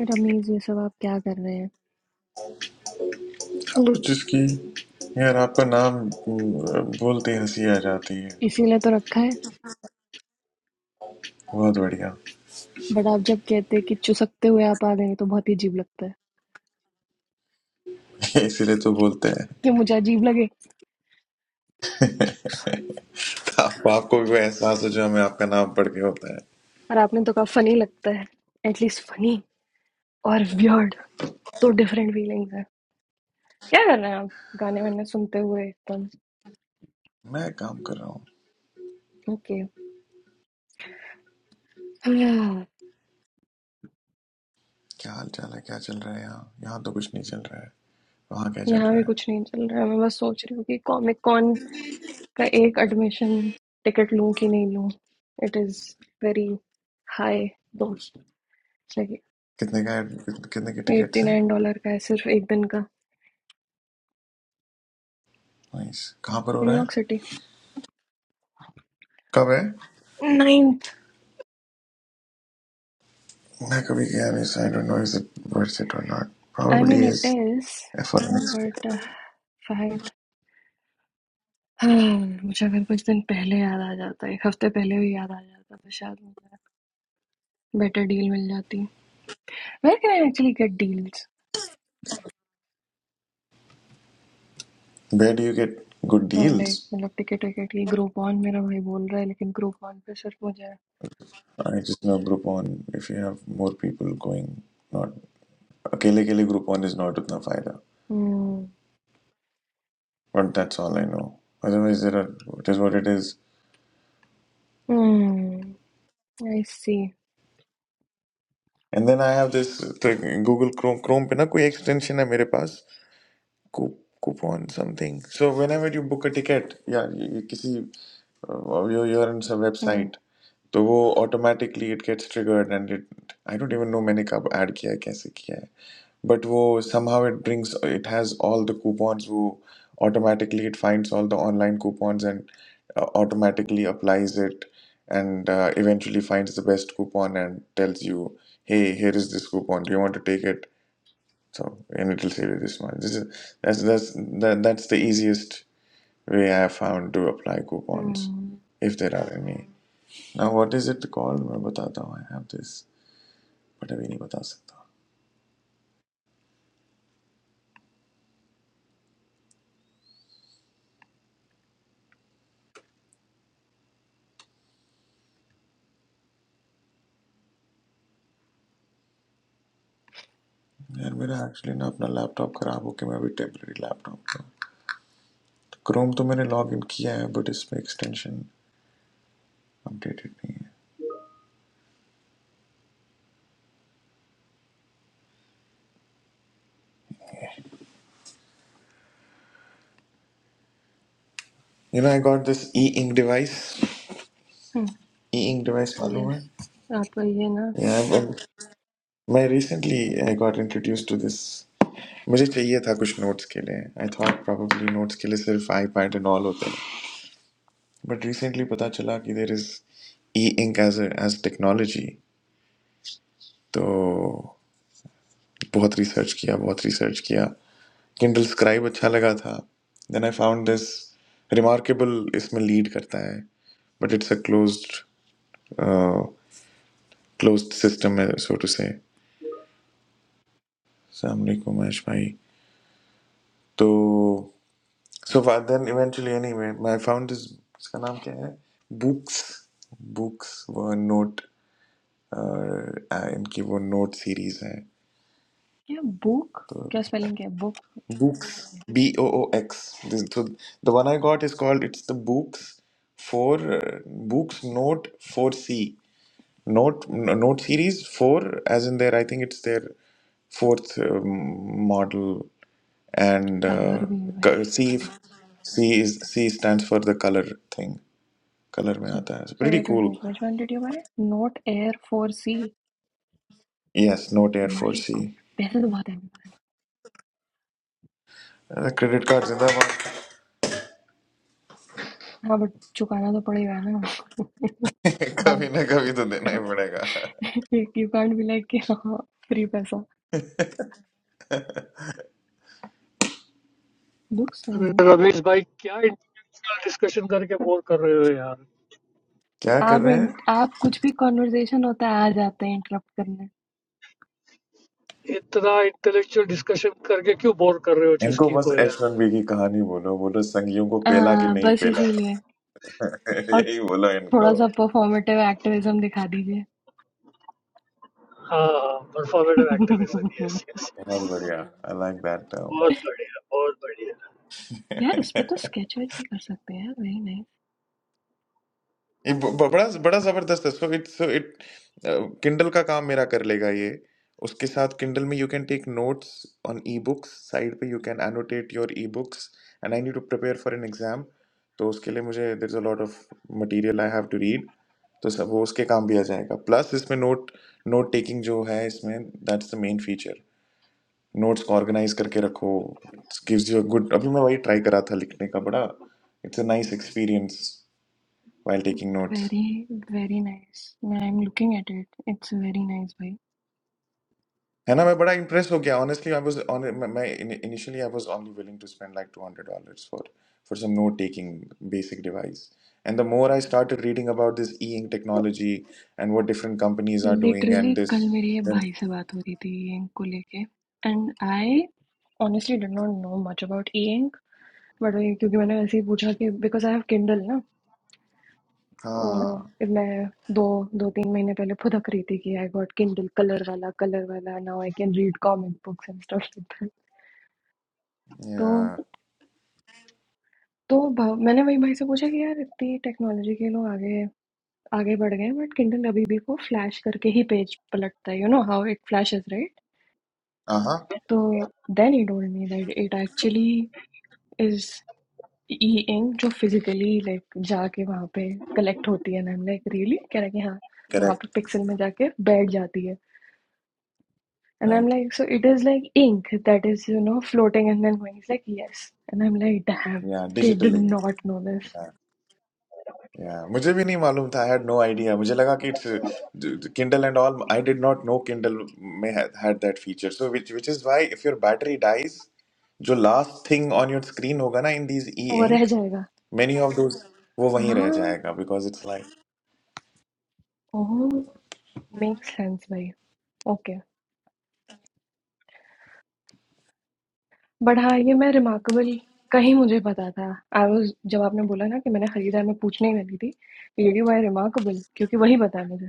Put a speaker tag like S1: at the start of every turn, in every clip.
S1: रमीज ये सब आप क्या कर रहे हैं
S2: चलो जिसकी यार आपका नाम अम, बोलते ही हंसी आ जाती है
S1: इसीलिए तो रखा है
S2: बहुत बढ़िया
S1: बट आप जब कहते हैं कि चुसकते हुए आप आ गए तो बहुत ही अजीब लगता है
S2: इसीलिए तो बोलते हैं
S1: कि मुझे अजीब लगे
S2: आप, आपको भी कोई एहसास हो जो हमें आपका नाम पढ़ के होता है
S1: और आपने तो कहा फनी लगता है एटलीस्ट फनी और वियर्ड तो डिफरेंट फीलिंग्स है क्या कर रहे हैं आप गाने वाने सुनते हुए एकदम
S2: मैं काम कर रहा हूँ
S1: ओके
S2: क्या हाल चाल है क्या चल रहा है यहाँ यहाँ तो कुछ नहीं चल रहा है वहाँ क्या चल
S1: यहाँ
S2: रहा
S1: भी
S2: है
S1: कुछ नहीं चल रहा है मैं बस सोच रही हूँ कि कॉमिक कॉन का एक एडमिशन टिकट लूँ कि नहीं लूँ इट इज़ वेरी हाई दोस्त
S2: कितने का कितने के
S1: एट्टी
S2: टिकट्स हैं
S1: नाइन डॉलर का है सिर्फ एक दिन का
S2: नाइस कहाँ पर हो
S1: New
S2: रहा है
S1: York City.
S2: कब है
S1: Ninth.
S2: मैं कभी गया नहीं I don't know is it worth it और not
S1: I
S2: probably
S1: mean it
S2: is
S1: is,
S2: for next
S1: but uh, शायद हाँ, मुझे अगर कुछ दिन पहले याद आ जाता एक हफ्ते पहले भी याद आ जाता तो शायद मुझे बेटर डील मिल जाती where can I actually get deals
S2: where do you get good
S1: हाँ, लाइक
S2: deals
S1: मतलब टिकट विकेट की ग्रुप ऑन मेरा भाई बोल रहा है लेकिन ग्रुप ऑन पे सिर्फ मुझे
S2: I just know Groupon. If you have more people going, not अकेले अकेले Groupon is not उतना फायदा.
S1: हम्म
S2: But that's all I know. Otherwise, there are it is what it is.
S1: I C
S2: And then I have this thing, Google Chrome Chrome पे ना कोई extension है मेरे पास Coup- coupon something. So whenever you book a ticket, या ये- ये किसी uh, you you're on some
S1: hmm
S2: website, तो वो automatically it gets triggered and it I don't even know मैंने कब add किया है, कैसे किया है. but wo somehow it brings it has all the coupons wo automatically it finds all the online coupons and uh, automatically applies it and uh, eventually finds the best coupon and tells you hey here is this coupon do you want to take it so and it'll save you this much this is that's that's that, that's the easiest way i have found to apply coupons if there are any now what is it called मैं बताता हूँ i have this but अभी नहीं बता सकता यार मेरा actually ना अपना लैपटॉप खराब हो के मैं अभी टेम्पररी लैपटॉप का क्रोम तो मैंने लॉग इन किया है बट इसमें एक्सटेंशन अपडेटेड नहीं है you know I got this e ink device e ink device मालूम है
S1: यस आपका ये ना
S2: yeah, well, मैं recently I got introduce to this मुझे चाहिए था कुछ नोट्स के लिए आई थॉट प्रोबेबली नोट्स के लिए सिर्फ आई पैड एंड ऑल होते हैं बट रिसेंटली पता चला कि there is e ink edge edge technology तो बहुत रिसर्च किया बहुत रिसर्च किया किंडल स्क्राइब अच्छा लगा था then I found this remarkable इसमें लीड करता है but it's a closed closed system है सो टू से को महेश भाई तो so then eventually anyway I found this इसका नाम क्या है बुक्स बुक्स वो नोट इनकी वो नोट सीरीज है
S1: क्या बुक
S2: तो
S1: क्या स्पेलिंग क्या है book
S2: Books, B O O X. This, so the one I got is called it's the Books for uh, Books Note Four C Note n- Note series four, as in their I think it's their fourth um, model, and
S1: colour
S2: uh,
S1: भी है
S2: co- C
S1: भाई
S2: C is C stands for the color thing. Color mein
S1: So,
S2: aata hai. It's
S1: so
S2: pretty
S1: wait, wait, wait.
S2: cool.
S1: Which one did you buy? Note Air 4C.
S2: Yes, Note Air Four
S1: my
S2: C.
S1: God पैसे तो बहुत है मेरे पास
S2: credit card जिंदाबाद
S1: हाँ but चुकाना तो पड़ेगा ना
S2: कभी
S1: हाँ,
S2: ना कभी तो देना ही पड़ेगा
S1: यू कांट बी लाइक कि हाँ फ्री पैसा लुक्स सही नहीं
S3: Ravi, this bike. What intellectual discussion? करके bore कर रहे हो यार.
S2: क्या कर
S1: आप
S2: रहे
S1: इन-
S2: हैं
S1: आप कुछ भी कॉन्वर्जेशन होता है आ जाते हैं इंटरप्ट करने
S3: इतना intellectual discussion करके क्यों bore कर रहे हो
S2: इनको
S3: चिस्की
S2: बस
S3: को
S2: एच
S3: यार.
S2: वन बी की कहानी बोलो बोलो संगियों को पेला कि
S1: हाँ,
S2: नहीं
S1: बस
S2: पेला
S1: इसीलिए और
S2: यही बोलो इनको
S1: थोड़ा सा परफॉर्मेटिव एक्टिविज्म दिखा दीजिए
S3: हाँ हाँ. Performative activation. Yes yes
S2: बहुत
S3: yes.
S2: बढ़िया आई लाइक दैट
S3: बहुत बढ़िया. बहुत बढ़िया.
S1: यार
S2: टर्म
S1: इस पे तो स्केच वेच भी कर सकते हैं वेरी
S2: ये ब- ब- बड़ा बड़ा जबरदस्त है so it so it Kindle का काम मेरा कर लेगा ये उसके साथ किंडल में you can take notes on e books side पे you can annotate your e books and I need to prepare for an exam तो उसके लिए मुझे there is a lot of material I have to read तो सब वो उसके काम भी आ जाएगा प्लस इसमें नोट नोट टेकिंग जो है इसमें that's the main feature notes को ऑर्गेनाइज करके रखो गिव्स यू अ गुड अभी मैं वही ट्राई करा था लिखने का बड़ा it's a nice experience while taking notes
S1: very very nice मैं I am looking at it it's very nice भाई
S2: And I'm बड़ा impressed हो गया honestly I was on मैं in- initially I was only willing to spend like $200 for for some note taking basic device and the more I started reading about this e-ink technology and what different companies are doing
S1: literally
S2: and this
S1: कल मेरी ये
S2: then
S1: भाई से बात हो रही थी ई ink को लेके and I honestly did not know much about e ink but क्योंकि मैंने ऐसे ही पूछा कि बिकॉज आई हैव किंडल ना
S2: ah
S1: और मैं दो दो तीन महीने पहले फुदक रही थी कि आई गॉट किंडल कलर वाला कलर वाला now I can read comic books and stuff like that तो
S2: yeah
S1: तो भा- मैंने वही भाई से पूछा कि यार इतनी टेक्नोलॉजी के लोग आगे आगे बढ़ गए बट किंडल अभी भी वो फ्लैश करके ही पेज पलटता है you know how it flashes right
S2: uh-huh
S1: तो then he told me that it actually is e ink जो फिजिकली लाइक जाके वहाँ पे कलेक्ट होती है and I am like really कह रहा है कि हाँ वहाँ
S2: correct
S1: पे पिक्सल में जाके बैठ जाती है and I am
S2: right
S1: like so it is like ink that is you know floating and then going like yes and I am like damn
S2: yeah
S1: did
S2: digital ink
S1: not know this
S2: या मुझे भी नहीं मालूम था I had no idea मुझे लगा कि it's Kindle and all I did not know Kindle में had that feature so which which is why if your battery dies जो last thing on your screen होगा ना इन दीज ई
S1: वो रह
S2: ink
S1: जाएगा
S2: मेनी ऑफ दोस वो वहीं रह
S1: हाँ
S2: जाएगा because it's like
S1: oh make sense भाई ओके बढ़ा ये मैं रिमार्केबल का ही मुझे पता था। आई वाज़ जब आपने बोला ना कि मैंने खरीदा है, मैं पूछने ही वाली थी, रियली व्हाई रिमार्केबल? क्योंकि वही पता है मुझे।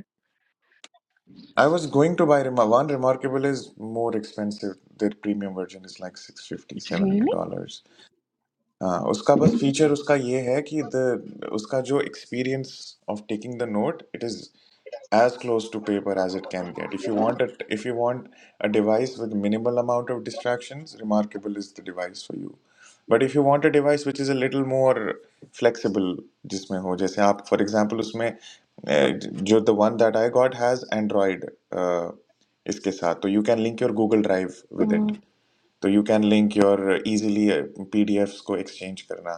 S2: I was going to buy one Remarkable is more expensive their premium version is like 650
S1: really?
S2: 700 हाँ उसका बस फीचर उसका ये है कि द उसका जो experience of taking the note it is as close to paper as it can get. If you want a if you want a device with minimal amount of distractions, Remarkable is the device for you. But if you want a device which is a little more flexible, जिसमें हो जैसे आप for example उसमें eh, जो the one that I got has Android uh, इसके साथ तो you can link your Google Drive with it.
S1: हुँ,
S2: तो you can link your easily PDFs को एक्सचेंज करना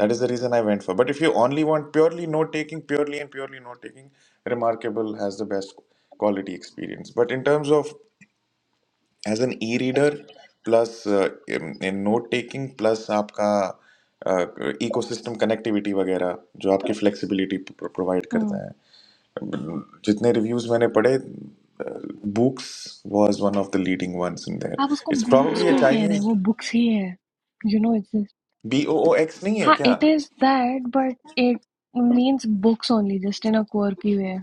S2: that is the reason I went for but if you only want purely note taking purely and purely note taking Remarkable has the best quality experience but in terms of as an e reader plus in note taking plus आपका ecosystem connectivity वगैरह जो आपकी flexibility provide
S1: हुँ।
S2: करता है जितने reviews मैंने पढ़े Boox was one of the leading ones in there
S1: आप उसको
S2: इट्स
S1: बुक्स
S2: प्रोबेबली अ
S1: क्यों कह रहे हैं?
S2: चाइनीज
S1: वो बुक्स ही है। You know it's just
S2: B O O X नहीं है
S1: हाँ,
S2: क्या
S1: it is that but it means Boox only just in a quirky way.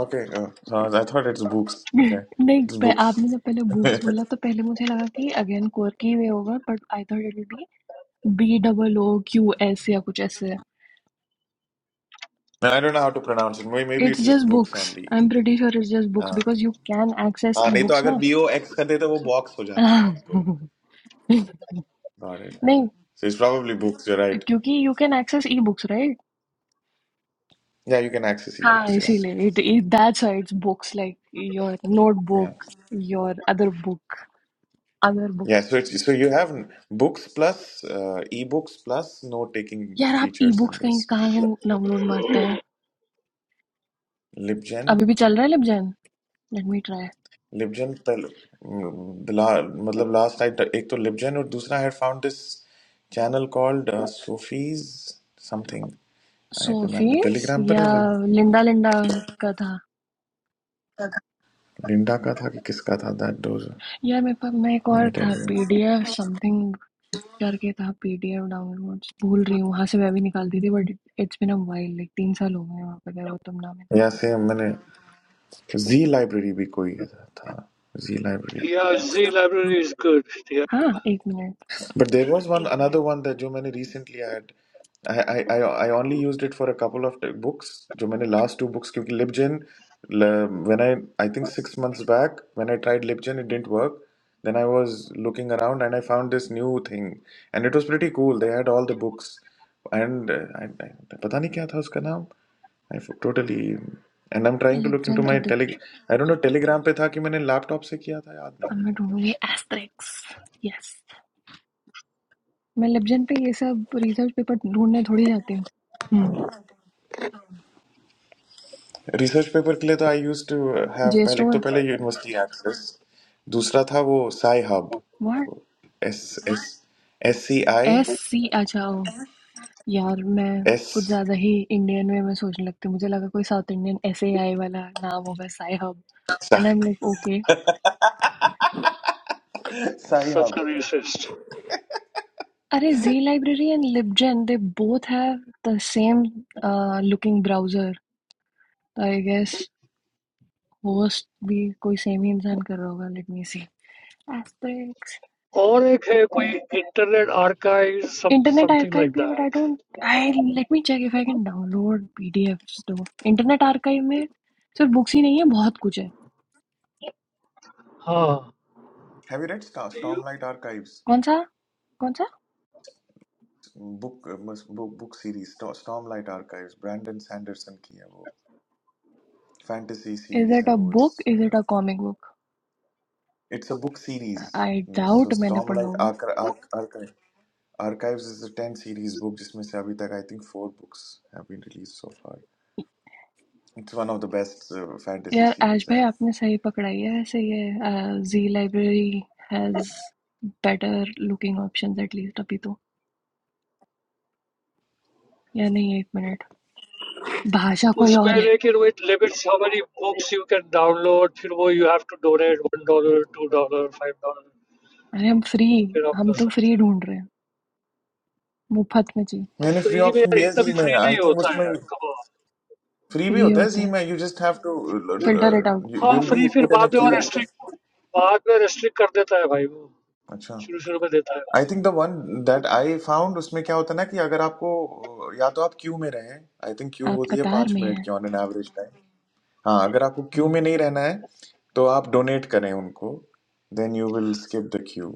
S2: Okay I thought it's books okay
S1: नहीं,
S2: इट्स
S1: प
S2: बुक्स
S1: आपने जब पहले बुक्स बोला
S2: आई
S1: तो पहले मुझे लगा कि अगेन क्वर्की वे होगा but I thought it will be B double O Q S या कुछ ऐसे।
S2: Don't know how to pronounce it may be
S1: It's
S2: it's
S1: just
S2: Boox
S1: books.
S2: Only
S1: I'm pretty sure it's just
S2: हाँ
S1: books because you can access
S2: हाँ, नहीं तो
S1: e-books
S2: अगर
S1: ना
S2: B O x कर देते वो बॉक्स हो जाता ना उनको गॉट इट
S1: नहीं
S2: so it's probably Boox you right
S1: क्योंकि you can access e-books right
S2: या यू कैन एक्सेस ई
S1: हाँ
S2: बुक्स यस
S1: इसीलिए it that's why it's books like your
S2: या
S1: notebook your other book other
S2: या
S1: books
S2: so it's so you have Boox plus e books plus note taking
S1: यार आप
S2: features in
S1: e-books कहीं
S2: this
S1: कहाँ से नाउलोड मारते हैं
S2: libgen
S1: अभी भी चल रहा है लेबजेन let me try
S2: लिबजन पहले ला, मतलब लास्ट नाइट एक तो लिबजन और दूसरा had found this channel called Sophie's something I remember
S1: Sophie's
S2: Telegram पर है
S1: या
S2: वो
S1: लिंडा लिंडा का था
S2: लिंडा का था कि किसका था दैट डोज
S1: यार मेरे पास में एक
S2: let
S1: और
S2: me tell
S1: था
S2: you.
S1: PDF something करके था पीडीएफ डाउनलोड्स भूल रही हूँ वहां से मैं भी निकालती थी but it's been a while like तीन साल हो गए वहां पे गए वो तुम ना मिले
S2: या से मैंने जी लाइब्रेरी भी कोई है- था Z library
S3: Yeah, Z library is good. They are
S1: हाँ एक मिनट
S2: But there was one another one that जो मैंने recently had I I I I only used it for a couple of t- books जो मैंने last two books क्योंकि Libgen ल- when I I think six months back when I tried Libgen it didn't work then I was looking around and I found this new thing and it was pretty cool they had all the books and uh, I, I पता नहीं क्या था उसका नाम I f- totally and I'm trying to look
S1: लिबजन
S2: into
S1: तो
S2: my
S1: दिख
S2: tele
S1: रहा
S2: I don't know Telegram पे था कि मैंने laptop से किया था याद नहीं है
S1: अब मैं
S2: मुझे
S1: ढूंढूंगी एस्ट्रिक्स यस मैं लिबजन पे ये सब रिसर्च पेपर ढूंढने थोड़ी जाती हूँ हम्म
S2: रिसर्च पेपर के लिए तो I use to have
S1: J
S2: पहले एक
S1: स्टोर
S2: तो पहले यूनिवर्सिटी एक्सेस दूसरा था वो Sci Hub
S1: what
S2: S S S C I
S1: S C अच्छा ओ यार मैं
S2: एस
S1: कुछ ज्यादा ही इंडियन वे में सोचने लगती हूँ मुझे लगा कोई South Indian S A I वाला नाम होगा Sci Hub and I am like okay
S2: Sci
S3: such
S2: Hub
S3: an interest.
S1: Arey, zLibrary and LibGen, they both have the same uh, looking browser. So, I guess host भी कोई same ही इंसान कर रहा होगा. Let me see. Asterix.
S3: और एक है कोई internet archives, some
S1: Internet
S3: something
S1: Archive
S3: like
S1: भी है, but I
S3: that.
S1: don't. I let me check if I can download PDFs though. Internet Archive में सिर्फ books ही नहीं है, बहुत कुछ है.
S3: हाँ.
S2: Have you read
S3: You.
S2: Storm Light Archives
S1: कौन सा? कौन सा?
S2: Book book series Storm Light Archives Brandon Sanderson की है वो फैंटेसी
S1: Is
S2: सीरीज
S1: it
S2: है
S1: a
S2: वो
S1: book?
S2: It's
S1: Is it a comic book?
S2: It's a book series
S1: I
S2: so
S1: doubt मैंने
S2: स्टॉर्म
S1: पढ़ा
S2: लाइट
S1: होगा.
S2: Archive archives is a ten series book जिसमें से अभी तक I think four books have been release so far. It's one of the best uh, fantasy
S1: यार आज
S2: series I
S1: भाई
S2: have.
S1: आपने सही पकड़ाई है ऐसे ये Z library has better looking options at least अभी तो या नहीं एक मिनट भाषा कोई और
S3: उसमें
S1: है
S3: लेकिन वो limited somebody books you can download. फिर वो you have to donate one dollar, two dollar, five dollar.
S1: अरे हम फ्री
S3: फिर आप
S1: हम
S3: कर
S1: तो
S3: सकते
S1: फ्री
S3: हैं।
S1: ढूंढ रहे हैं मुफ्त में जी
S3: अब
S2: मैंने free
S3: फ्री में
S2: option
S3: यार
S2: भी है
S3: इतना
S2: जी
S3: भी
S2: में
S3: फ्री
S2: आई
S3: नहीं
S2: थिंक
S3: होता है
S2: उसमें
S3: यार, कमाल।
S2: फ्री भी
S1: फ्री
S2: होता है जी
S1: होता है
S2: में you just have to
S1: filter it out
S3: हाँ
S2: you'll be
S3: फ्री फिर
S2: put in a
S3: बाद में और
S2: queue
S3: रेस्ट्रिक्ट बाद में रेस्ट्रिक्ट कर देता है भाई, वो
S2: अच्छा
S3: शुरू शुरू में देता
S2: I think the one that I found उसमें क्या होता है ना कि अगर आपको uh, या तो आप क्यू में रहें आई थिंक क्यू
S1: आप
S2: होती है
S1: कतार
S2: पाँच
S1: में
S2: मिनट
S1: हैं
S2: की ऑन एन एवरेज टाइम हाँ अगर आपको क्यू
S3: है।
S2: में नहीं रहना है तो आप डोनेट करें उनको then you will skip the queue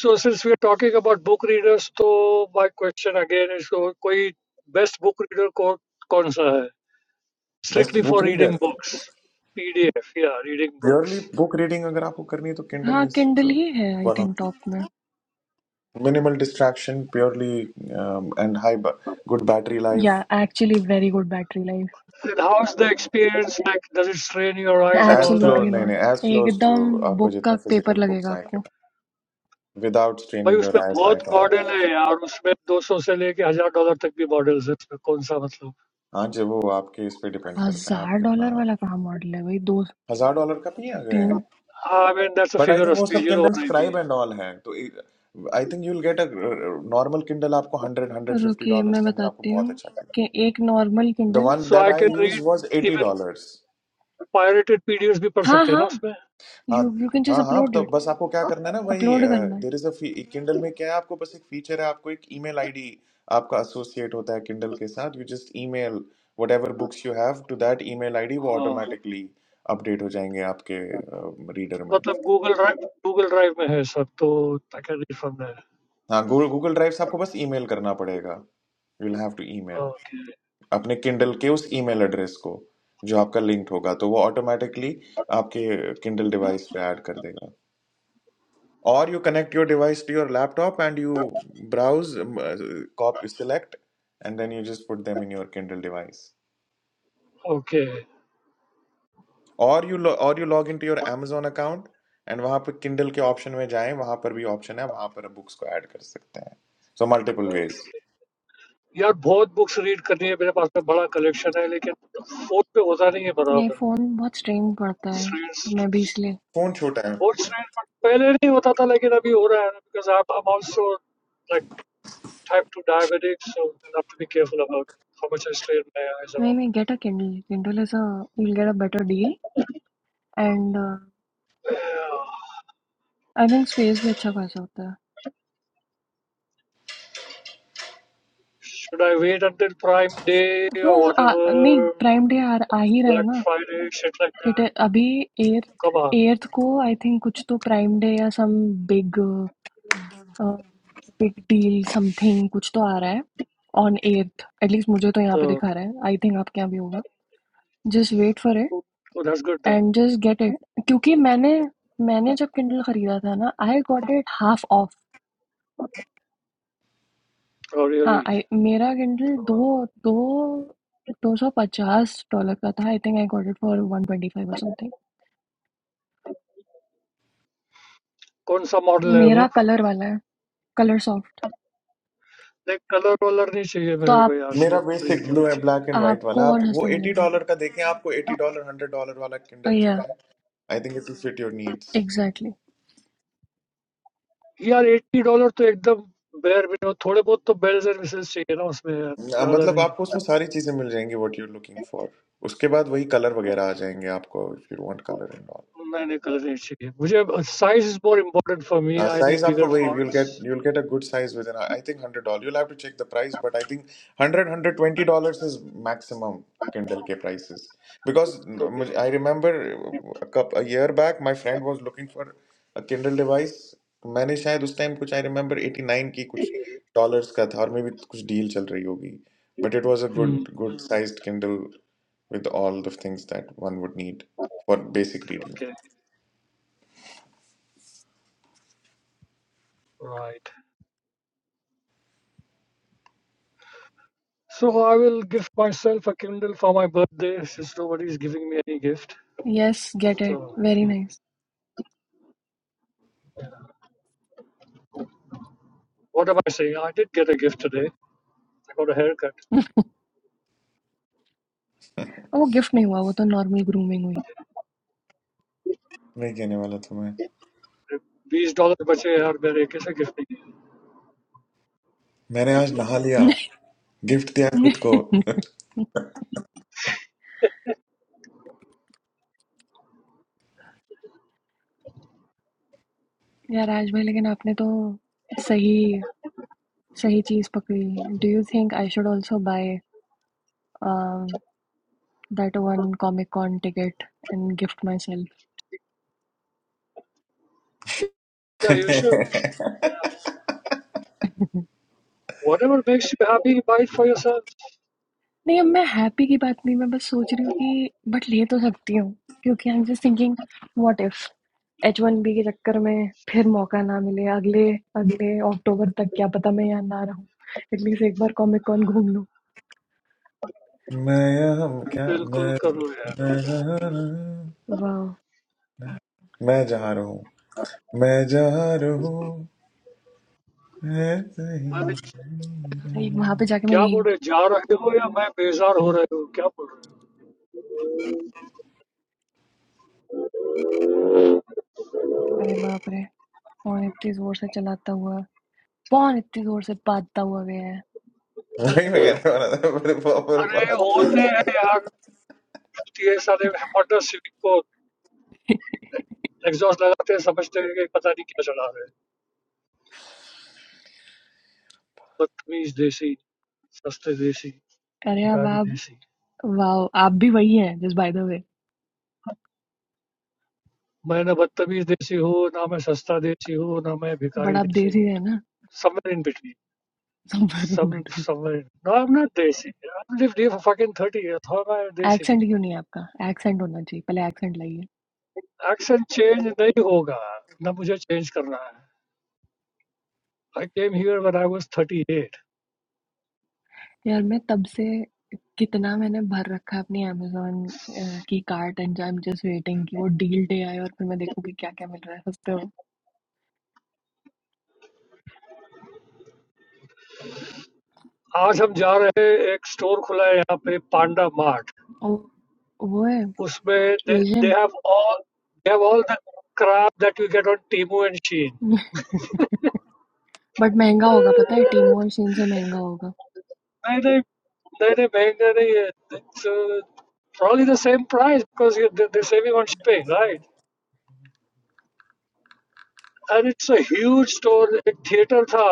S3: so since we are talking about book readers, तो माय क्वेश्चन अगेन इज, कोई बेस्ट बुक रीडर को कौन सा है?
S2: Best
S3: strictly
S2: book
S3: for reading
S2: reader
S3: books, PDF या reading
S2: purely
S3: books?
S2: Book reading अगर आपको करनी है तो
S1: हाँ
S2: किंडल इज
S1: किंडल ही है आई
S2: वन
S1: थिंक टॉप में
S2: minimal distraction purely um, and high ba- good battery life
S1: या actually very good battery life
S3: And how's the experience like? Does it strain your eyes and
S2: as
S3: all that?
S1: Absolutely
S2: close नहीं
S1: not
S2: नहीं as close
S1: एकदम
S2: to आपको
S1: book का
S2: जितना
S1: paper
S2: physical
S1: लगेगा
S2: books आए
S1: आपको
S2: के पास without
S3: Bhai,
S2: straining your
S3: उसमें
S2: eyes
S3: बहुत
S2: at all
S3: models हैं यार उसमें 200 से लेके हजार डॉलर तक भी models हैं उसमें कौन सा मतलब?
S2: हाँ जी वो आपके इस पे depend करता है आप
S1: हजार
S2: कितना
S1: डॉलर वाला कहाँ मॉडल है भाई दो
S2: हजार डॉलर का भी आ गए
S1: तीन
S2: हैं
S3: I mean that's a
S2: but I
S3: figure
S2: think
S3: of
S2: वो सब
S3: 5000 or
S2: Kindle Scribe
S3: 10000.
S2: And all है तो I think you'll get a normal Kindle आपको हंड्रेड हंड्रेड फिफ्टी
S1: रुकिए
S2: डॉलर
S1: मैं
S2: के अंदर आपको
S1: बताती
S2: बहुत
S1: हूँ
S2: अच्छा
S1: कि एक normal
S2: the
S1: Kindle
S2: one
S3: So
S2: that
S3: I
S2: I
S3: can
S2: use
S3: read
S2: was eighty
S3: even
S2: dollar
S3: pirated PDFs भी पढ़
S1: हाँ
S3: सकते हैं ना
S1: हाँ
S3: उसमें?
S2: हाँ
S1: यू यू कैन जस्ट
S2: हाँ हाँ
S1: अपलोड
S2: तो
S1: इट
S2: बस आपको क्या करना है ना वही
S1: अपलोड करना है
S2: देर इज अ किंडल में क्या है आपको बस एक फीचर है आपको एक ईमेल आईडी आपका एसोसिएट होता है किंडल के साथ you just email whatever books you have to that email ID वो
S3: हाँ
S2: ऑटोमेटिकली अपडेट हो जाएंगे आपके रीडर में
S3: मतलब Google Drive Google Drive में है इस तो ताकि रीड हो ना
S2: हाँ गूगल ड्राइव से आपको बस ईमेल करना पड़ेगा यू विल हैव टू
S3: है।
S2: ईमेल
S3: Okay
S2: अपने किंडल के उस ईमेल एड्रेस को जो आपका लिंक्ड होगा तो वो ऑटोमेटिकली आपके किंडल डिवाइस पे ऐड कर देगा और you connect your device to your laptop and you browse, um, uh, copy, select and then you just put them in your Kindle device.
S3: okay
S2: और you log into your Amazon account and वहाँ पर Kindle के option में जाएं, वहाँ पर भी option है, वहाँ पर भी option है, वहाँ पर आप बुक्स को अड़ कर सकते हैं. So, multiple ways.
S3: यार बहुत books read करनी है मेरे पास में बड़ा collection है लेकिन फोट पे होता नहीं है
S1: नहीं
S3: बराबर.
S1: फोन बहुत स्ट्रेन पड़ता है
S3: Strange,
S1: तो मैं भी इसलिए
S2: phone चूटा
S3: very
S2: है,
S3: strange. But पहले न type 2 diabetic, so I have to be careful about how much I strain my eyes
S1: नहीं
S3: around.
S1: नहीं get a Kindle Kindle is a will get a better deal and
S3: Yeah.
S1: I think space भी अच्छा खासा होता है
S3: Should I wait until Prime Day or
S1: हाँ आ, नहीं
S3: whatever,
S1: प्राइम डे आ, आ ही रहा है
S3: Black
S1: ना
S3: Friday, shit like
S1: it
S3: that?
S1: अभी एर्थ
S3: Come on.
S1: एर्थ को आई थिंक कुछ तो प्राइम डे या some big big deal something कुछ तो आ रहा है ऑन एट एटलीस्ट मुझे तो यहाँ पे
S3: So,
S1: दिखा रहा है आई थिंक आपके यहाँ भी होगा just wait for it
S3: oh, oh, that's good then.
S1: And just get it क्योंकि मैंने मैंने जब किंडल खरीदा था ना I got it half off
S3: Oh,
S1: हाँ
S3: really?
S1: I- मेरा किंडल दो दो दो सौ पचास डॉलर का था I think I got it for one twenty five और समथिंग
S3: कौन सा मॉडल है वो
S1: मेरा कलर वाला है कलर सॉफ्ट
S3: नहीं कलर वलर नहीं चाहिए
S1: तो
S3: मेरे को
S1: आप
S3: यार
S2: मेरा
S3: सिर्फ रीड
S2: basic
S3: के लिए
S2: blue है,
S3: चाहिए
S2: black and white वाला,
S1: आपको
S2: आप
S1: और सस्ते
S2: वो
S1: मिलेगा
S2: $80 का देखें, आपको $80, $100 वाला Kindle जो
S1: या
S2: है, I
S1: एग्जैक्टली
S3: यार एट्टी डॉलर तो एकदम बेयर मिनिमम थोड़े बहुत तो बेल्स एंड मिसेस चाहिए ना उसमें यार
S2: आ,
S3: ज्यादा
S2: मतलब
S3: नहीं
S2: आपको उसमें सारी चीजें मिल जाएंगी व्हाट यू लुकिंग फॉर उसके बाद वही कलर वगैरह आ जाएंगे आपको if you want colour and
S3: नहीं नहीं कलर नहीं चाहिए मुझे size is more important for me
S2: Uh,
S3: I
S2: size
S3: need
S2: up
S3: bigger
S2: for wave, you'll
S3: fonts
S2: get you'll get a good size within I I think hundred dollar. You'll have to check the price, but I think 100 120 dollars is maximum Kindle K prices because mm,
S3: okay
S2: mujhe- I remember a couple a year back my friend was looking for a Kindle device. मैंने शायद उस time कुछ I remember 89 की कुछ dollars का था और मे भी कुछ डील चल रही होगी but it was a
S3: Mm,
S2: good good sized Kindle with all the things that one would need for basic reading
S3: okay, right. So I will gift myself a Kindle for my birthday since nobody's giving me any gift.
S1: Yes get it
S3: So
S1: very
S3: ठीक.
S1: Nice
S3: what am I saying? I did get a gift today. I got a haircut.
S1: वो gift नहीं हुआ वो तो normal grooming हुई
S2: वही कहने वाला था मैं
S3: बीस डॉलर बचे यार मेरे किसे गिफ्ट नहीं दिया?
S2: मैंने आज नहा लिया गिफ्ट दिया खुद को
S1: यार आज भाई लेकिन आपने तो सही सही चीज पकड़ी do you think I should also buy that one Comic Con ticket and gift माई सेल्फ
S3: Yeah, you should. Whatever makes you happy, buy it for yourself.
S1: नहीं अब मैं हैप्पी की बात नहीं मैं बस सोच रही हूँ कि बट ले तो सकती हूँ क्योंकि I am just thinking what if H one B के चक्कर में फिर मौका ना मिले अगले अगले अक्टूबर तक क्या पता मैं यहाँ ना रहूँ एटलीस्ट एक बार कॉमिक कॉन घूम लूँ
S2: मैं यहाँ क्या मैं
S3: बिल्कुल करो यार.
S1: वाह
S2: मैं जहाँ रहूँ, मैं जहाँ रहूँ मैं जहाँ रहूँ है सही
S3: I mean,
S1: भाई वहां पे
S2: मेरा।
S1: जाके मैं
S3: क्या
S1: यही
S3: बोल रहे जा रहे हो या मैं बेजार हो रहे हो क्या बोल रहे हो?
S1: अरे बाप रे फोन इतनी जोर से चलाता हुआ फोन इतनी जोर से बाजता हुआ गया है
S2: वही मैं कहने वाला था मेरे प्रॉपर
S3: अरे
S2: बात की
S3: होते हैं यार ये सारे मॉडर्न सिविक को एग्जॉस्ट लगाते हैं समझते हैं कि पता नहीं क्या चला रहे हैं बदतमीज देसी सस्ते देसी
S1: अरे अब
S3: भिखारी
S1: आप
S3: देसी
S1: वाओ आप भी वही हैं जस्ट बाय द वे
S3: मैं ना बदतमीज देसी हूँ ना मैं सस्ता देसी हूँ ना मैं
S1: बट
S3: भिखारी
S1: आप
S3: देसी
S1: देसी
S3: हूँ
S1: हैं ना
S3: somewhere in between
S1: somewhere in
S3: some
S1: between
S3: somewhere no I'm not desi I've lived here for fucking 30 years how am I a desi
S1: accent क्यों नहीं है आपका एक्सेंट होना चाहिए पहले एक्सेंट लाइए
S3: accent change नहीं होगा ना मुझे change करना है I came here when I was 38
S1: यार मैं तब से कितना मैंने भर रखा है अपनी amazon अ, की cart and I am just waiting कि वो डील डे आए और फिर मैं देखूं कि क्या क्या मिल रहा है सस्ते में
S3: आज हम जा रहे हैं एक स्टोर खुला है यहाँ पे पांडा मार्ट
S1: और वो है
S3: उसमें they, they
S1: Asian
S3: have all they have all the crap that you get on Temu and Shein
S1: but महंगा होगा पता है टीमो और चीन से महंगा होगा
S3: They, they, they, they bang, they, they, uh, it's uh, probably the same price because you- they- they're saving on shipping, right? And it's a huge store. एक theater था,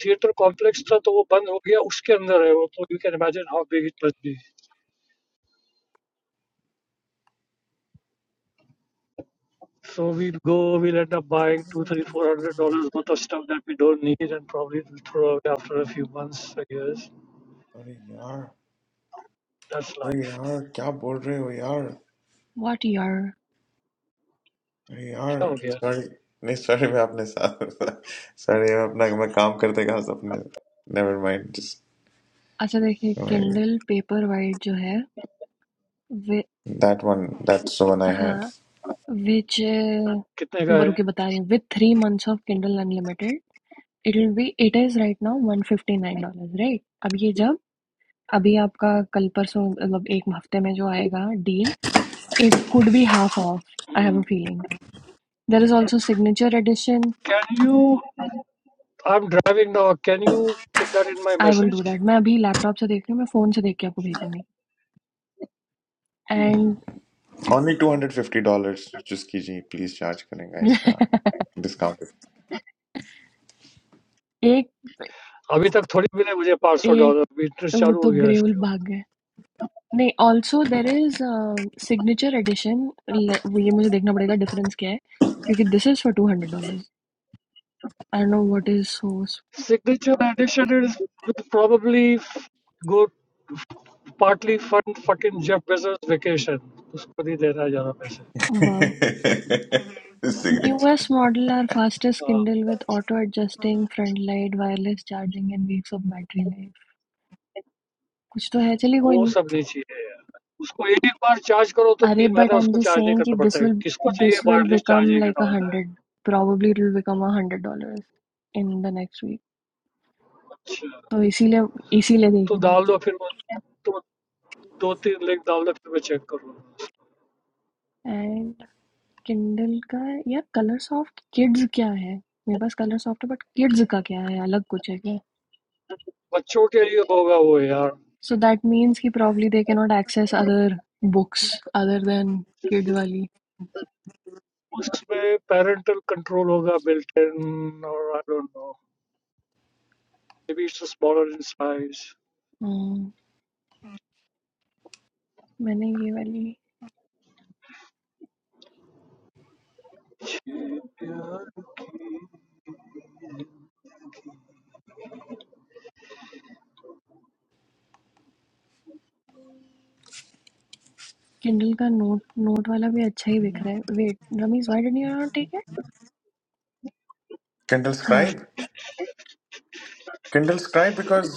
S3: theater complex था तो वो बंद हो गया उसके अंदर है वो तो you can imagine how big it must be. So we'll go, we'll end up buying two, three, four hundred dollars worth of stuff that we don't need and probably will throw away after a few months, I guess.
S2: अरे यार
S3: That's
S2: अरे
S3: life.
S2: यार क्या बोल रहे हो यार
S1: what यार
S2: अरे
S3: क्या
S2: यार
S3: हो गया?
S2: सॉरी नहीं सॉरी मैं अपने साथ सॉरी मैं अपना मैं काम करते कहा अपने नेवर माइंड जस्ट
S1: अच्छा देखिए किंडल पेपरवाइट जो है वे
S2: that one that's one I had
S1: हाँ विच
S3: कितने का है?
S1: रुके बता रही हूँ with three months of Kindle Unlimited it will be it is right now one fifty nine dollar right अब ये जब अभी आपका कल परसों मतलब एक हफ्ते में जो आएगा deal it could be half off I have
S3: Hmm.
S1: Uh feeling there is also signature edition
S3: Can you? I'm driving now. Can you put that in my
S1: I will do
S3: message?
S1: That मैं अभी laptop से देख रही हूँ मैं phone से देख के आपको भेज दूंगी
S3: Hmm.
S1: And
S2: only two hundred fifty dollars जिसकी जी प्लीज चार्ज करेगा इसका डिस्काउंट
S1: एक
S3: अभी तक थोड़ी भी नहीं मुझे 500
S1: एक
S3: dollars interest
S1: वो
S3: चालू हो
S1: तो
S3: गया
S1: ग्रेउल
S3: इसके
S1: भाग गए नहीं also there is signature edition वो ये मुझे देखना पड़ेगा डिफरेंस क्या है क्योंकि this is for two hundred dollars I don't know what is source
S3: signature edition is would probably go partly fund fucking Jeff Bezos vacation. उसको भी देना है ज़्यादा पैसे.
S1: Wow
S2: signature
S1: newest model are fastest
S3: हाँ,
S1: Kindle with auto adjusting front light wireless charging and weeks of battery life कुछ तो है चलिए कोई
S3: वो
S1: नहीं
S3: सब नहीं चाहिए. यार. उसको एक बार चार्ज करो तो
S1: अरे
S3: तीन
S1: बट
S3: महीना
S1: आई एम
S3: उसको
S1: जस्ट
S3: चार्ज नहीं
S1: सेइंग कि
S3: करना पड़ता
S1: दिस
S3: है.
S1: विल
S3: किसको चाहिए?
S1: This will
S3: Barely charge
S1: become
S3: a
S1: like uh
S3: dollar.
S1: Hundred probably it will become a hundred dollars in the next week
S3: अच्छा,
S1: तो इसीलिए इसीलिए देख
S3: तो
S1: रही हूँ
S3: डाल दो फिर मैं तो दो-तीन लाख डाल द
S1: एंड किंडल का यार कलर सॉफ्ट किड्स क्या है मेरे पास कलर सॉफ्ट है बट किड्स का क्या है अलग कुछ है क्या
S3: बच्चों के लिए होगा वो यार
S1: सो दैट मीन्स कि probably they can not access other books other than kids वाली
S3: उसमें parental control होगा built in or I don't know maybe it's smaller in size
S1: Hmm, मैंने ये वाली
S3: yeah.
S1: किंडल का नोट नोट वाला भी अच्छा ही दिख रहा है wait Ramiz why did you not take it
S2: Kindle
S1: हाँ
S2: Scribe Kindle Scribe because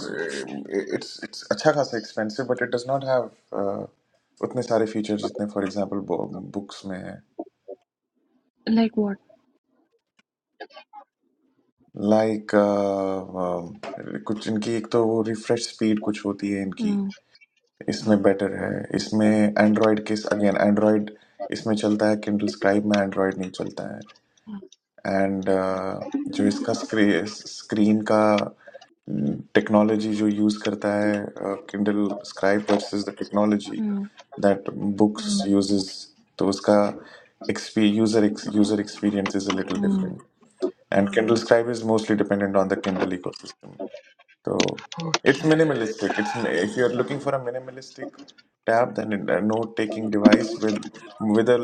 S2: it's it's अच्छा खासा expensive but it does not have उतने सारे फीचर जितने फॉर एग्जाम्पल बुक्स में है
S1: लाइक व्हाट
S2: लाइक कुछ इनकी एक तो वो रिफ्रेश स्पीड कुछ होती है इनकी इसमें बेटर है इसमें एंड्रॉयड के अगेन एंड्रॉयड इसमें चलता है किंडल स्क्राइब में एंड्रॉयड नहीं चलता है एंड जो इसका स्क्री, स्क्रीन का टेक्नोलॉजी जो यूज करता है Kindle Scribe versus the technology that books uses तो उसका user user experience is a little different and Kindle Scribe is mostly dependent on the Kindle ecosystem तो it's minimalistic it's if you are looking for a minimalistic tab than a note taking device with with a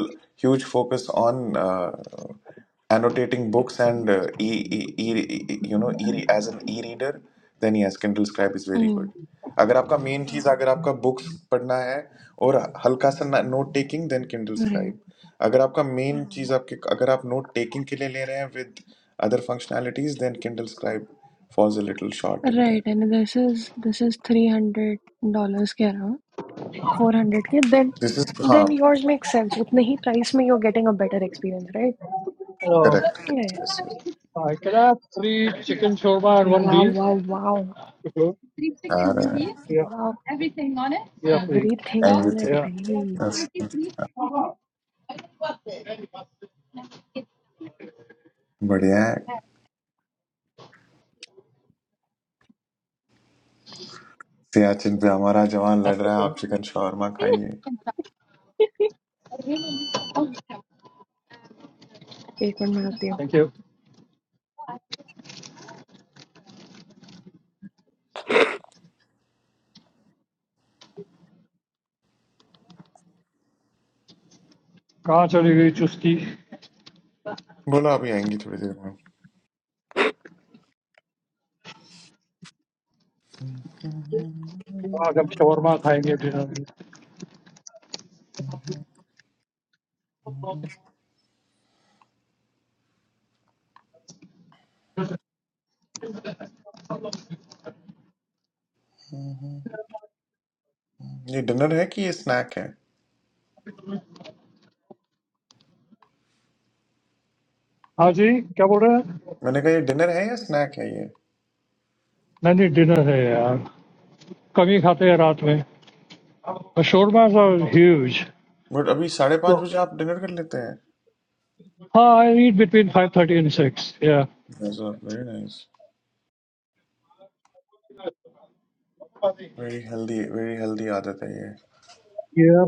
S2: huge focus on uh, annotating books and uh, e, e, e, e- you know e as an e-reader then yes kindle scribe is very good अगर आपका main चीज अगर आपका books पढ़ना है और हल्का सा note taking then Kindle
S1: right
S2: Scribe अगर आपका मेन चीज आपके अगर आप नोट टेकिंग के लिए ले रहे हैं with other functionalities then Kindle Scribe falls a little short in there
S1: right and this is this is three hundred dollars के अराउंड। फोर हंड्रेड के देन
S2: दिस इज हाँ
S1: देन योर्स मेक सेंस उतने ही price में you are getting a better experience
S3: Can
S2: correct
S1: right
S2: yes yes
S3: I have three chicken shawarma and one
S1: wow
S3: beef.
S1: Wow wow
S3: Hello?
S2: आ रहा है
S3: yeah
S1: wow
S3: Everything on it? Yeah, please. That's
S1: everything
S3: all.
S1: On it
S3: yeah
S1: भाई
S2: everything बढ़िया है सियाचिन पे हमारा जवान लड़
S3: After
S2: रहा है
S3: that.
S2: आप चिकन shawarma खाइए
S1: एक मिनट में आती हूँ
S3: Thank you. कहाँ चली गई चुस्की
S2: बोला अभी आएंगी थोड़ी देर में
S3: आज हम shawarma खाएंगे डिनर में
S2: ये डिनर है कि ये स्नैक है
S3: हाँ जी क्या बोल रहे हैं
S2: मैंने कहा ये डिनर है या स्नैक है ये
S3: नहीं नहीं डिनर है यार कमी खाते हैं रात में. Shawarmas are huge.
S2: बट अभी साढ़े पाँच
S3: So,
S2: बजे आप डिनर कर लेते हैं
S3: हाँ, I eat between five thirty and six. Yeah.
S2: Very nice very healthy very healthy आदत है ये
S3: Yeah.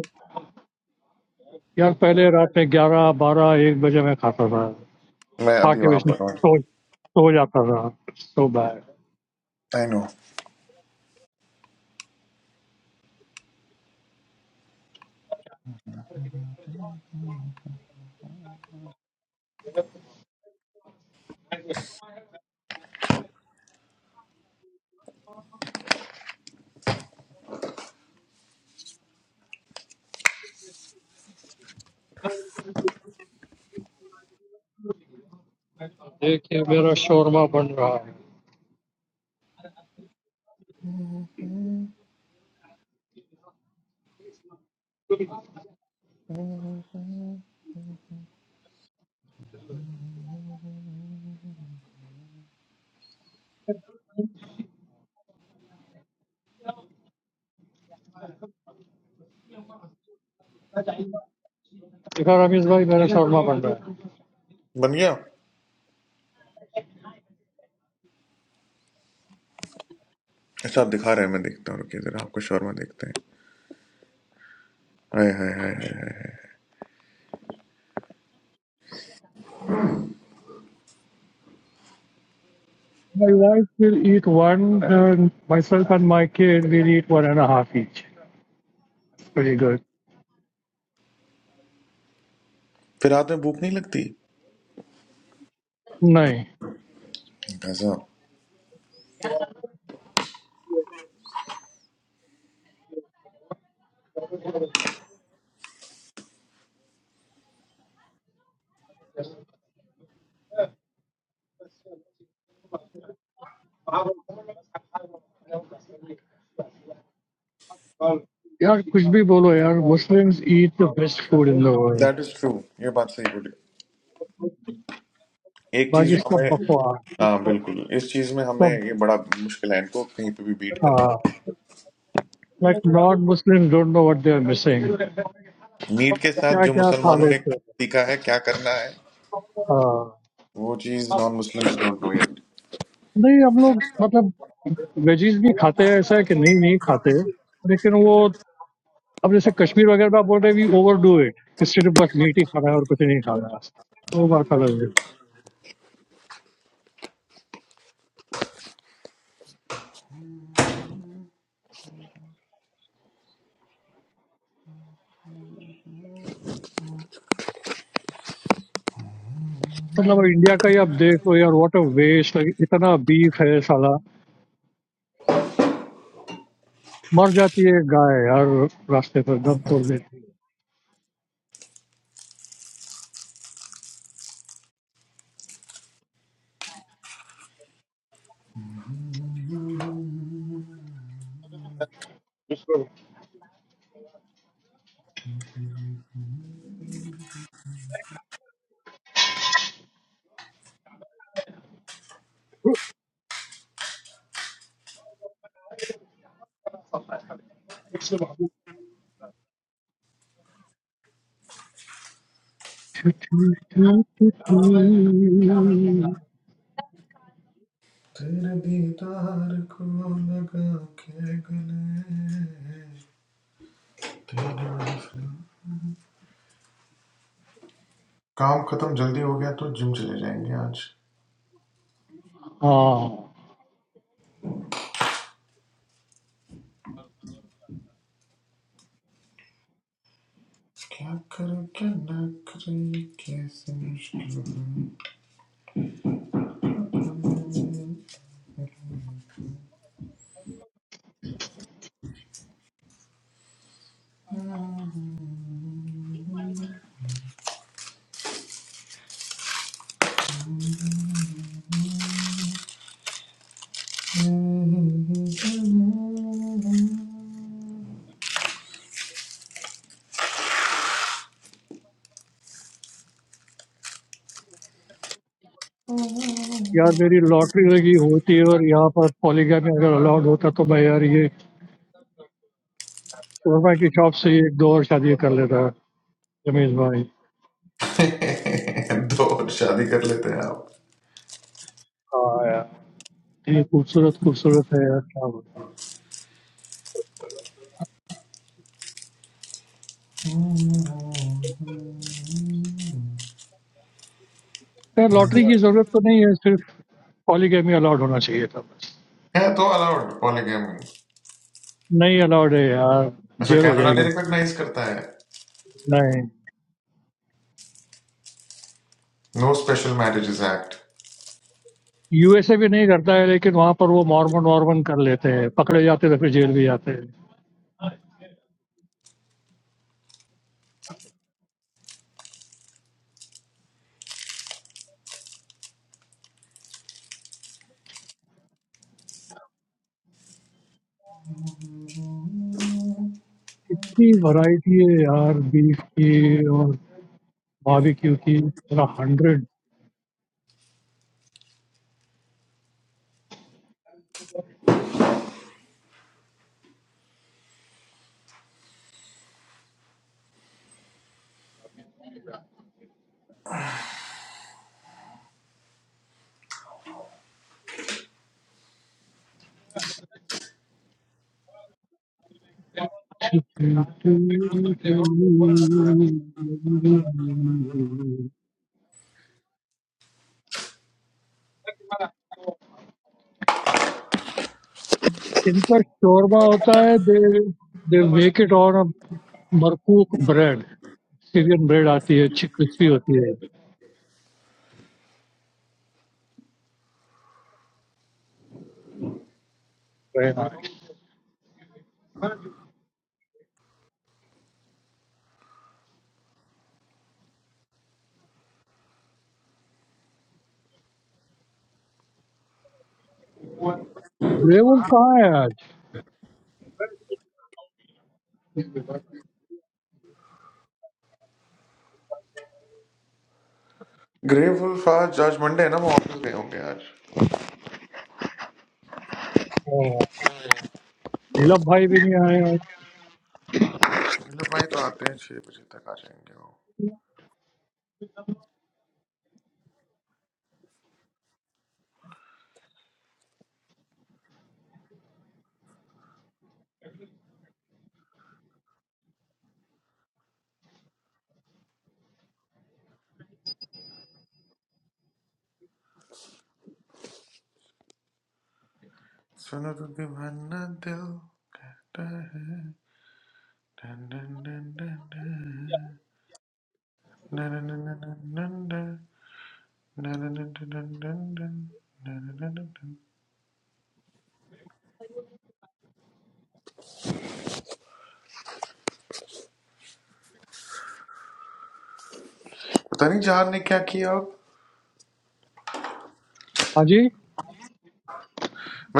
S3: यार पहले रात में ग्यारह बारह एक बजे मैं खाता था,
S2: मैं
S3: खा
S2: अभी
S3: के
S2: वहां
S3: वैसे
S2: पर हूँ
S3: सो सो जाता था. So bad.
S2: आई नो
S3: देखिए मेरा शोरमा बन रहा है. देखा रमेश भाई, मेरा शोरमा बन रहा है.
S2: बन गया अच्छा आप दिखा रहे हैं मैं देखता हूँ रुकिए जरा आपका शोरमा देखते हैं हाय हाय हाय हाय हाय हाय।
S3: My wife will eat one and myself and my kid will eat one and a half each. Pretty good.
S2: फिर रात में भूख नहीं लगती
S3: नहीं
S2: गजब
S3: यार कुछ भी बोलो यार, Muslims eat the best food in the world.
S2: That is true ये बात सही बोली एक चीज
S3: Baki
S2: जो
S3: sab
S2: हमें
S3: bakwa.
S2: हाँ बिल्कुल इस चीज में हमें
S3: Sab,
S2: ये बड़ा मुश्किल है इनको कहीं पे भी बीट करना
S3: uh, like non-Muslims don't know what they are missing.
S2: Meat के साथ
S3: क्या
S2: जो
S3: क्या खा
S2: मुसलमानों ने
S3: लेते हैं।
S2: सीखा है क्या करना है
S3: हाँ,
S2: वो चीज non Muslims don't know it
S3: नहीं हम लोग मतलब वेजीज भी खाते हैं, ऐसा है कि नहीं नहीं खाते, लेकिन वो अब जैसे कश्मीर वगैरह में आप बोल रहे वी ओवर डू इट, कि सिर्फ बस मीट ही खाना है और कुछ नहीं खाना है, वो बात अलग है। मतलब इंडिया का ही आप देखो यार, व्हाट अ वेस्ट, इतना बीफ है साला, मर जाती है गाय यार रास्ते पर, दम तोड़ देती है।
S2: तेरे दीदार को लगा के गले काम खत्म जल्दी हो गया तो जिम चले जाएंगे आज
S3: हाँ
S2: क्या कर क्या ना करे कैसे मुश्किल
S3: Yar, very lottery lagi hote hain aur yaha par polygamia agar allowed hota toh mai yar ye Mormon ki shops se ek do or shaadi kareta. James, boy.
S2: है। दो और शादी कर लेते हैं आप
S3: Aaya. Ye kuch sursurat kuch sursurat hai yar. Kya hoga? Yar, lottery ki zarurat toh nahi hai. Sirf polygamia allowed hona chahiye ta.
S2: है तो allowed polygamy
S3: Nahi allowed hai yar.
S2: अच्छा
S3: Jail ho
S2: कैनेडा ने
S3: jayegi.
S2: Recognise करता है
S3: Nahi.
S2: No special marriages act
S3: U.S. se bhi nahi karta hai, but yaha par wo Mormon Mormon karete hain. Pakde jaate hain, fir jail bhi jaate hain. Itni variety hai yar, beef ki aur bhabi ki ki. Sirha hundred. Inka shawarma hota hai. They they make it on marcook bread, Syrian bread. Aati hai, achhi crispy hoti hai. Very nice. Where are you
S2: grateful fast जज Monday है ना वो office गए होंगे आज
S3: from? Nilabhai bhi nahi hai.
S2: मतलब भाई तो आते हैं छह बजे तक आ जाएंगे वो सुनो तो दीवाना दिल कहता है डन डन डन डन डन डन डन डन डन डन डन डन डन डन। पता नहीं जहान ने क्या किया मैं
S3: Aaj?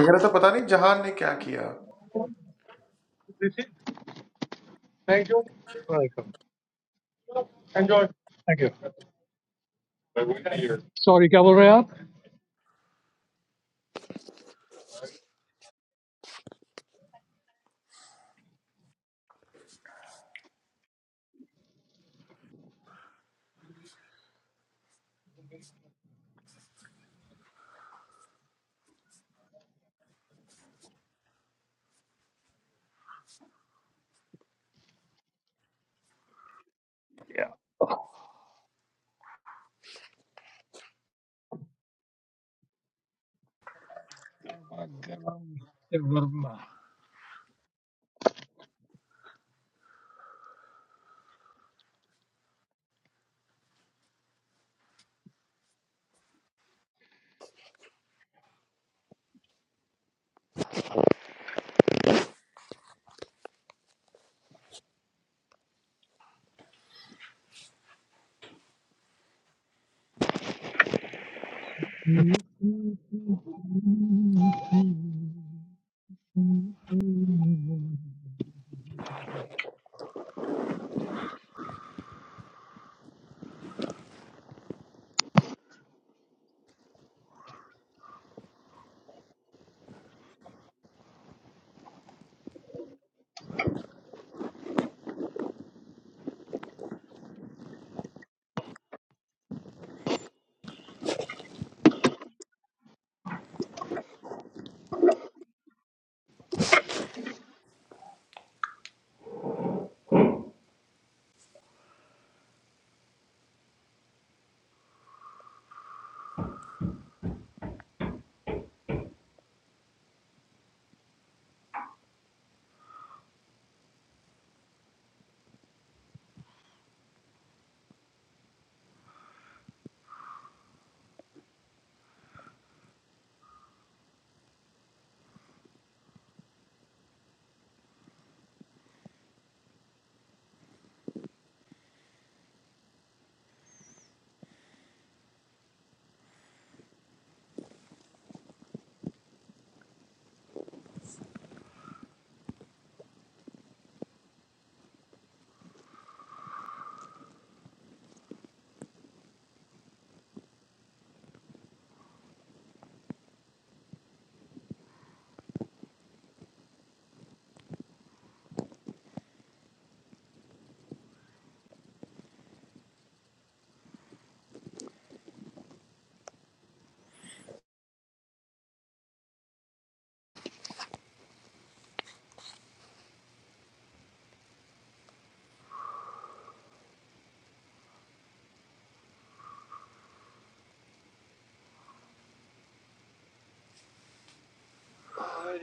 S2: कह रहा था पता नहीं जहान ने क्या किया
S3: Thank you. Welcome. Thank you. Sorry, kya bol rahe ho? I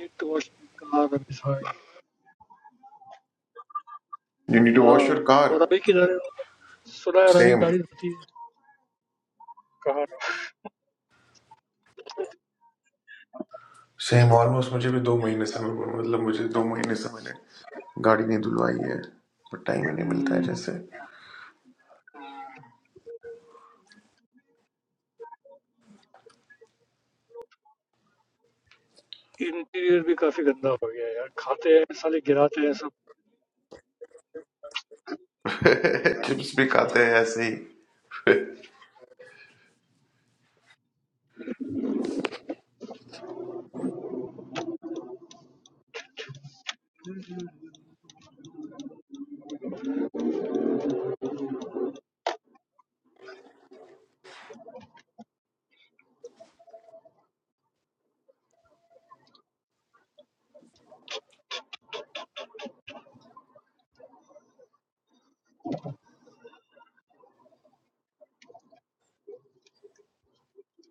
S3: need to wash my car. Abhi sahi.
S2: You need to
S3: Ha.
S2: Wash your
S3: Aur
S2: car
S3: abhi kis tarah se? Sulha ravi
S2: same
S3: garis huti hai. Car.
S2: Same almost मुझे भी दो महीने से मैं मतलब मुझे दो महीने से मैंने गाड़ी नहीं धुलवाई है बट टाइम ही नहीं मिलता है जैसे
S3: Interior भी काफी गंदा हो गया है यार खाते हैं साले गिराते हैं सब
S2: चिप्स भी
S3: हाँ।
S2: खाते हैं ऐसे ही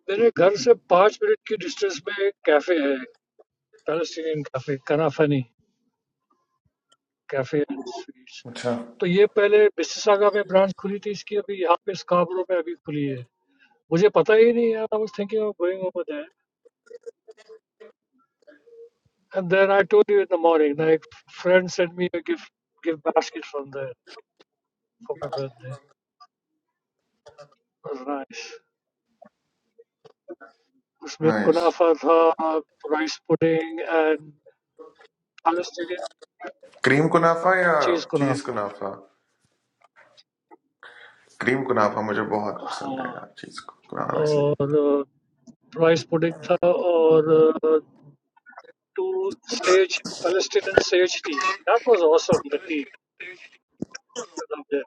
S3: मेरे घर से पांच मिनट की डिस्टेंस में एक कैफे है प्लेसिनियन कैफे कनाफा नहीं कैफे एंड स्वीट्स
S2: अच्छा
S3: तो ये पहले बिस्तर सागा में ब्रांच खुली थी इसकी अभी यहाँ पे स्काब्रो पे अभी खुली है मुझे पता ही नहीं यार I was thinking of going over there and then I told you in the morning like friend sent me a gift gift basket from there for my birthday was nice
S2: nice
S3: � Palestinian
S2: cream कुनाफा या
S3: cheese
S2: चीज
S3: kunafa.
S2: कुनाफा cream कुनाफा मुझे बहुत पसंद है
S3: Yeah,
S2: यार चीज कुनाफा से
S3: and rice pudding. And two-stage Palestinian stage tea. That was awesome. The tea, I loved it.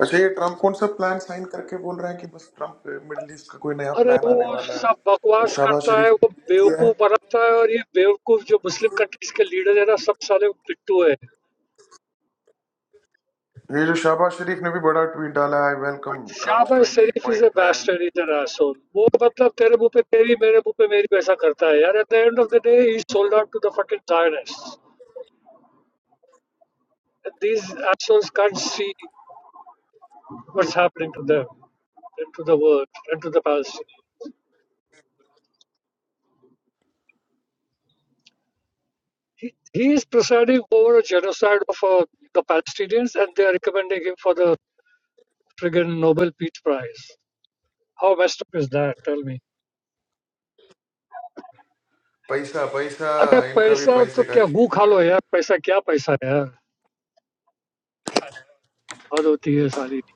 S2: अच्छा ये ट्रम्प कौन सा प्लान साइन करके बोल रहा है कि बस ट्रम्प मिडिल ईस्ट का कोई नया
S3: अरे
S2: प्लान
S3: वो
S2: आने वाला है
S3: सब
S2: और
S3: बकवास
S2: शाहबाज
S3: करता है,
S2: शरीफ
S3: वो
S2: ये है
S3: बेवकूफ बर्बात है, और ये बेवकूफ जो मुस्लिम कंट्रीज के लीडर हैं ना, सब साले बिट्टू हैं.
S2: ये जो शाहबाज शरीफ ने भी बड़ा ट्वीट डाला है वेलकम ट्रम्प
S3: साबा
S2: ट्वेंटी
S3: सरिफीज़
S2: पॉइंट
S3: बेस्ट
S2: प्लान
S3: हैं इधर ऐसे वो मतलब तेरे भूपे तेरी, मेरे भूपे मेरी भी ऐसा करता है. यार at the end of the day, he's sold out to the fucking tyrants. These assholes can't see what's happening to them and to the world and to the Palestinians. He, he is presiding over a genocide of uh, the Palestinians and they are recommending him for the friggin' Nobel Peace Prize. How messed up is that? Tell me.
S2: पैसा पैसा
S3: अरे
S2: इनका भी
S3: पैसा तो
S2: पैसे का
S3: क्या गू
S2: खेल
S3: खा
S2: है
S3: लो यार पैसा क्या पैसा है यार हद होती है साली की।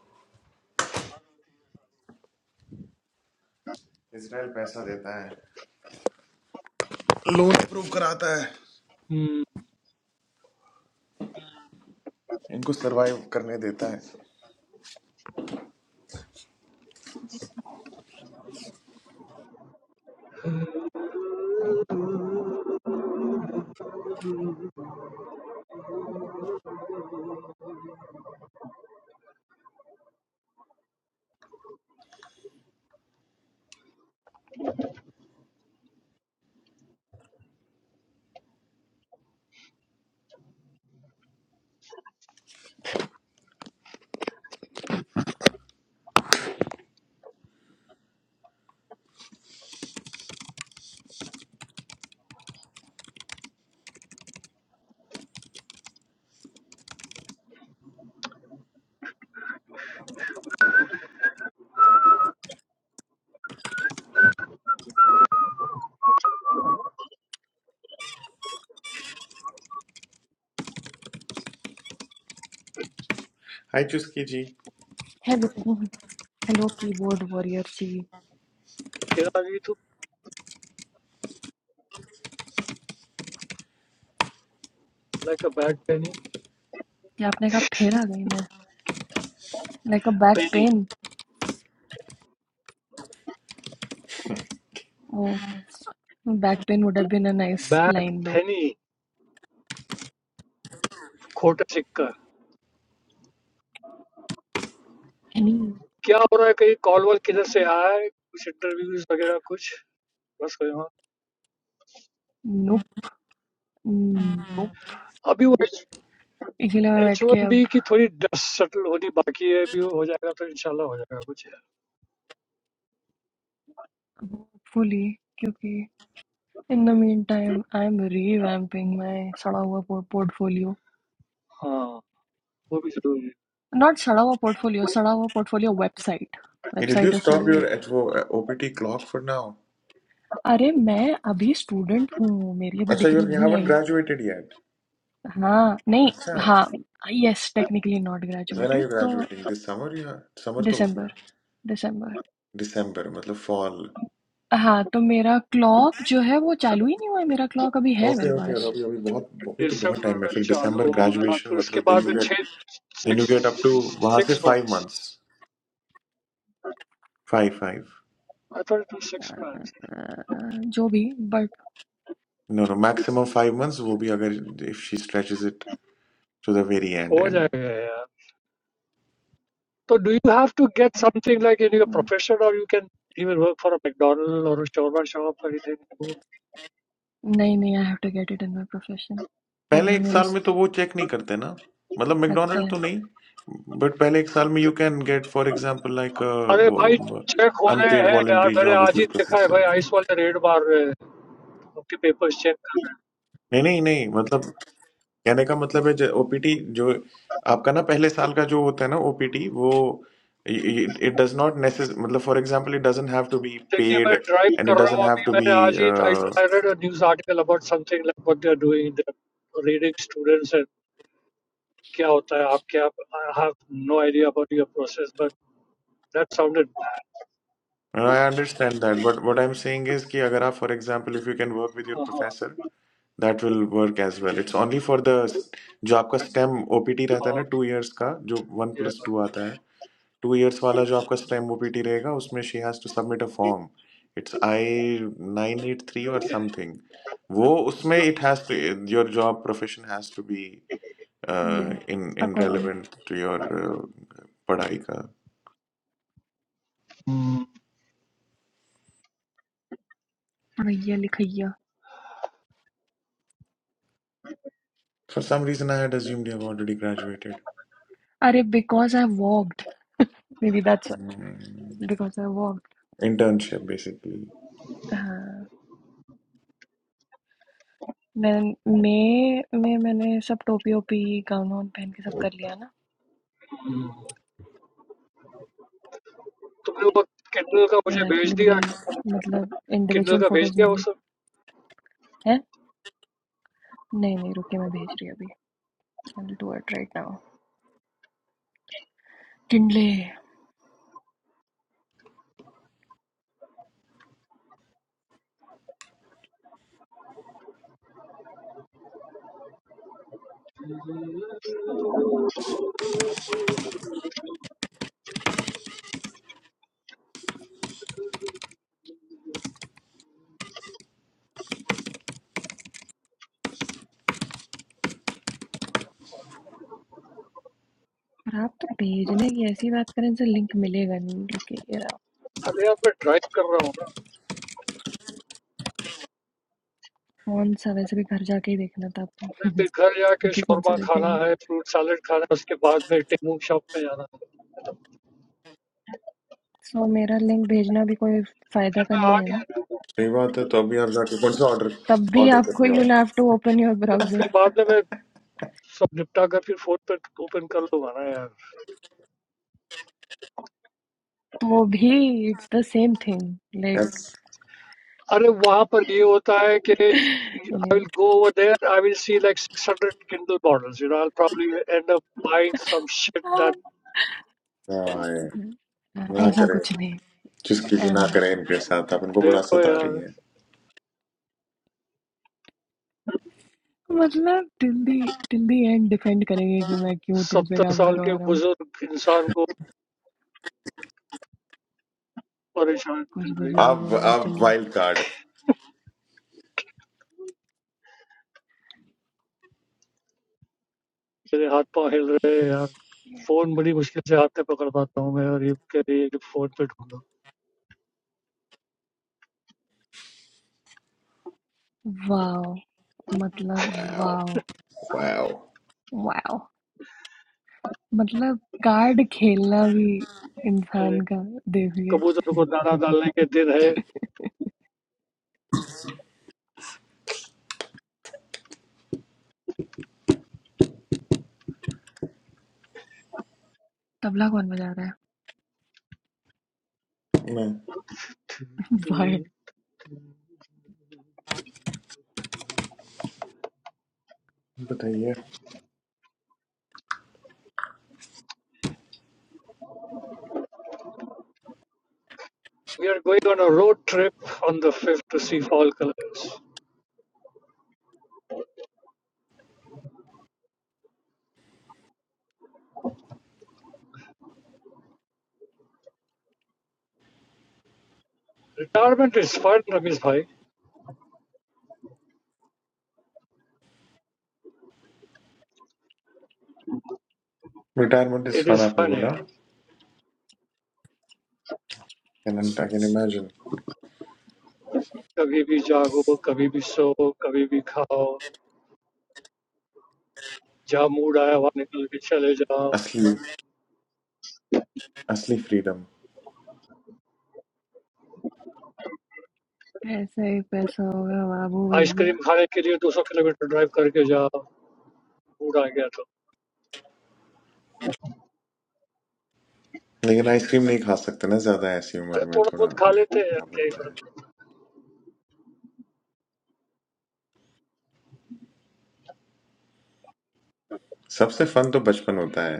S2: इसराइल पैसा देता है
S3: हम्म,
S2: इनको सरवाइव करने देता है hi Chuski ji
S1: hello hello keyboard warrior सी
S3: फिर आ गई तू लाइक अ बैड पेनी
S1: क्या आपने कहा फिर आ गई मैं like a back
S3: penny
S1: pen oh back pain would have been a nice
S3: bad
S1: line दो
S3: पेनी खोटा सिक्का
S1: एनी
S3: क्या हो रहा है कहीं कॉल वॉल किधर से आया है कुछ इंटरव्यूज वगैरह कुछ Just going on.
S1: Nope nope
S3: Abhi wo
S1: इसीलिए मैं बैठ के अब
S3: H1B ki thori dust settle hodi baki hai. Abi wo ho jayega to inshaAllah ho jayega kuch yaar.
S1: Hopefully क्योंकि In the meantime, I'm revamping my सड़ा हुआ por- portfolio.
S3: हाँ, वो भी तो
S1: Not सड़ा हुआ portfolio, सड़ा हुआ portfolio website.
S2: Hey, Did
S1: Website
S2: you
S1: is
S2: stop
S1: सड़ी
S2: your
S1: हुई.
S2: HO, uh, OPT clock for now?
S1: अरे मैं अभी स्टूडेंट हूँ मेरी अभी
S2: अच्छा,
S1: डिग्री
S2: you you
S1: नहीं
S2: haven't
S1: आई है
S2: graduated yet.
S1: हाँ नहीं
S2: अच्छा,
S1: हाँ yes technically not
S2: when are
S1: graduated
S2: you
S1: तो
S2: graduating? This summer या summer तो हो गया.
S1: दिसंबर दिसंबर
S2: December मतलब fall.
S1: हाँ तो मेरा क्लॉक जो है वो चालू ही नहीं हुआ है मेरा क्लॉक अभी है मेरे
S2: Okay, okay. और
S1: पास
S2: अभी अभी बहुत अभी तो बहुत
S3: December
S2: time है.
S3: mein
S2: फिर
S3: chalo
S2: December
S3: ho गया
S2: graduation
S3: तो उसके
S2: मतलब then
S3: बाद
S2: you
S3: भी
S2: get then you
S3: six
S2: get up to वहाँ से
S3: six
S2: five
S3: months.
S2: months. Five five.
S3: I thought it was six months.
S1: Uh, जो भी but
S2: No no maximum five months. वो भी अगर if she stretches it to the very end
S3: हो
S2: end.
S3: जाएगा यार. So do you have to get something like in your profession or you can even work for a McDonald or a showroom shop or anything?
S1: नहीं नहीं I have to get it in my profession
S2: पहले
S1: वरना
S2: एक
S1: मेरा
S2: साल
S1: स-
S2: में तो वो चेक नहीं करते ना मतलब मैकडोनल्ड
S1: कत्ते
S2: तो नहीं बट पहले एक साल में you can get for example like
S3: अरे भाई
S2: वो
S3: check हो रहे
S2: अनपेड
S3: हैं यार
S2: वॉलेंट्री
S3: मैंने
S2: जॉब इफ
S3: आज ही
S2: यूर
S3: देखा है भाई
S2: professor
S3: ice wall the red bar multi papers check.
S2: नहीं नहीं नहीं मतलब कहने का मतलब है ओपीटी जो आपका ना पहले साल का जो होता है ना ओपीटी वो इट डज नॉट नेसेस मतलब for example it doesn't have to be
S3: देखिए
S2: पेड
S3: मैं ड्राइव
S2: एंड इट
S3: कर रहा
S2: डजंट
S3: हूँ
S2: हैव
S3: अभी
S2: टू बी
S3: मैंने आज ही आई read a news article about something like what they are doing they're reading students and क्या होता है आपके। आप क्या I have no idea about your process but that sounded bad
S2: I understand that but what I am saying is कि अगर आप for example if you can work with your
S3: हाँ हाँ
S2: professor that will work as well it's only for the जो आपका stem OPT रहता है
S3: हाँ
S2: ना टू इयर्स का जो वन प्लस टू
S3: yeah
S2: आता है टू इयर्स वाला जो आपका स्टेम ओपीटी रहेगा उसमें she has to submit a form it's I nine eight three और
S3: okay
S2: समथिंग वो उसमें it has to your job profession has to be
S1: Yeah,
S2: in in
S1: according.
S2: Relevant to your पढ़ाई का
S1: भैया लिखैया
S2: for some reason I had assumed you have already graduated
S1: अरे because I walked May be that's because I walked
S2: internship basically
S1: मैं मई में मैंने सब टोपी ओपी गाउन वाउन पहन के सब कर लिया ना
S3: तुमने वो किंडल का
S1: यार
S3: मुझे भेज
S1: एक्चुअली बड़ी
S3: दिया
S1: मतलब
S3: किंडल
S1: इंडिविजुअल
S3: का भेज
S1: फोटोज
S3: दिया
S1: नहीं
S3: वो
S1: ली
S3: सब
S1: है नहीं नहीं रुके मैं भेज रही हूँ अभी I will do it right now टिंडले पर आप तो भेजने की ऐसी बात करें जिससे लिंक मिलेगा नहीं रुके यार
S3: अरे यार मैं ड्राइव कर रहा हूँ ना
S1: कौन सा वैसे भी घर जाके ही देखना था
S3: मैं
S1: आपको
S3: फिर घर जाके
S1: अभी कौन सा
S3: शौरमा खाना
S1: देखेंगे
S3: है फ्रूट सैलेड खाना है उसके बाद में टेमू शॉप में जाना है
S1: सो मेरा लिंक भेजना भी कोई फायदा
S3: फिर
S1: का
S3: मैं
S1: नहीं है
S3: आके
S1: ना
S2: सही बात है तो अभी आप जाके कौन सा ऑर्डर
S1: तब भी
S2: ऑर्डर
S1: आपको
S2: करने
S1: यू
S2: वाले
S1: have to open your browser
S3: फिर बाद में मैं So, I will
S1: तो भी it's the same thing like
S2: अच्छा
S1: anyway.
S3: go there. I will see like 600 Kindle models. You know, I'll probably end up buying some shit that
S2: है, ना
S1: ऐसा
S3: will,
S2: करें
S1: कुछ नहीं
S2: चुस्की भी ना
S1: ऐसा
S2: करें इनके साथ आप इनको
S3: dear,
S2: बड़ा सता
S3: yeah,
S2: रही हैं
S1: मतलब till the till the end defend करेंगे कि मैं क्यों तुमसे काम
S3: 70-year-old
S1: करवा रहा हूँ कुछ बुजुर्ग
S2: आप
S1: बुजुर्ग नहीं
S2: आप
S1: चलिए
S2: वाइल्ड कार्ड
S1: वाओ मतलब
S2: वाओ
S1: वाओ
S2: वाओ
S1: वाओ मतलब कार्ड खेलना भी इंसान का देवी है
S3: guy.
S1: तबला कौन बजा रहा है
S2: ना
S1: वाह
S2: बताइए
S3: We are going on a road trip on the fifth to see fall colors. Retirement is fun, Ramisbai.
S2: Retirement is
S3: It
S2: fun
S3: is
S2: आपने
S3: fun
S2: बोला
S3: here.
S2: I can imagine
S3: Kabi bi jaao, kabi bi show, kabi bi khao. Ja mood aaya, wapne kal ki chale jaao.
S2: असली असली freedom
S1: ऐसे ही पैसा होगा बाबू
S3: Ice
S1: भैया
S3: cream khane ke liye 200 km drive karke jaao. Mood aaya toh.
S2: लेकिन ice cream नहीं खा सकते ना ज्यादा ऐसी उम्र में
S3: थोड़ा
S2: थोड़ा
S3: बहुत खा
S2: ध्यान
S3: लेते हैं यार
S2: रखना
S3: क्या ही
S2: पड़ता
S3: बात।
S2: है सबसे फन तो बचपन होता है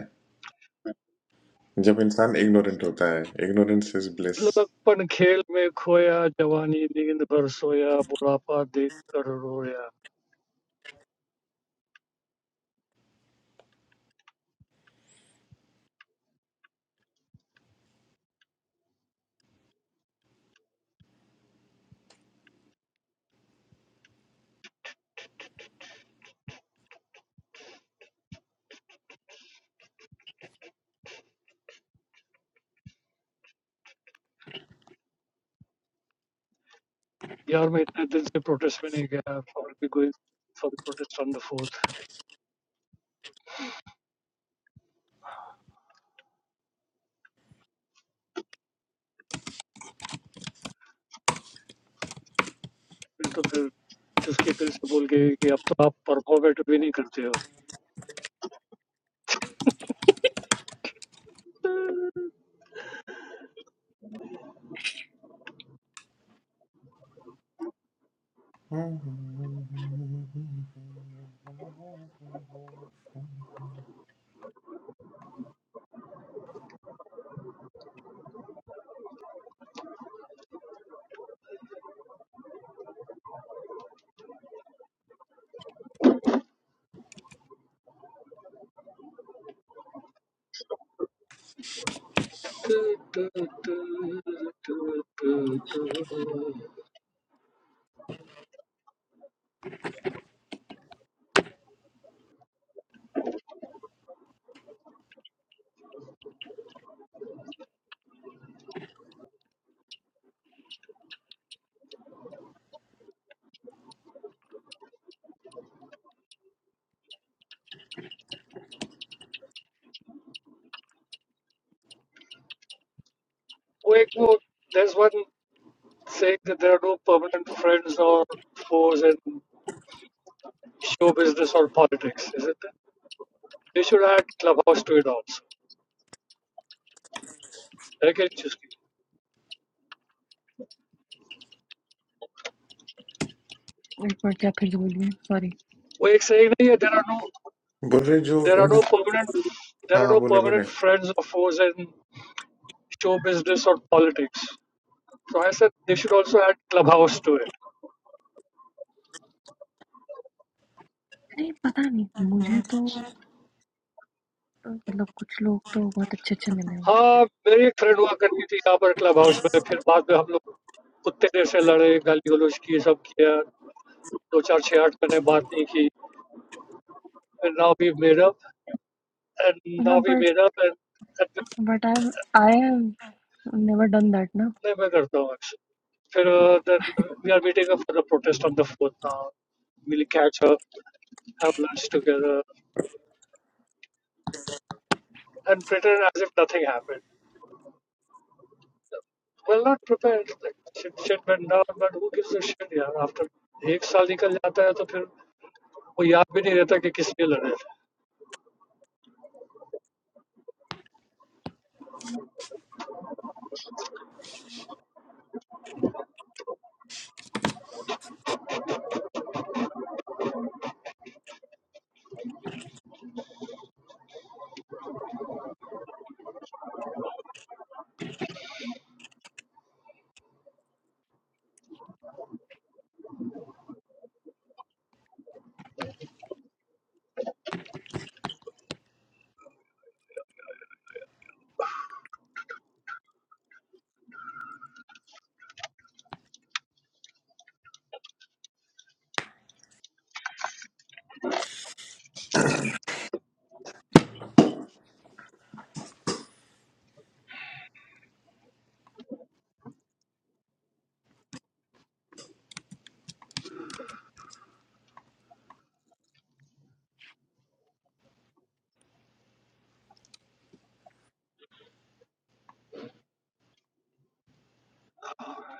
S2: जब इंसान इग्नोरेंट होता है इग्नोरेंस इज ब्लिस
S3: लगभग पन खेल में खोया, जवानी निकल भर सोया, बुरा पाद देता रोया। यार मैं एक दिन से protest में नहीं गया. for We are going for the protest on the fourth. नहीं तो फिर चुस्की फिर से बोल के कि अब तो आप परफॉर्मेट भी नहीं करते हो वो एक वो there's one saying that there are no permanent friends or foes in show business or politics, isn't it? They should add clubhouse to it also. Okay, कि नहीं चुस्की?
S1: एक बार क्या फिर से बोलिए सॉरी
S3: वो एक saying नहीं है there are no
S2: बोल रहे जो
S3: there are
S2: in...
S3: no permanent there
S2: हाँ
S3: are
S2: हाँ
S3: no
S2: बोले बोले
S3: permanent friends or foes in show business or politics. So I said they should also add clubhouse to it.
S1: नहीं पता नहीं मुझे तो मतलब कुछ लोग तो बहुत अच्छे अच्छे मिले हैं
S3: हाँ, मेरी एक फ्रेंड हुआ करनी थी यहाँ पर clubhouse में फिर बाद में हम लोग उत्तेजन से लड़े, गली-गलौच किये सब किया, दो-चार-शे-आठ मैंने बात नहीं की. फिर ना अभी मेरा, ना
S1: हाँ
S3: अभी
S1: बट
S3: मेरा, पर नहीं
S1: but I I have never done that ना
S3: मैं मैं करता मैं फिर uh, then we are meeting up for the protest on the fourth. now. We'll catch up, have lunch together, and pretend as if nothing happened. Well, not prepared. Like, shit shit went down, but who gives a shit, यार? After एक साल निकल जाता है तो फिर वो याद भी नहीं रहता कि किस लिए लड़े थे.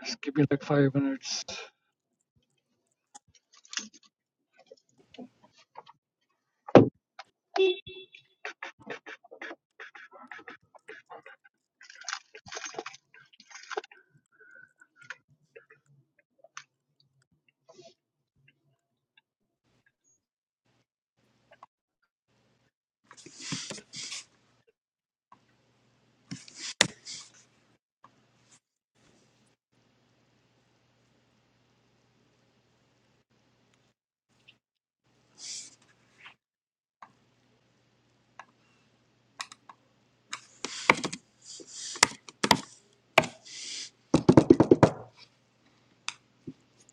S3: Just give me like five minutes.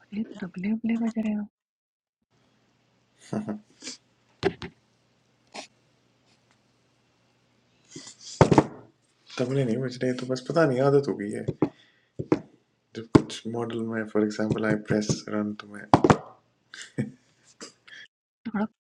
S1: अरे तबले उबले बज रहे हो
S2: तबले नहीं बज रहे तो बस पता नहीं आदत हो गई है जब कुछ मॉडल में for example I press run तो मैं
S1: आप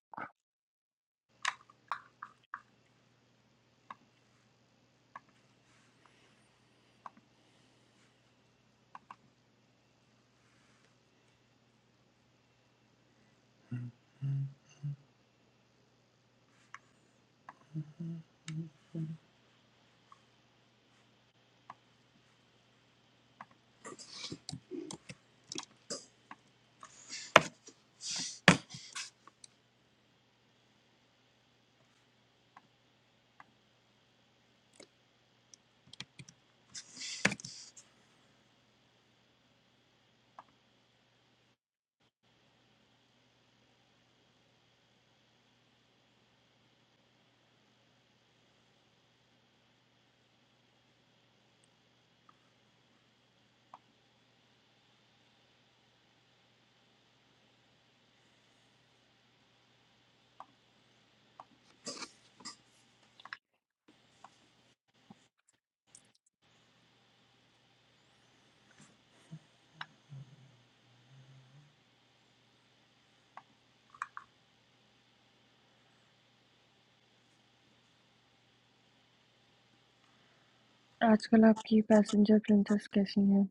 S1: आजकल आपकी पैसेंजर प्रिंसेस कैसी है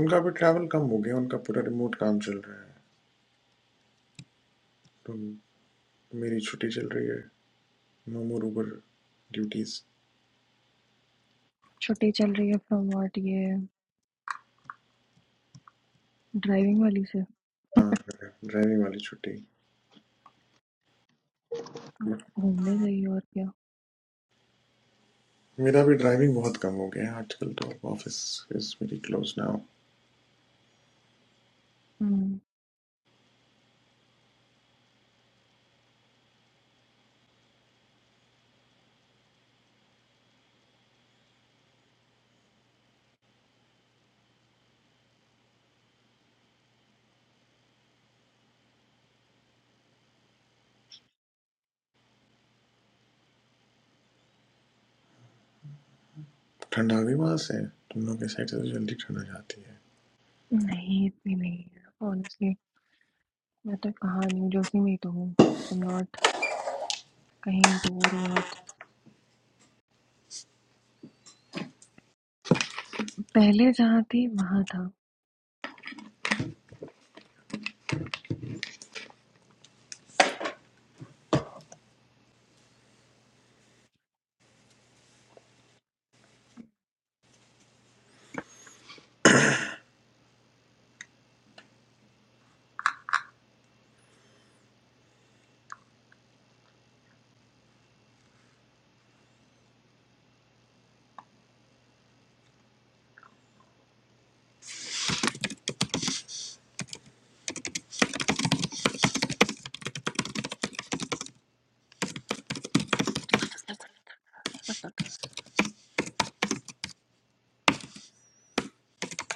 S2: उनका भी ट्रैवल कम हो गया उनका पूरा रिमोट काम चल रहा है तो मेरी छुट्टी चल रही है नो मोर उबर ड्यूटीज
S1: छुट्टी चल रही है फ्रॉम व्हाट ये ड्राइविंग वाली से
S2: हाँ ड्राइविंग वाली छुट्टी
S1: अब
S2: But
S1: घूमने जाइए और क्या
S2: मेरा भी ड्राइविंग बहुत कम हो गया है आजकल तो office is very close now
S1: हम्म,
S2: ठंड आ गई वहां से तुम लोग के साइड से तो जल्दी ठंड आ जाती है
S1: नहीं इतनी नहीं है ऑनेस्टली मैं तो कहाँ नहीं हूँ, जो उसी में ही तो हूँ आई एम नॉट कहीं दूर बहुत पहले जहाँ थी वहाँ था।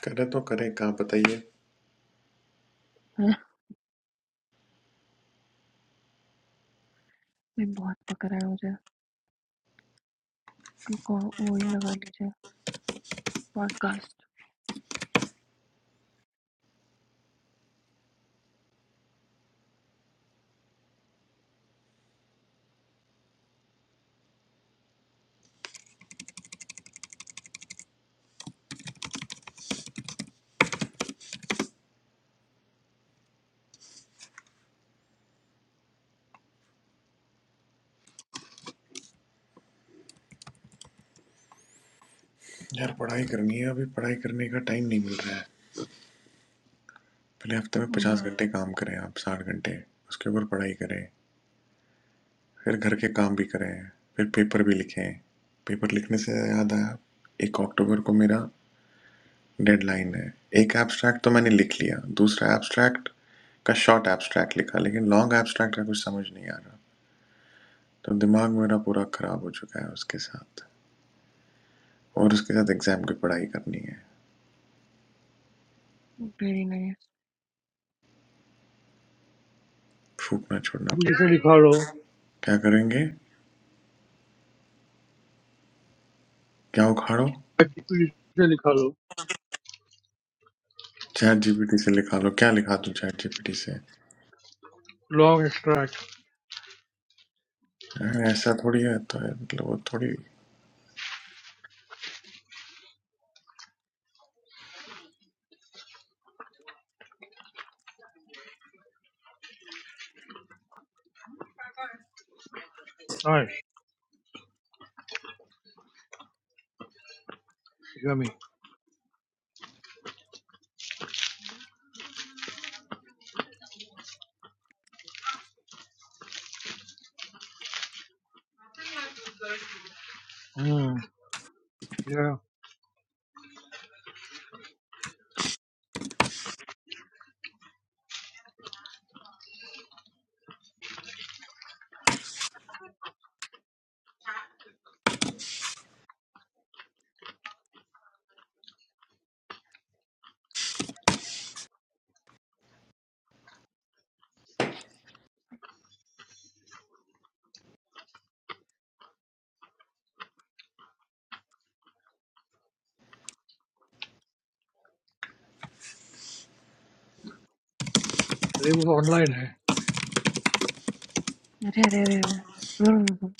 S2: करे तो करे कहाँ बताइए
S1: हाँ, मैं बहुत पक रहा है मुझे कि को वो ही लगा लीजिए पॉडकास्ट
S2: यार पढ़ाई करनी है अभी पढ़ाई करने का टाइम नहीं मिल रहा है पहले हफ्ते में पचास घंटे काम करें आप साठ घंटे उसके ऊपर पढ़ाई करें फिर घर के काम भी करे हैं फिर पेपर भी लिखे हैं पेपर लिखने से याद आया एक अक्टूबर को मेरा डेडलाइन है एक एब्स्ट्रैक्ट तो मैंने लिख लिया दूसरा एब्स्ट्रैक्ट का शॉर्ट एब्स्ट्रैक्ट लिखा लेकिन लॉन्ग एब्स्ट्रैक्ट का कुछ समझ नहीं आ रहा तो दिमाग मेरा पूरा खराब हो चुका है उसके साथ और उसके साथ एग्जाम की पढ़ाई करनी है
S1: वेरी नाइस
S2: फूकना छोड़ना क्या करेंगे क्या उखाड़ो चैट जीपीटी से लिखा लो क्या लिखा दूं चैट जीपीटी से
S3: Long extract.
S2: अरे ऐसा थोड़ी है तो मतलब वो थोड़ी
S3: अरे वो online है.
S1: अरे अरे अरे अरे। रुर, रुर, रुर।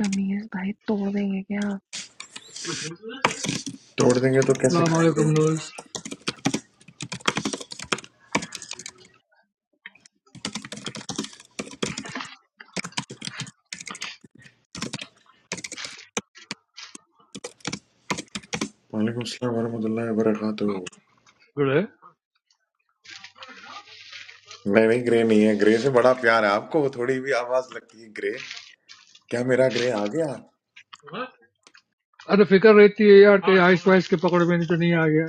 S1: रमीज भाई तोड़ देंगे क्या
S2: तोड़ देंगे तो कैसे
S3: अस्सलाम वालेकुम
S2: खाएंगे
S3: नूज.
S2: वालेकुम अस्सलाम वरहमतुल्लाहि वबरकातुहू
S3: Good है.
S2: नहीं नहीं ग्रे नहीं है ग्रे से बड़ा प्यार है आपको वो थोड़ी भी आवाज लगती है ग्रे क्या मेरा ग्रे आ गया
S3: अरे फिक्र रहती है यार कि आइस वाइस के पकड़ में नहीं तो नहीं आ गया,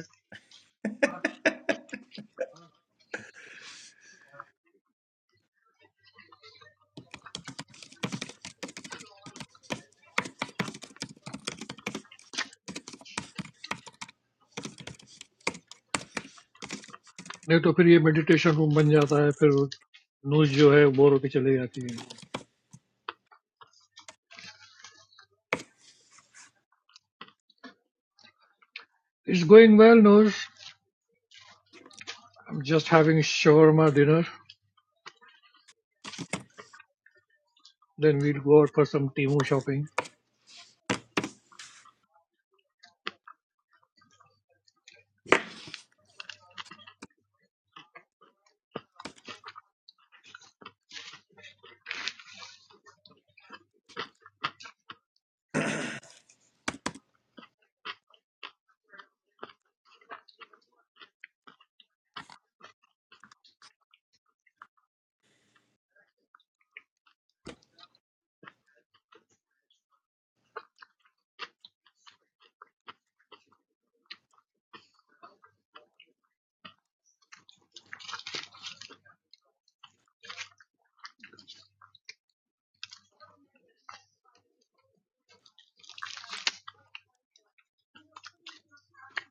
S3: नहीं तो फिर ये मेडिटेशन रूम बन जाता है, फिर नूज जो है बोर होके चली जाती है. It's going well news. I'm just having shawarma dinner. Then we'll go out for some Timu shopping.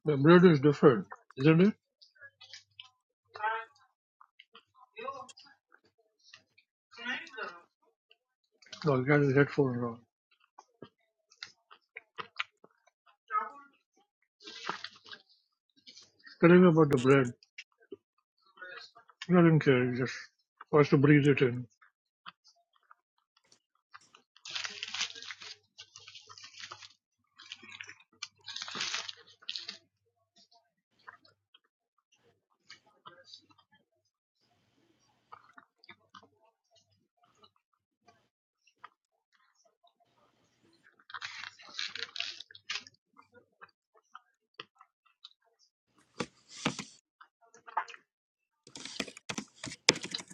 S3: The bread is different, isn't it? No, you can't get full now. Tell him about the bread. He doesn't care. He just wants to breathe it in.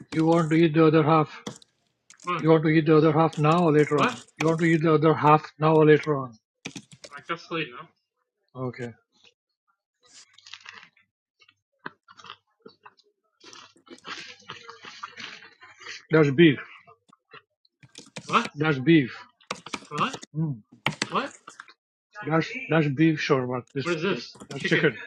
S3: You want to eat the other half? Hmm. You want to eat the other half now or later on? What? You want to eat the other half now or later on? Okay. That's beef. That's beef. Hmm. That's that's beef shawarma. This, what is this? That's chicken. chicken.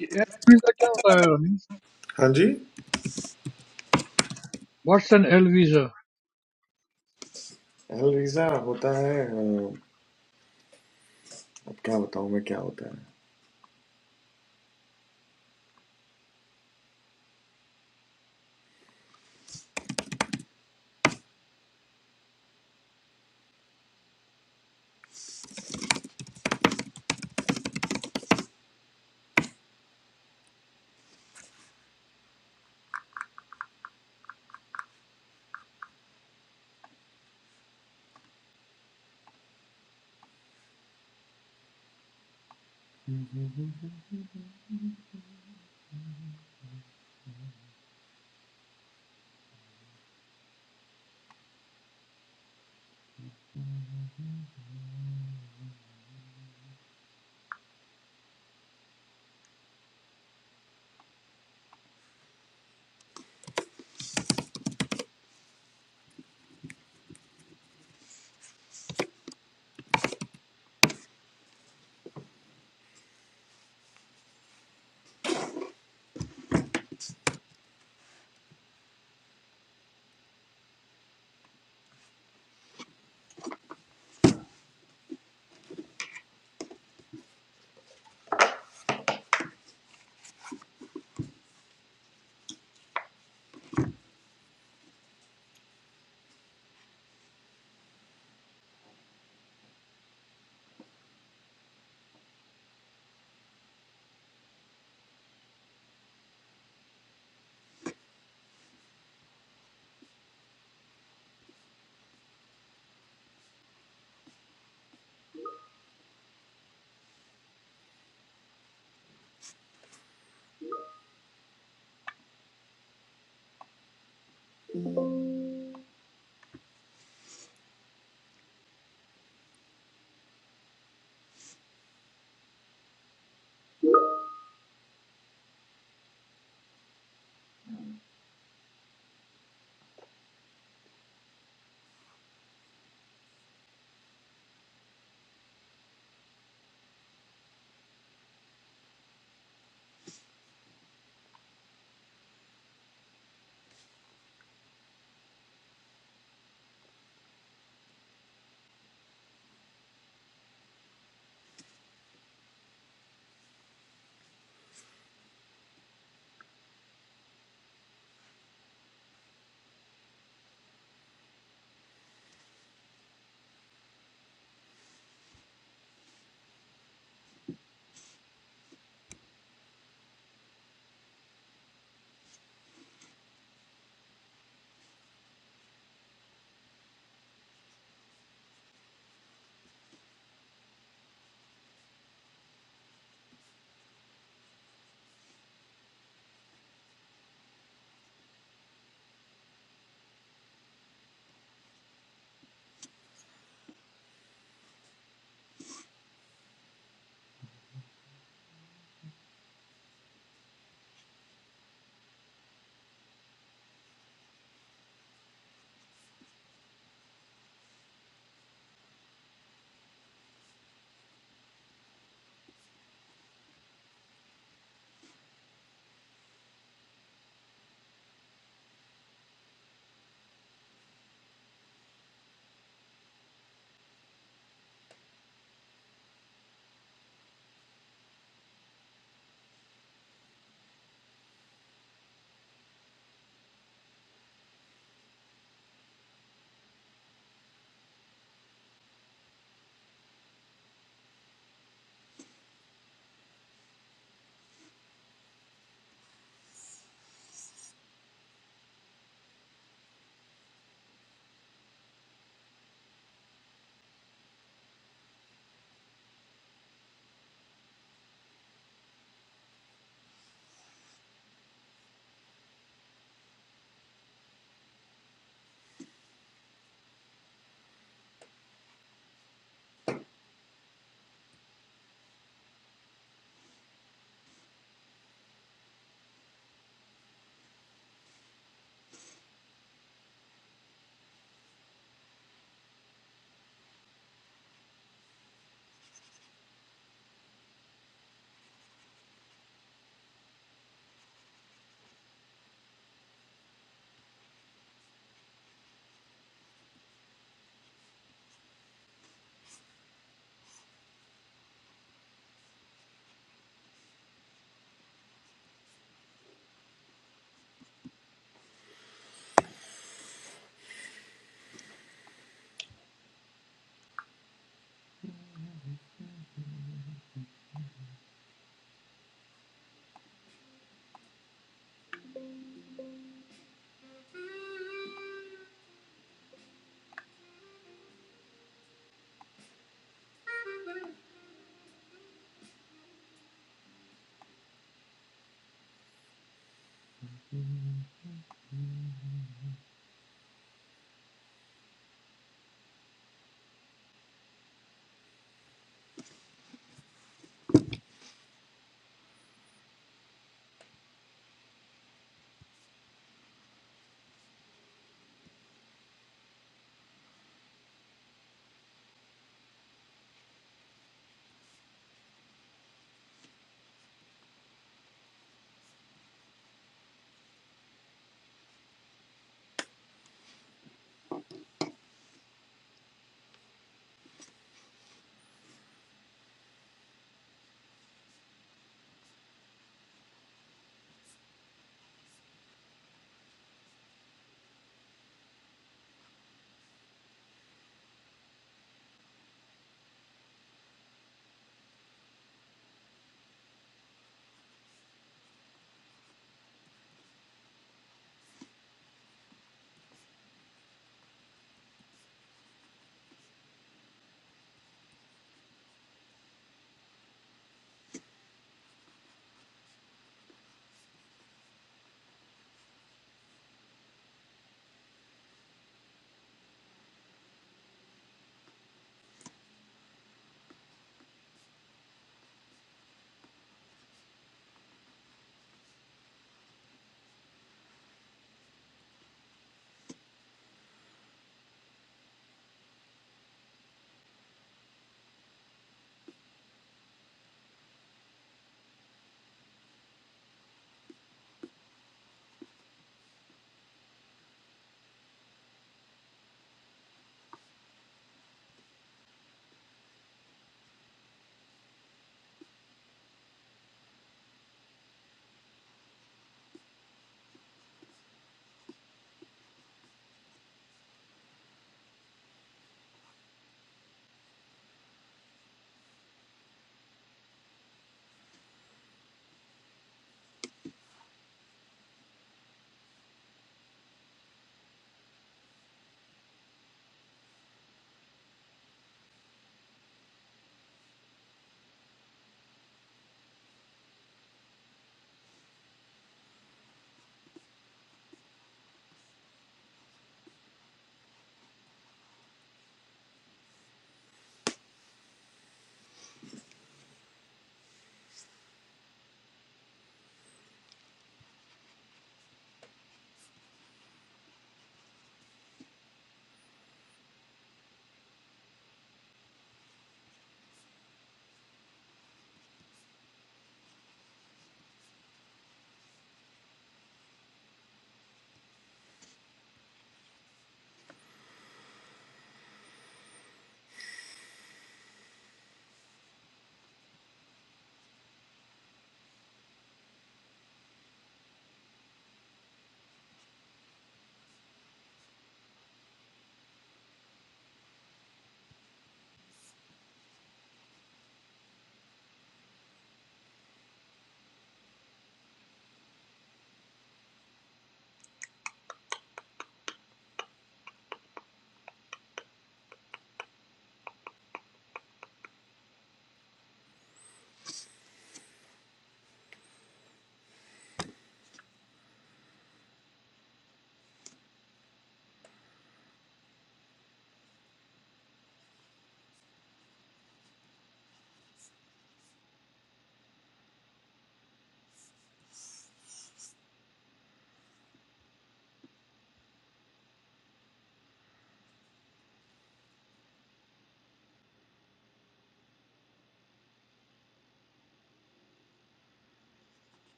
S3: Yeah. Visa क्या होता है रमीज
S2: हाँ जी
S3: what's N L visa
S2: अलवीजा होता है अ, अब क्या बताऊं मैं क्या होता है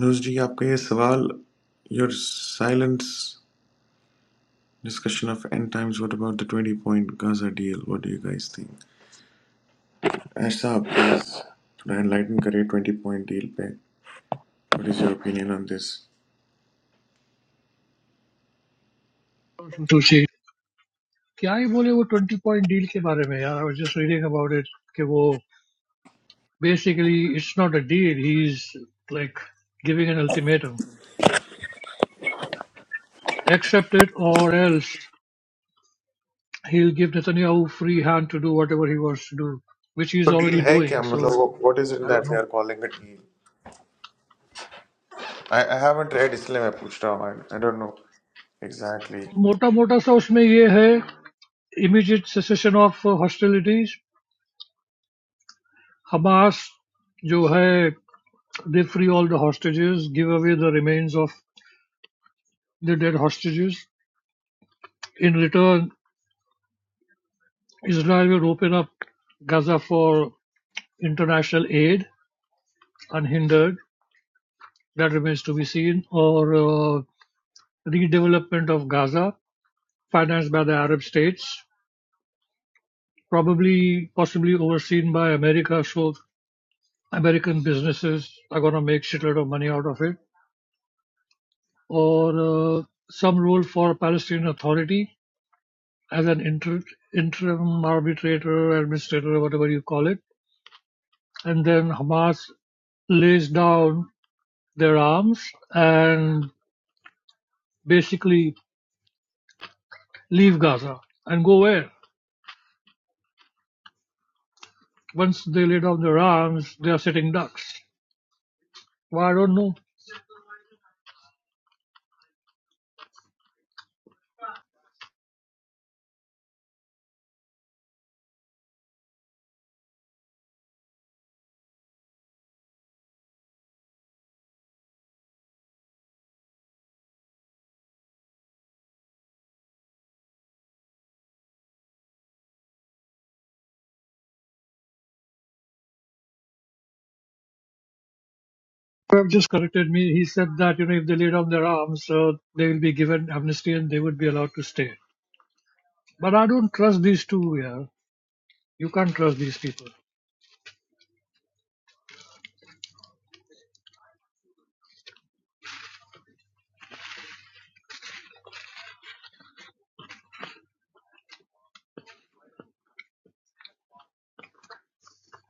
S2: नुज जी आपका ये सवाल your silence discussion of end times what about the 20 point Gaza deal what do you guys think ऐसा आप प्लीज थोड़ा एनलाइटन करिए 20 पॉइंट डील पे what is your opinion on this तो
S3: सुशी क्या ही बोले वो ट्वेंटी पॉइंट डील के बारे में यार I was just reading about it कि वो Basically, it's not a deal. He's like giving an ultimatum. Accept it or else he'll give Netanyahu free hand to do whatever he wants to do, which he's
S2: deal
S3: already
S2: है
S3: doing.
S2: क्या
S3: So
S2: मतलब what is it
S3: I don't
S2: that we
S3: know.
S2: Are calling a deal? I, I haven't read इसलिए मैं पूछ रहा हूँ I, I don't know exactly
S3: मोटा मोटा सा उसमें ये है immediate cessation of uh, hostilities. Hamas जो है they free all the hostages, give away the remains of the dead hostages. In return, Israel will open up Gaza for international aid unhindered. that remains to be seen, or uh, redevelopment of Gaza, financed by the Arab states, probably possibly overseen by America, so American businesses are going to make shitload of money out of it, or uh, some role for Palestinian Authority as an inter- interim arbitrator, administrator, whatever you call it, and then Hamas lays down their arms and basically leave Gaza and go where? Once they lay down their arms, they are sitting ducks. Well, I don't know. i just corrected me. He said that, you know, if they lay down their arms, uh, they will be given amnesty and they would be allowed to stay. But I don't trust these two here. You can't trust these people.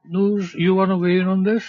S3: Noor, you want to weigh in on this?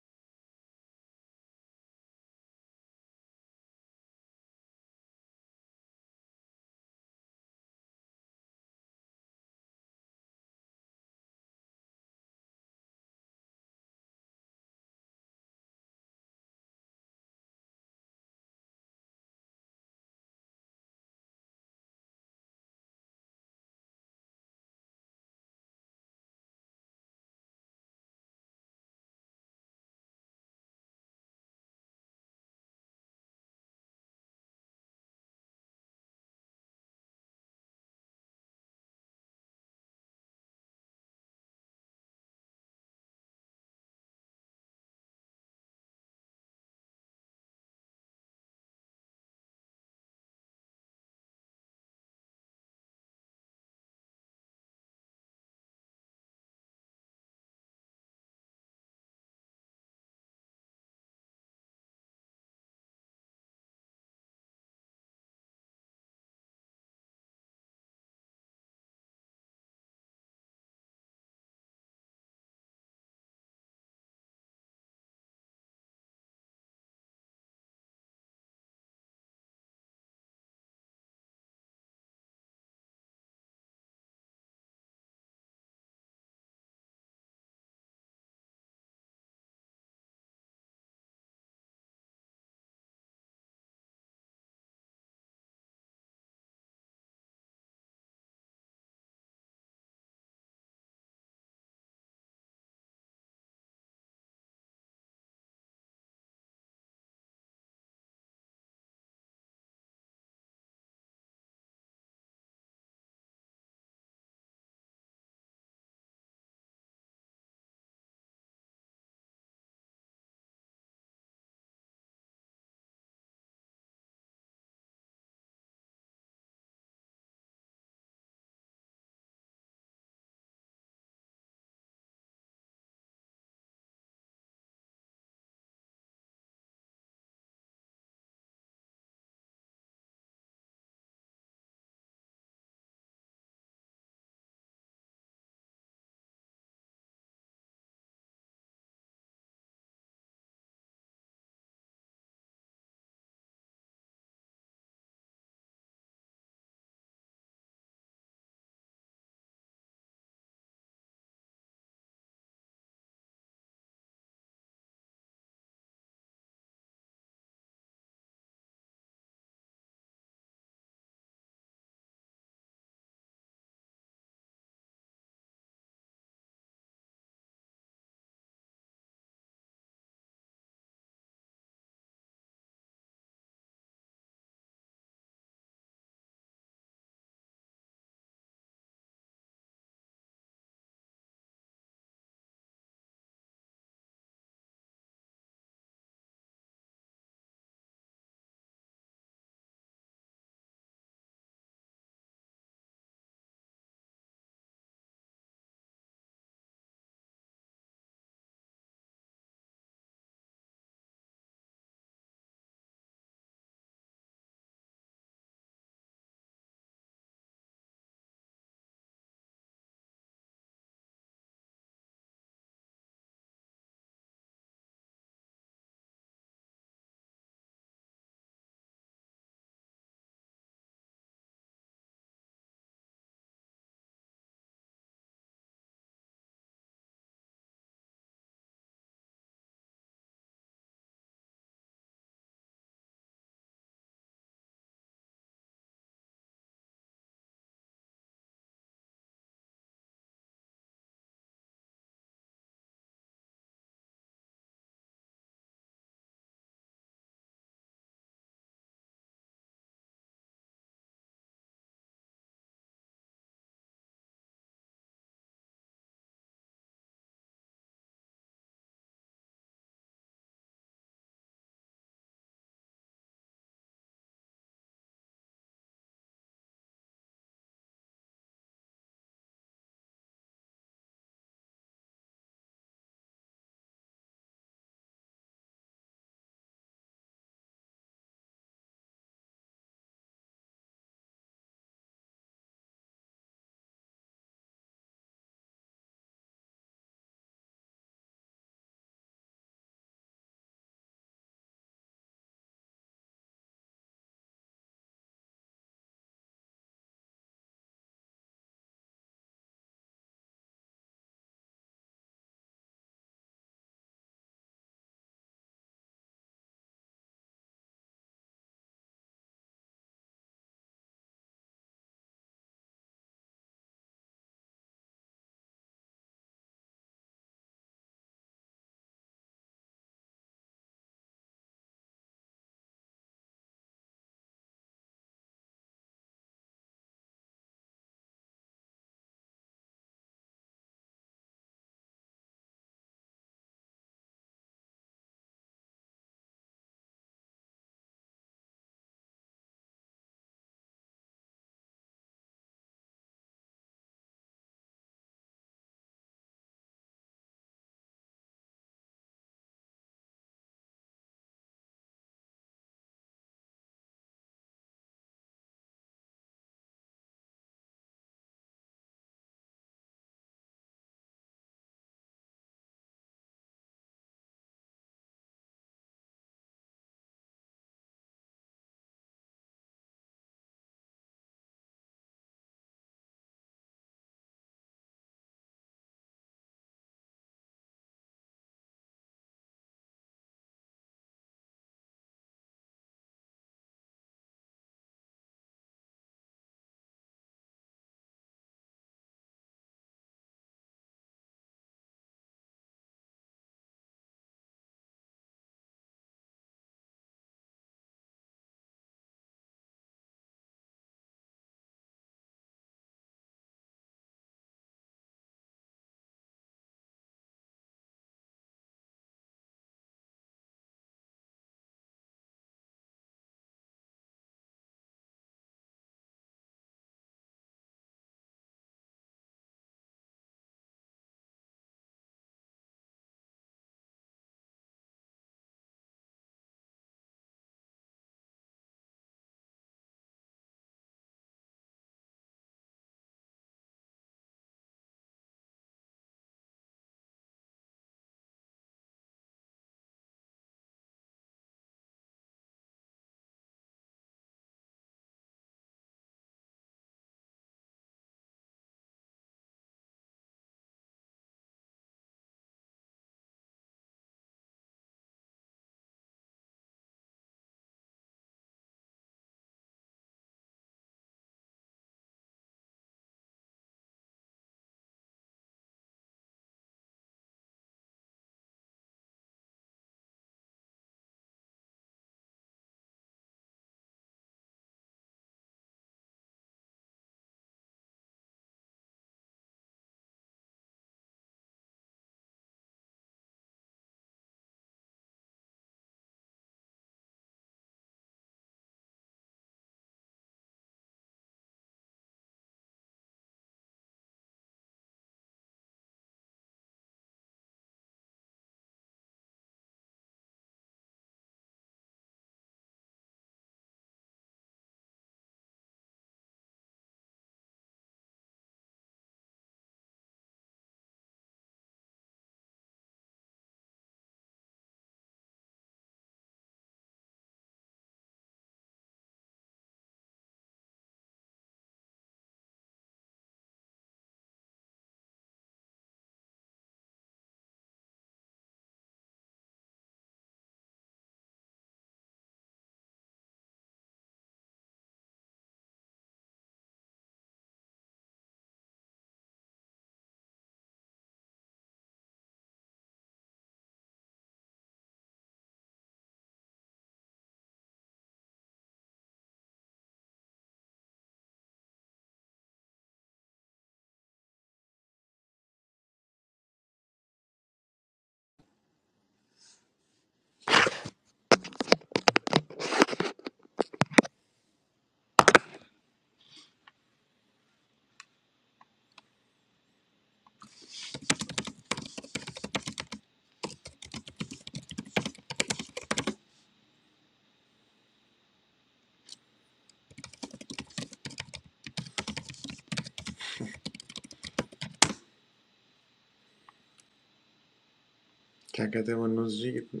S2: क्या कहते हैं मनोज जी इतने,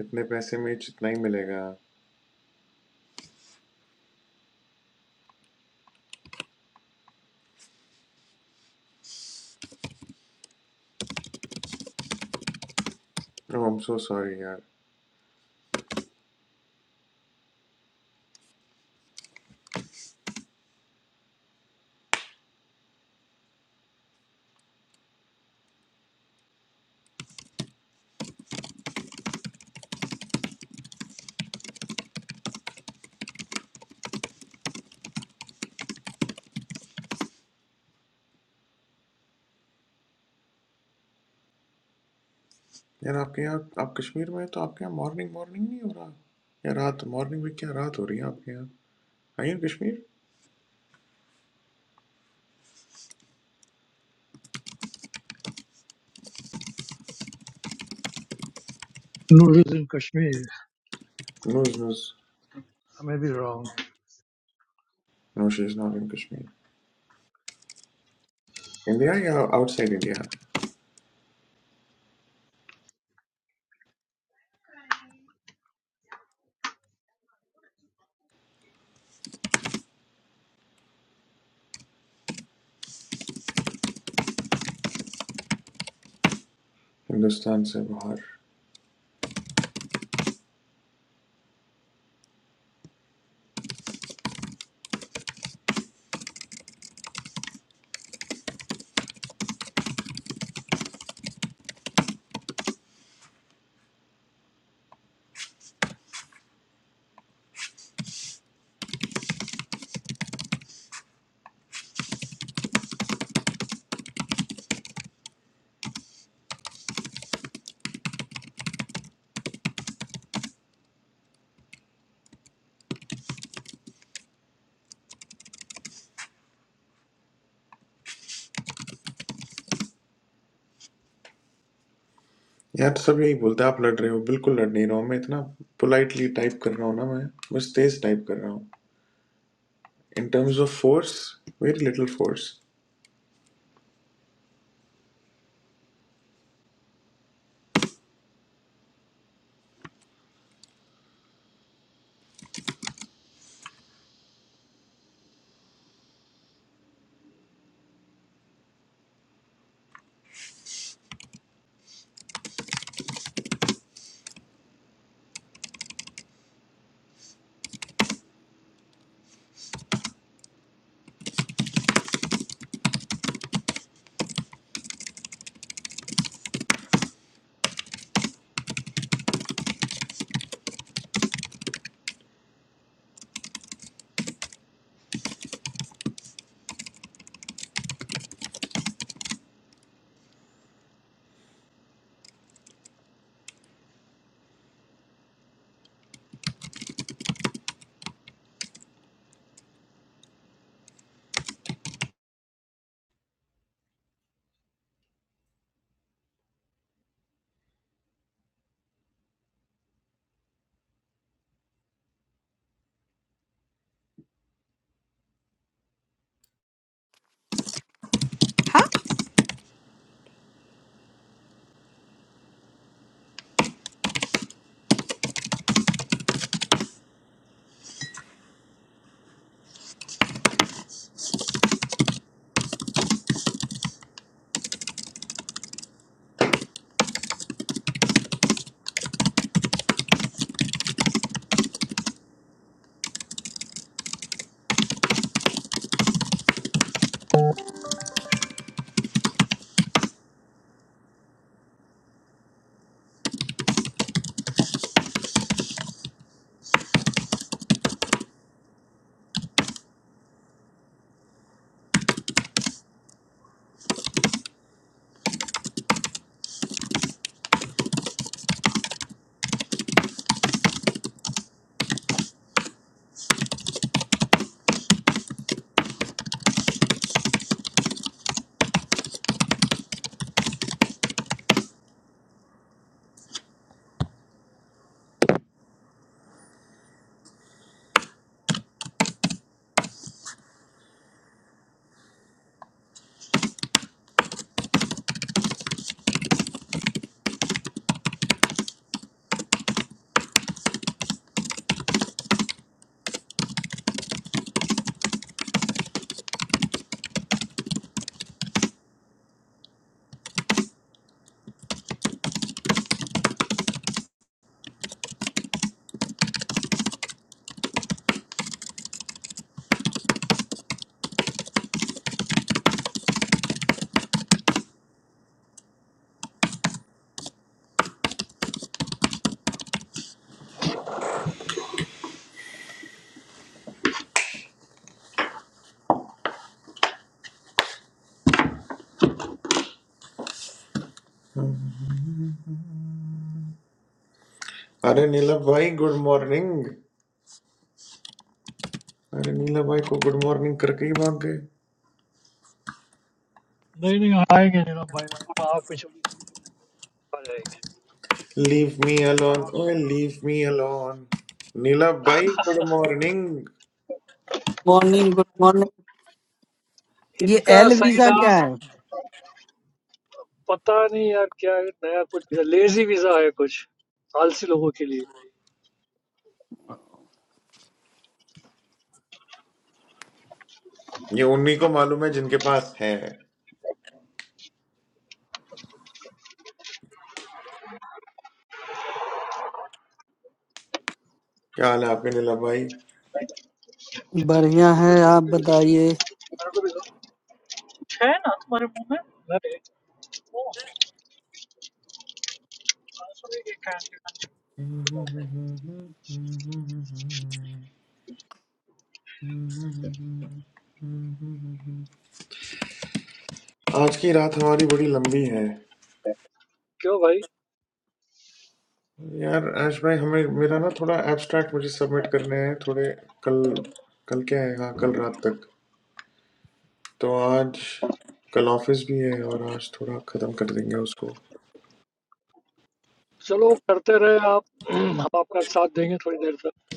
S2: इतने पैसे में जितना ही मिलेगा no I am so sorry यार यार आपके यहाँ आप कश्मीर में हैं तो आपके यहाँ मॉर्निंग मॉर्निंग नहीं हो रहा या रात मॉर्निंग में क्या रात हो रही है आपके यहाँ I in Kashmir
S3: Noor is in Kashmir.
S2: No no
S3: I may be wrong.
S2: No she is not in Kashmir India या आउटसाइड इंडिया हिंदुस्तान से बाहर यार सब यही बोलते हैं आप लड़ रहे हो बिल्कुल लड़ नहीं रहा हूँ मैं इतना पोलाइटली टाइप कर रहा हूँ ना मैं बस तेज टाइप कर रहा हूँ In terms of force, very little force. अरे नीला भाई गुड मॉर्निंग अरे नीला भाई को गुड मॉर्निंग करके ही भाग गए
S3: नहीं नहीं आएंगे नहीं ना भाई थोड़ा आँख में चली आ जाएगी
S2: लीव मी अलोन ओए लीव मी अलोन नीला भाई good morning
S4: morning good morning ये
S3: इनका
S4: एल
S3: सही
S4: वीजा
S3: नाम
S4: क्या है
S3: पता नहीं यार क्या है, नया कुछ लेजी वीजा है कुछ आलसी लोगों के
S2: ये उन्हीं को मालूम है जिनके पास है क्या हाल है आपके नीला भाई
S4: बढ़िया है आप बताइए
S3: लिए छह ना तुम्हारे मुंह में अरे ओ आंसू भी क्या
S2: आज की रात हमारी बड़ी लंबी है
S3: क्यों भाई
S2: यार आश भाई हमें मेरा ना थोड़ा एब्स्ट्रैक्ट मुझे सबमिट करने हैं थोड़े कल कल क्या है हाँ कल रात तक तो आज कल ऑफिस भी है और आज थोड़ा खत्म कर देंगे उसको
S3: चलो करते रहे आप हम आपका साथ देंगे थोड़ी देर तक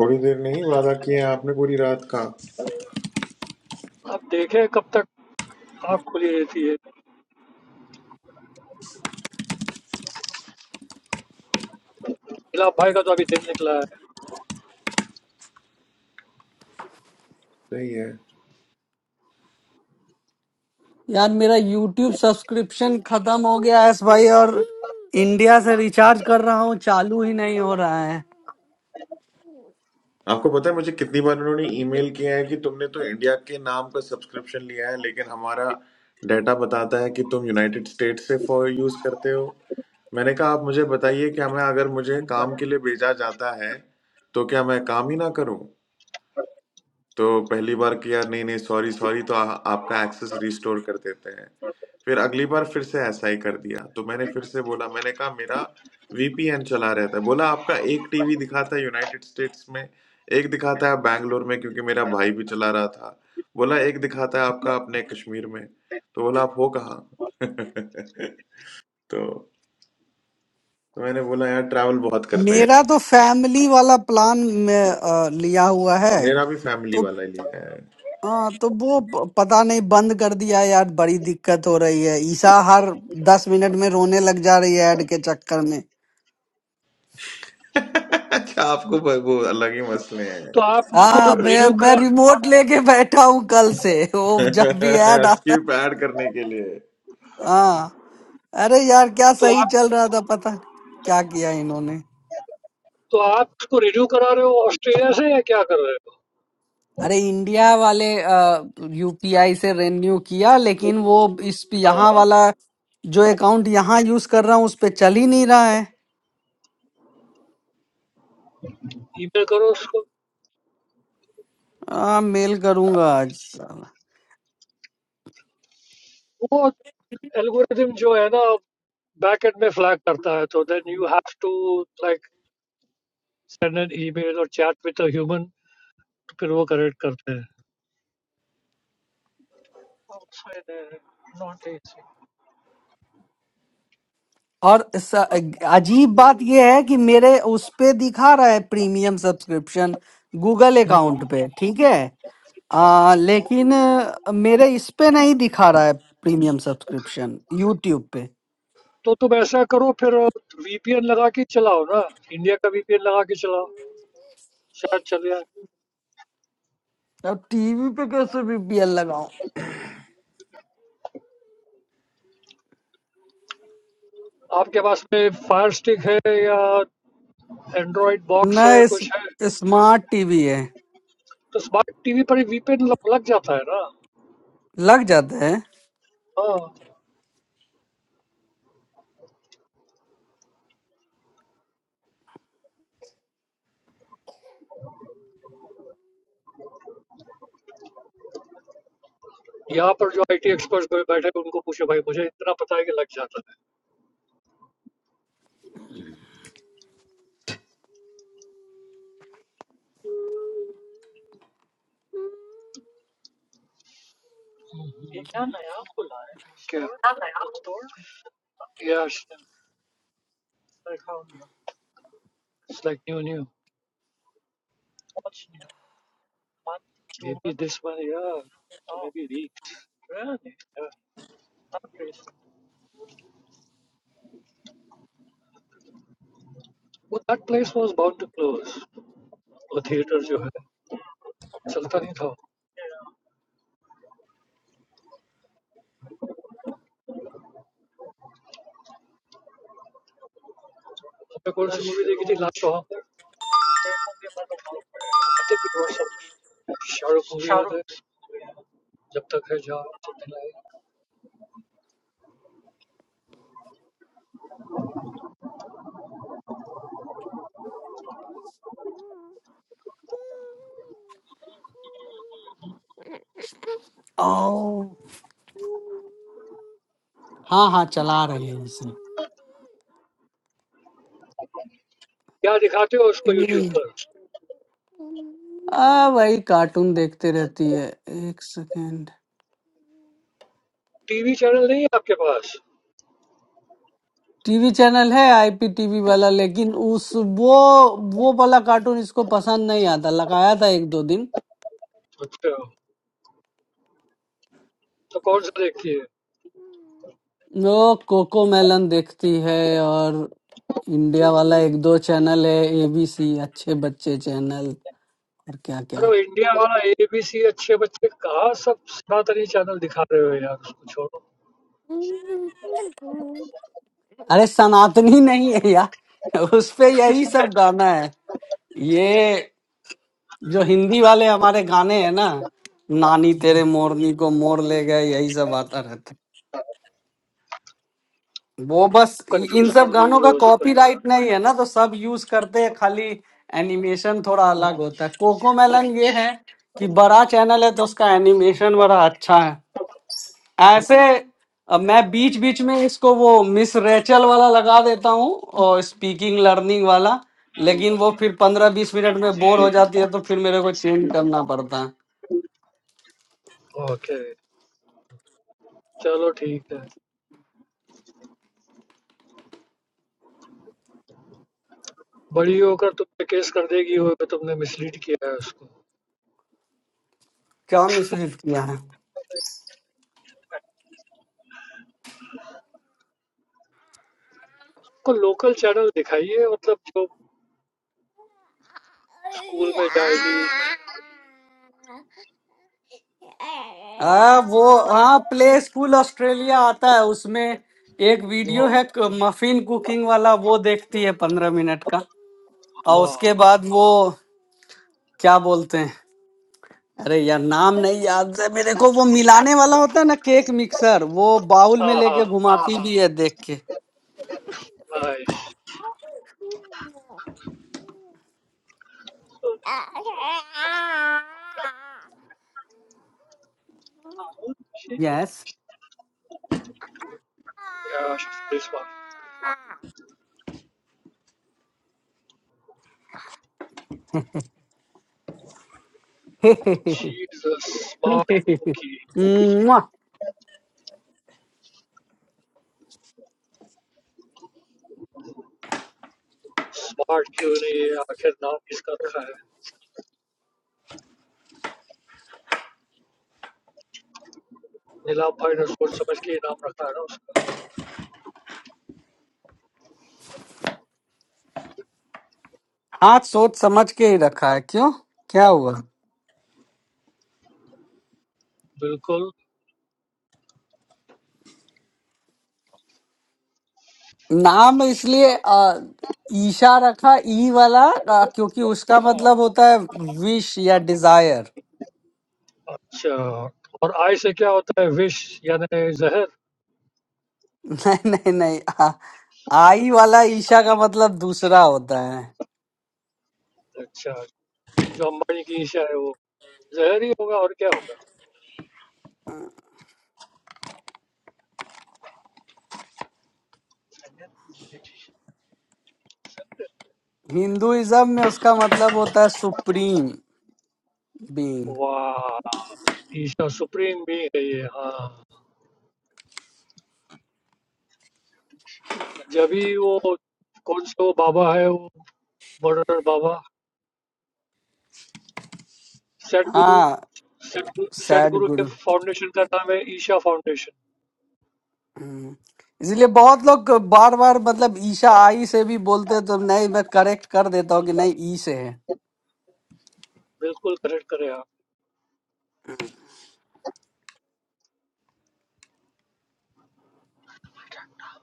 S2: थोड़ी देर नहीं वादा किया आपने पूरी रात का
S3: आप देखें कब तक आँख खुली रहती है इलाब भाई का तो अभी दिन निकला है
S2: सही है
S4: यार मेरा यूट्यूब सब्सक्रिप्शन खत्म हो गया है भाई और इंडिया से रिचार्ज कर रहा हूँ चालू ही नहीं हो रहा है
S2: आपको पता है मुझे कितनी बार उन्होंने ईमेल किया है कि तुमने तो इंडिया के नाम का सब्सक्रिप्शन लिया है लेकिन हमारा डाटा बताता है कि तुम यूनाइटेड स्टेट से फॉर यूज करते हो मैंने कहा आप मुझे बताइए कि हमें अगर मुझे काम के लिए भेजा जाता है तो क्या मैं काम ही ना करूं तो पहली बार किया नहीं नहीं सॉरी सॉरी तो आ, आपका एक्सेस रिस्टोर कर देते हैं फिर अगली बार फिर से ऐसा ही कर दिया। तो मैंने फिर से बोला मैंने कहा मेरा वीपीएन चला रहता है। बोला आपका एक टीवी दिखाता है यूनाइटेड स्टेट्स में, एक दिखाता है बैंगलोर में क्योंकि मेरा भाई भी चला रहा था। बोला एक दिखाता है आपका अपने कश्मीर में। तो बोला आप हो कहाँ? तो तो मैंने बोला यार ट्रैवल बहुत करते हैं।
S4: मेरा तो फैमिली वाला प्लान में अ, लिया हुआ है
S2: मेरा भी फैमिली
S4: तो
S2: वाला ही है।
S4: हाँ तो वो प- पता नहीं बंद कर दिया यार बड़ी दिक्कत हो रही है ईशा हर दस मिनट में रोने लग जा रही है ऐड के चक्कर में
S2: अच्छा आपको ब- वो अलग ही मसले हैं।
S3: तो आप उसको
S4: हाँ मैं
S3: रिन्यू
S4: मैं
S3: करा
S4: रिमोट
S3: और-
S4: लेके बैठा हूँ कल से वो जब भी ऐड आता
S2: स्किप
S4: है
S2: ऐड करने के लिए।
S4: हाँ अरे यार क्या
S3: तो
S4: सही
S3: आप
S4: चल रहा था पता नहीं क्या किया इन्होंने
S3: तो आप उसको रिन्यू करा रहे हो ऑस्ट्रेलिया से या क्या कर रहे
S4: अरे इंडिया वाले यूपीआई से रेन्यू किया लेकिन वो इस यहाँ
S3: हो
S4: वाला जो अकाउंट यहाँ यूज कर रहा हूँ उस पे चल ही नहीं रहा है
S3: ईमेल करो उसको
S4: आ, मेल करूंगा आज
S3: वो एल्गोरिदम जो है ना back end में फ्लैग करता है तो then you have to like send an email और chat with a human Outside, not easy.
S4: और स- अजीब बात यह है कि मेरे उस पे दिखा रहा है premium subscription Google
S3: Hmm.
S4: Account पे ठीक है आ, लेकिन अ, मेरे इस पे नहीं दिखा रहा है प्रीमियम सब्सक्रिप्शन यूट्यूब पे
S3: So, to be such a caro, then VPN lagging, chala ho na? India ka VPN lagaki chala. Shah chaliya.
S4: अब टीवी पे कैसे बीपीएल लगाऊं
S3: Aap ke pas main Firestick hai ya Android box hai
S4: नहीं
S3: kuch hai?
S4: इस- smart TV है
S3: To smart TV par VPN lag jaata hai na?
S4: लग जाता है
S3: Ah. Yahan par jo IT experts koi batai, unko puche, bhai, mujhe itna pata hai ki lag jaata hai. India naya bolaya. Yeah. It's like new, new. Maybe this one. Yeah. Maybe. That place was bound to close. A theater, which is not working. I saw a movie last time. At the end of the year, Shahrukh. Shahrukh. Until when?
S4: ओ हाँ हाँ चला रही है इसे
S3: What do you show him on
S4: hmm.
S3: YouTube?
S4: आ भाई cartoon देखते रहती है एक second
S3: TV channel, not you have?
S4: TV channel है आईपीटीवी वाला लेकिन उस वो वो वाला कार्टून इसको पसंद नहीं आता लगाया था एक दो दिन
S3: Okay. So, which one did you see?
S4: वो कोको मेलन देखती है और इंडिया वाला एक दो चैनल है एबीसी अच्छे बच्चे चैनल और क्या क्या
S3: No, India's ABC. Good kids. Where are all the other channels showing?
S4: अरे सनातनी नहीं है यार उस पे यही सब गाना है ये जो हिंदी वाले हमारे गाने हैं ना नानी तेरे मोरनी को मोर ले गए यही सब आता रहता है वो बस इ-
S3: Leave it.
S4: इन
S3: Confuse
S4: सब गानों का
S3: him.
S4: कॉपीराइट नहीं है ना तो सब यूज करते हैं खाली एनिमेशन थोड़ा अलग होता है कोको मेलन ये है कि बड़ा चैनल है तो उसका एनिमेशन बड़ा अच्छा है ऐसे अब मैं बीच बीच में इसको वो मिस रेचल वाला लगा देता हूँ और स्पीकिंग लर्निंग वाला लेकिन वो फिर पंद्रह बीस मिनट में बोर हो जाती है तो फिर मेरे को चेंज करना पड़ता है
S3: Okay. Okay. Let's go. Okay. Badiyo kar tu paise case kar degi, woh pe tu pune mislead kiya usko.
S4: क्या मिसलीड किया है
S3: Koi local channel dikhaiye, matlab jo school mein jaaygi.
S4: हाँ वो हाँ प्ले स्कूल ऑस्ट्रेलिया आता है उसमें एक वीडियो है
S3: No,
S4: क- मफिन कुकिंग वाला वो देखती है पंद्रह मिनट का और
S3: ha,
S4: उसके बाद वो क्या बोलते हैं अरे यार नाम नहीं याद है मेरे को वो मिलाने वाला होता है ना केक मिक्सर वो बाउल में
S3: ha,
S4: लेके घुमाती भी है देख के
S3: ice,
S4: yes
S3: yeah, she's smart. She's a smart cookie. Smart kyun nahi? Akhir naam kiska dikhaya? Nilam bhai ne soch samajh ke naam rakhaya na? Usko.
S4: हाथ सोच समझ के ही रखा है क्यों क्या हुआ
S3: Bilkul.
S4: नाम इसलिए अ, ईशा रखा ई वाला अ, क्योंकि उसका
S3: Ha.
S4: मतलब होता है विश या desire
S3: Acha. Aur ice se kya hota hai? Vish, yada ne zehar.
S4: नहीं नहीं नहीं आ, आई वाला ईशा का मतलब दूसरा होता है
S3: Acha. Jo mani ki isya hai wo zehar hi hoga aur kya hoga?
S4: Hinduism में उसका मतलब होता है सुप्रीम बीइंग
S3: वाह, ईशा सुप्रीम भी है ये। हाँ, जब ही वो कौन सा वो बाबा है, वो मॉडर्न बाबा, सदगुरु,
S4: हाँ
S3: सदगुरु
S4: सैड
S3: सदगुरु के
S4: गुरु
S3: फाउंडेशन का नाम है ईशा फाउंडेशन।
S4: इसलिए बहुत लोग बार बार मतलब ईशा आई से भी बोलते हैं तो नहीं मैं करेक्ट कर देता हूँ कि नहीं ई से है
S3: बिल्कुल करेक्ट करे आप।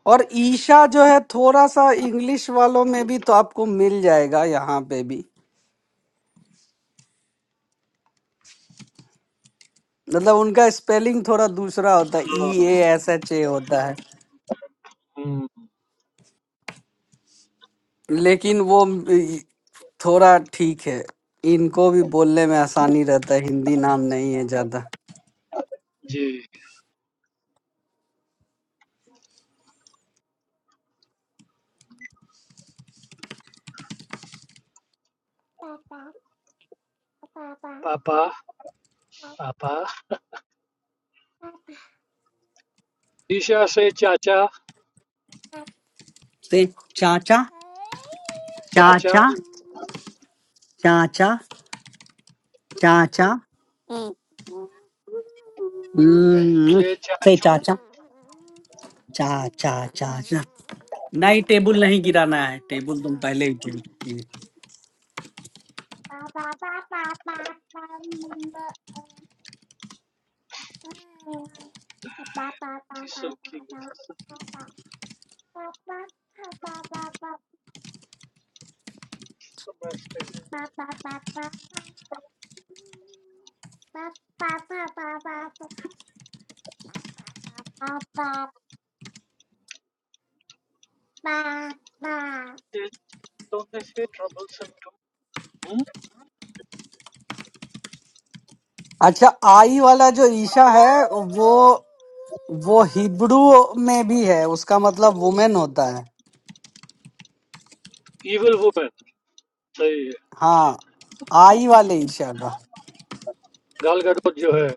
S4: और ईशा जो है थोड़ा सा इंग्लिश वालों में भी तो आपको मिल जाएगा यहाँ पे भी मतलब उनका स्पेलिंग थोड़ा दूसरा होता है ई
S3: हाँ,
S4: ए एस एच ए होता है
S3: हम्म,
S4: लेकिन वो अ, थोड़ा ठीक है इनको भी बोलने में आसानी रहता है हिंदी नाम नहीं है ज्यादा
S3: जी। पापा पापा, ईशा से चाचा,
S4: से चाचा
S3: चाचा
S4: चाचा चाचा चाचा हम्म,
S3: से
S4: से
S3: चाचू,
S4: चाचा चाचा चाचा नहीं टेबल नहीं गिराना है टेबल तुम पहले ही गिर चुकी
S3: so cute. That's the best thing. They, don't they say troublesome too? Hmm?
S4: अच्छा आई वाला जो ईशा है वो वो हिब्रू में भी है उसका मतलब वुमेन होता है
S3: Evil woman. सही है।
S4: हाँ आई वाले ईशा का
S3: गाल गडोत जो है,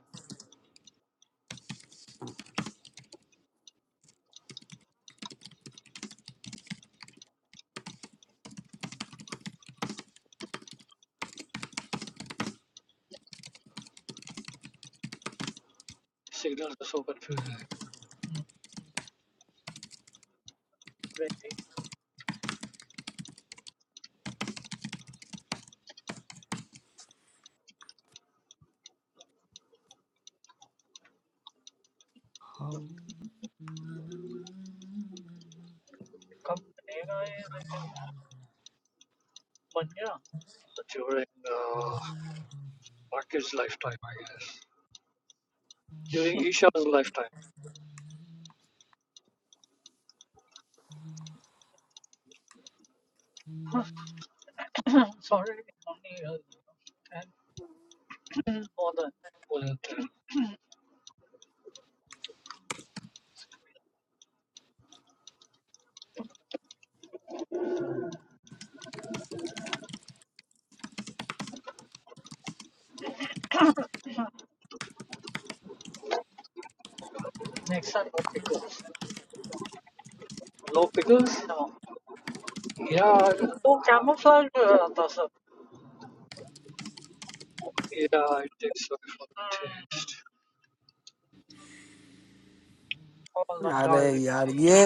S3: सिग्नल तो सो कंफ्यूज है।
S2: हाँ।
S3: During Marcus' lifetime, I guess. During Ishar's lifetime, wasn't it? Yeah, so camouflage was that, sir. Yeah, it is very flat.
S4: अरे यार ये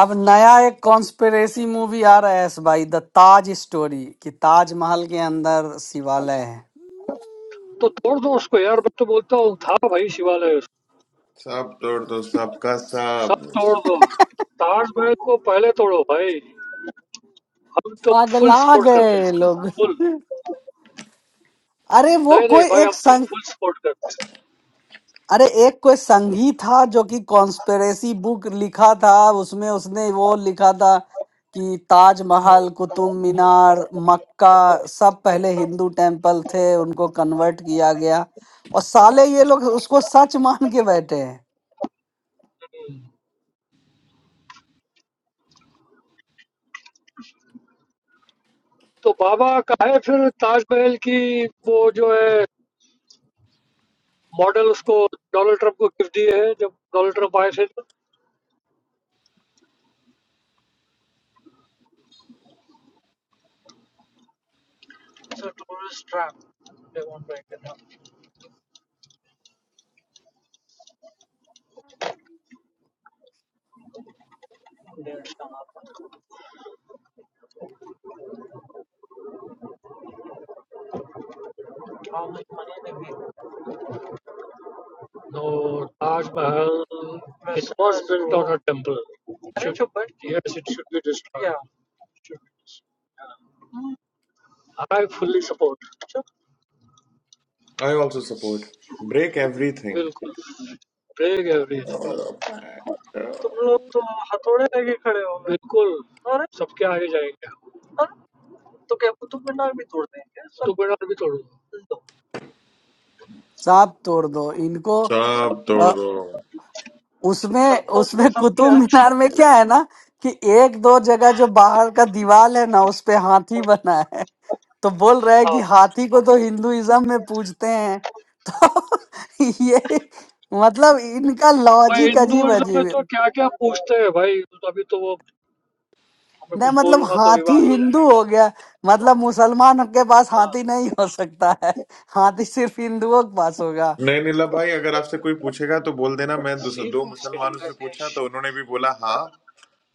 S4: अब नया एक कॉन्स्पिरेसी मूवी आ रहा है इस भाई द ताज स्टोरी कि ताजमहल के अंदर शिवालय है
S3: So throw it to us, guy. I'm just to tell you, Thapa, brother, Shiva, sir.
S2: Sab tor do sabka sab.
S3: Just throw it. Taj Mahal, go. First, throw, brother. We are full
S4: पागला
S3: support of
S4: गए
S3: this.
S4: लोग
S3: Full.
S4: अरे वो
S3: No, no, brother.
S4: कोई
S3: We are
S4: एक
S3: full support.
S4: अरे एक कोई संघी था जो कि कॉन्स्पेरेसी बुक लिखा था उसमें उसने वो लिखा था कि ताजमहल कुतुब मीनार मक्का सब पहले हिंदू टेम्पल थे उनको कन्वर्ट किया गया और साले ये लोग उसको सच मान के बैठे हैं
S3: So, Baba, what is it? Taj Mahal's model, sir. We gave Donald Trump a gift. When Donald Trump came here. No, Taj Mahal. It was built on a temple. But yes, it should be destroyed. I fully support.
S2: I also support. Break everything.
S3: Absolutely. Pray every day. You guys are so brave. Absolutely. And? What will happen? So, can you break the pillar? I will break it.
S4: सांप तोड़ दो इनको
S2: सब
S4: अ,
S2: तोड़ दो
S4: उसमें उसमें कुतुब मीनार में क्या है ना कि एक दो जगह जो बाहर का दीवार है ना उस पे हाथी बना तो बोल रहा है कि
S3: Ah,
S4: हाथी को तो हिंदुइज्म में पूजते हैं तो ये मतलब इनका
S3: brother,
S4: लॉजिक अजीब
S3: Hindus are
S4: अजीब है।
S3: so curious. Brother, if I say something, there will be
S4: नहीं
S3: a
S4: मतलब
S3: quarrel. Ah, brother,
S4: हाथी हिंदू हो गया मतलब मुसलमान के पास हाथी नहीं हो सकता है हाथी सिर्फ हिंदुओं के पास होगा
S2: नहीं नीला भाई अगर आपसे कोई पूछेगा तो बोल देना मैं दूसरा दो मुसलमानों से पूछा तो उन्होंने भी बोला हाँ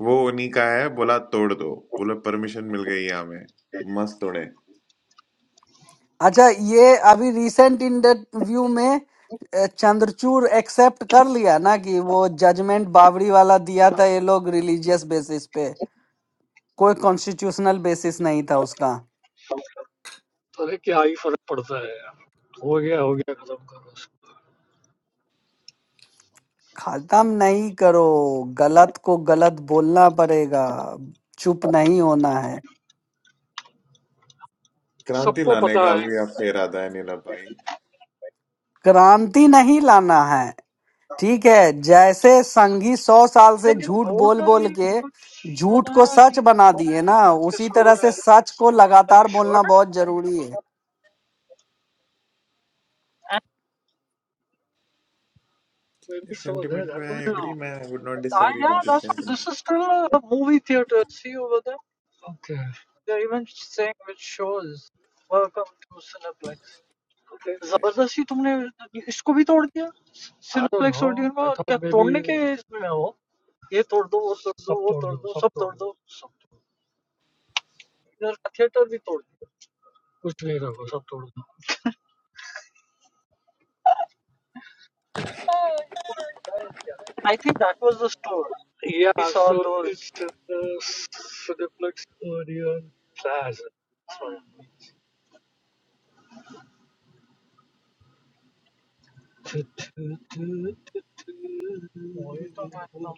S2: वो उन्हीं का है बोला तोड़ दो बोले परमिशन मिल गई है हमें मस्त तोड़े
S4: अच्छा ये अभी रिसेंट इंटरव्यू में अ, चंद्रचूड़ एक्सेप्ट कर लिया ना कि वो जजमेंट बावरी वाला दिया था ये लोग रिलीजियस बेसिस पे कोई कॉन्स्टिट्यूशनल बेसिस नहीं था उसका
S3: there is a big difference. It's over. It's over.
S4: खत्म नहीं करो गलत को गलत बोलना पड़ेगा चुप नहीं होना है
S3: It's
S2: क्रांति
S3: over.
S2: लाने का
S3: Everyone
S2: भी आपका इरादा है नीला भाई
S4: क्रांति नहीं लाना है ठीक है जैसे संघी सौ साल से झूठ बोल बोल के झूठ को सच बना दिए ना उसी तरह से सच को
S3: knows.
S4: लगातार बोलना बहुत जरूरी है
S3: बेबी
S2: इस
S3: सो देयर
S2: सेंटिमेंट में
S3: दैट
S2: आई
S3: वाज
S2: एग्री मैं would not disagree with this
S3: okay okay simple एक्सोडियम को तोड़ सब दो कुछ नहीं रखो सब तोड़ दो या solve so the plus Orion प्लाज तो तो इतना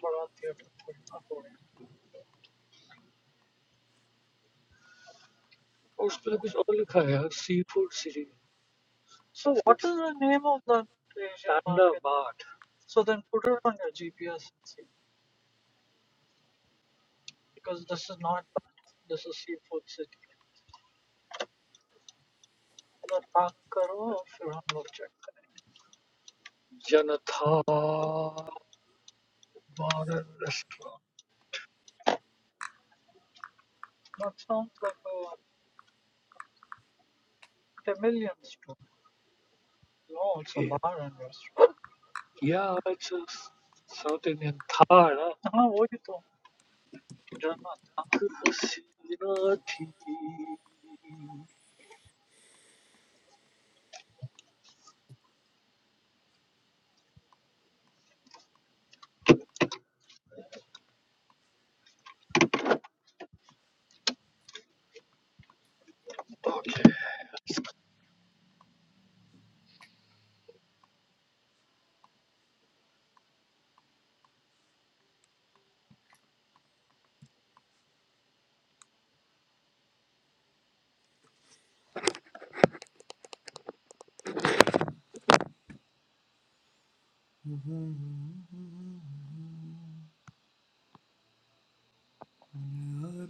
S3: तोड़े उस पर कुछ और लिखा है यार seafood series So what is the name of that Thunder Bar? Janata Bar and Restaurant. No, it's a bar and restaurant. Yeah, it's a s- South Indian Thar. huh? Janata Haseenati.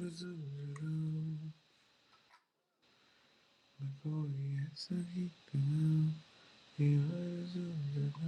S2: Sentiment glorious light below. He lies in the dark.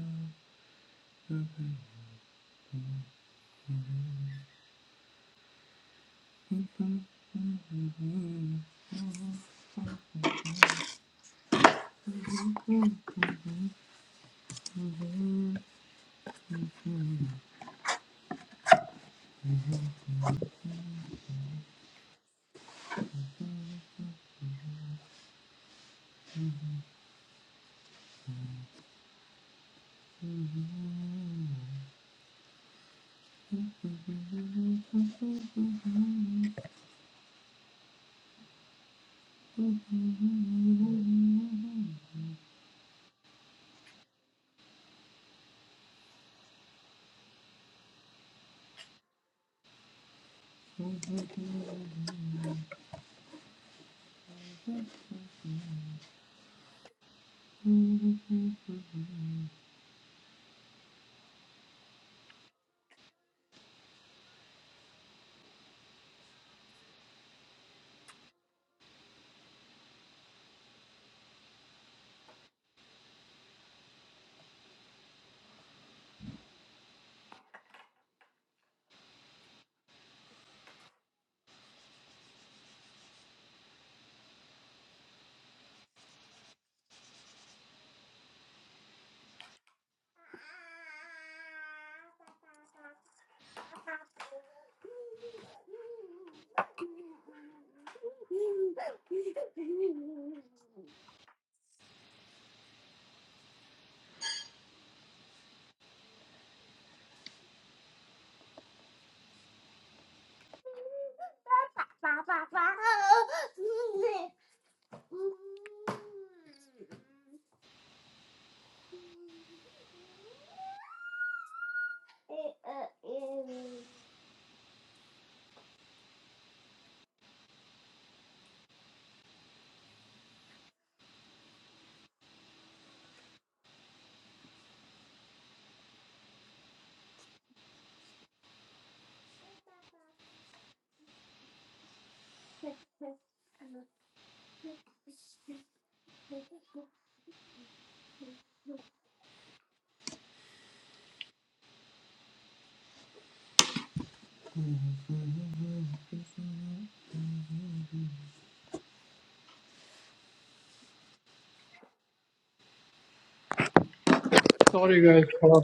S3: Sorry guys, थोड़ा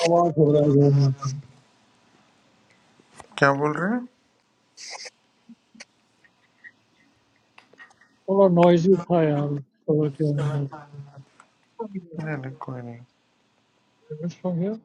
S3: आवाज हो रहा है घर में
S2: क्या बोल रहे हैं
S3: थोड़ा noisy था यार कमरे के अंदर
S2: नहीं नहीं कोई नहीं
S3: From here?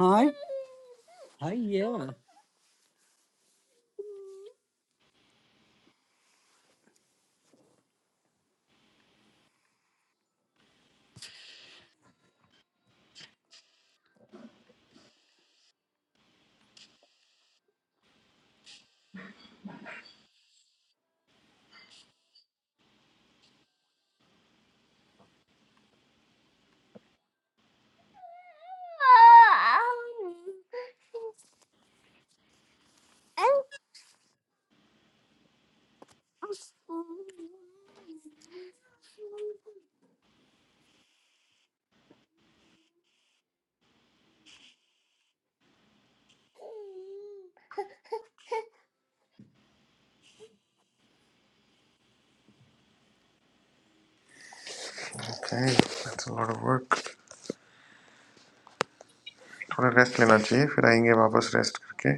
S4: हाँ
S2: okay that's a lot of work थोड़ा रेस्ट लेना चाहिए फिर आएंगे वापस रेस्ट करके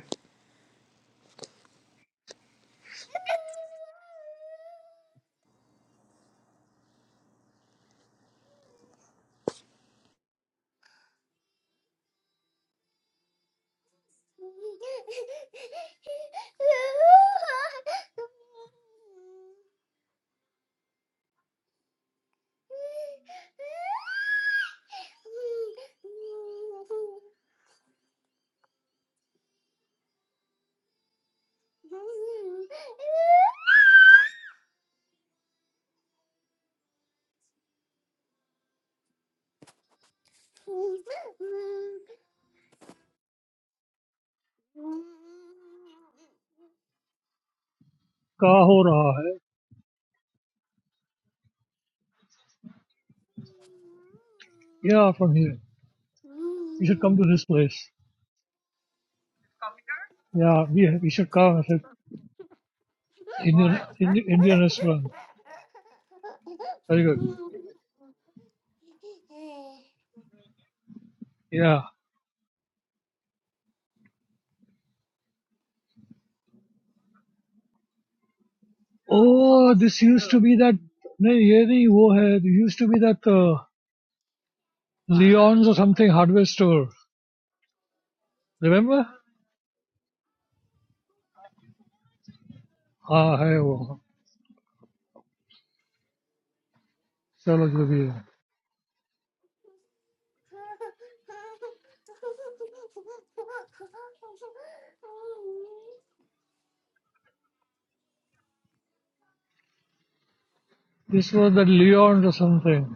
S3: कहाँ हो रहा है Yeah, from here. You should come to this place. Yeah, we, we should come. It's Indian, Indian, Indian restaurant. Very good. Yeah. Oh, this used to be that. नहीं ये नहीं वो है. It used to be that uh, Leon's or something hardware store. Remember? हाँ है वो. चलो जो भी है. This was that Leon's or something.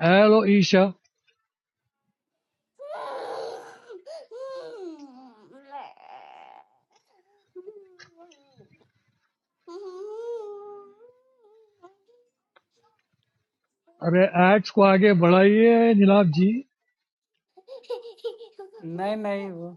S3: Hello Isha. अरे ads को आगे बढ़ाइए नीलाभ जी.
S4: नहीं नहीं वो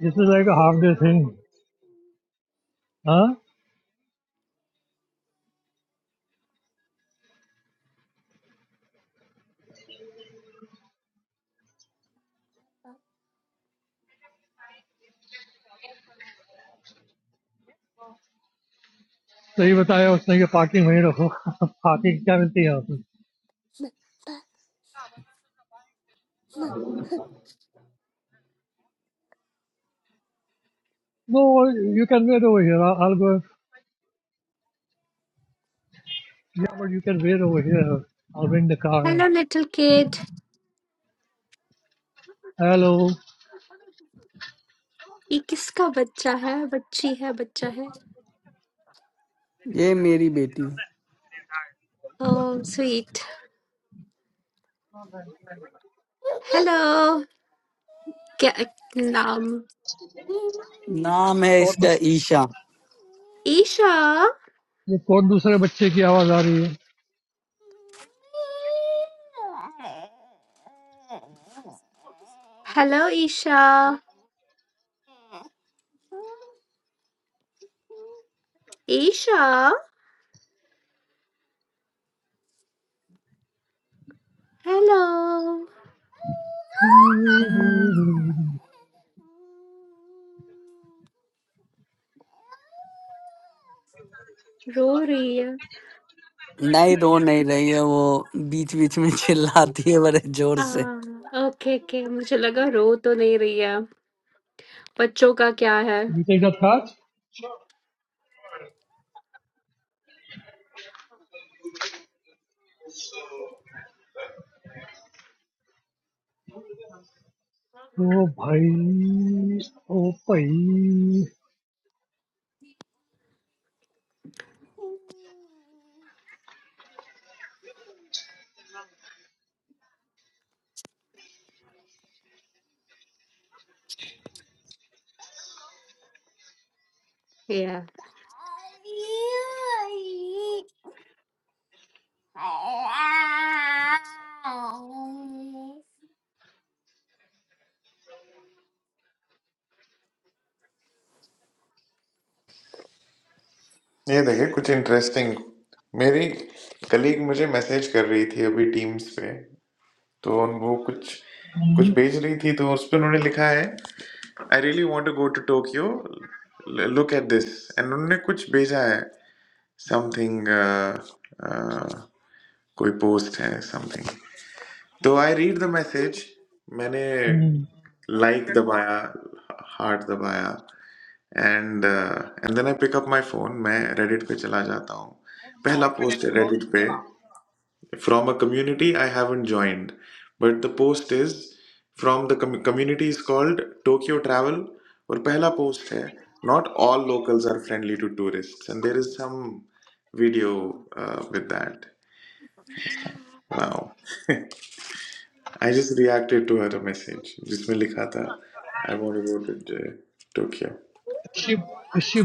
S3: This is like a half day thing. हाँ? सही बताया उसने कि parking वहीं रखो. parking क्या मिलती है यहाँ पे? No, you can wait over here. I'll I'll go. Yeah, but you can wait over here. I'll bring the
S5: hello
S3: car. Hello.
S5: ये किसका बच्चा है बच्ची है बच्चा है
S4: ये मेरी बेटी है।
S5: ओह स्वीट हेलो क्या नाम
S4: नाम है
S3: What
S4: इसका ईशा
S5: ईशा
S3: ये कौन दूसरे बच्चे की आवाज आ रही है
S5: हेलो ईशा ईशा हेलो रो रही है
S4: नहीं रो नहीं रही है वो बीच बीच में चिल्लाती है बड़े जोर
S5: आ,
S4: से
S5: ओके ओके मुझे लगा रो तो नहीं रही है बच्चों का क्या है
S3: You take that ओ भाई ओ भाई
S5: या
S2: ये देखिए कुछ इंटरेस्टिंग मेरी कलीग मुझे मैसेज कर रही थी अभी टीम्स पे तो उन- वो कुछ कुछ भेज रही थी तो उस पर उन्होंने लिखा है I really want to go to Tokyo look at this and उन्होंने कुछ भेजा है समथिंग कोई पोस्ट है समथिंग तो आई रीड द मैसेज मैंने
S3: Hmm.
S2: लाइक like दबाया हार्ट दबाया and and then I pick up my phone मैं रेडिट पे चला जाता हूँ पहला पोस्ट है रेडिट पे from a community I haven't joined, but the post is from the com- community is called Tokyo Travel. और पहला post है not all locals are friendly to tourists, and there is some video uh, with that. Wow, I just reacted to her message जिसमें लिखा था I want to go to uh, Tokyo.
S3: Is brown okay she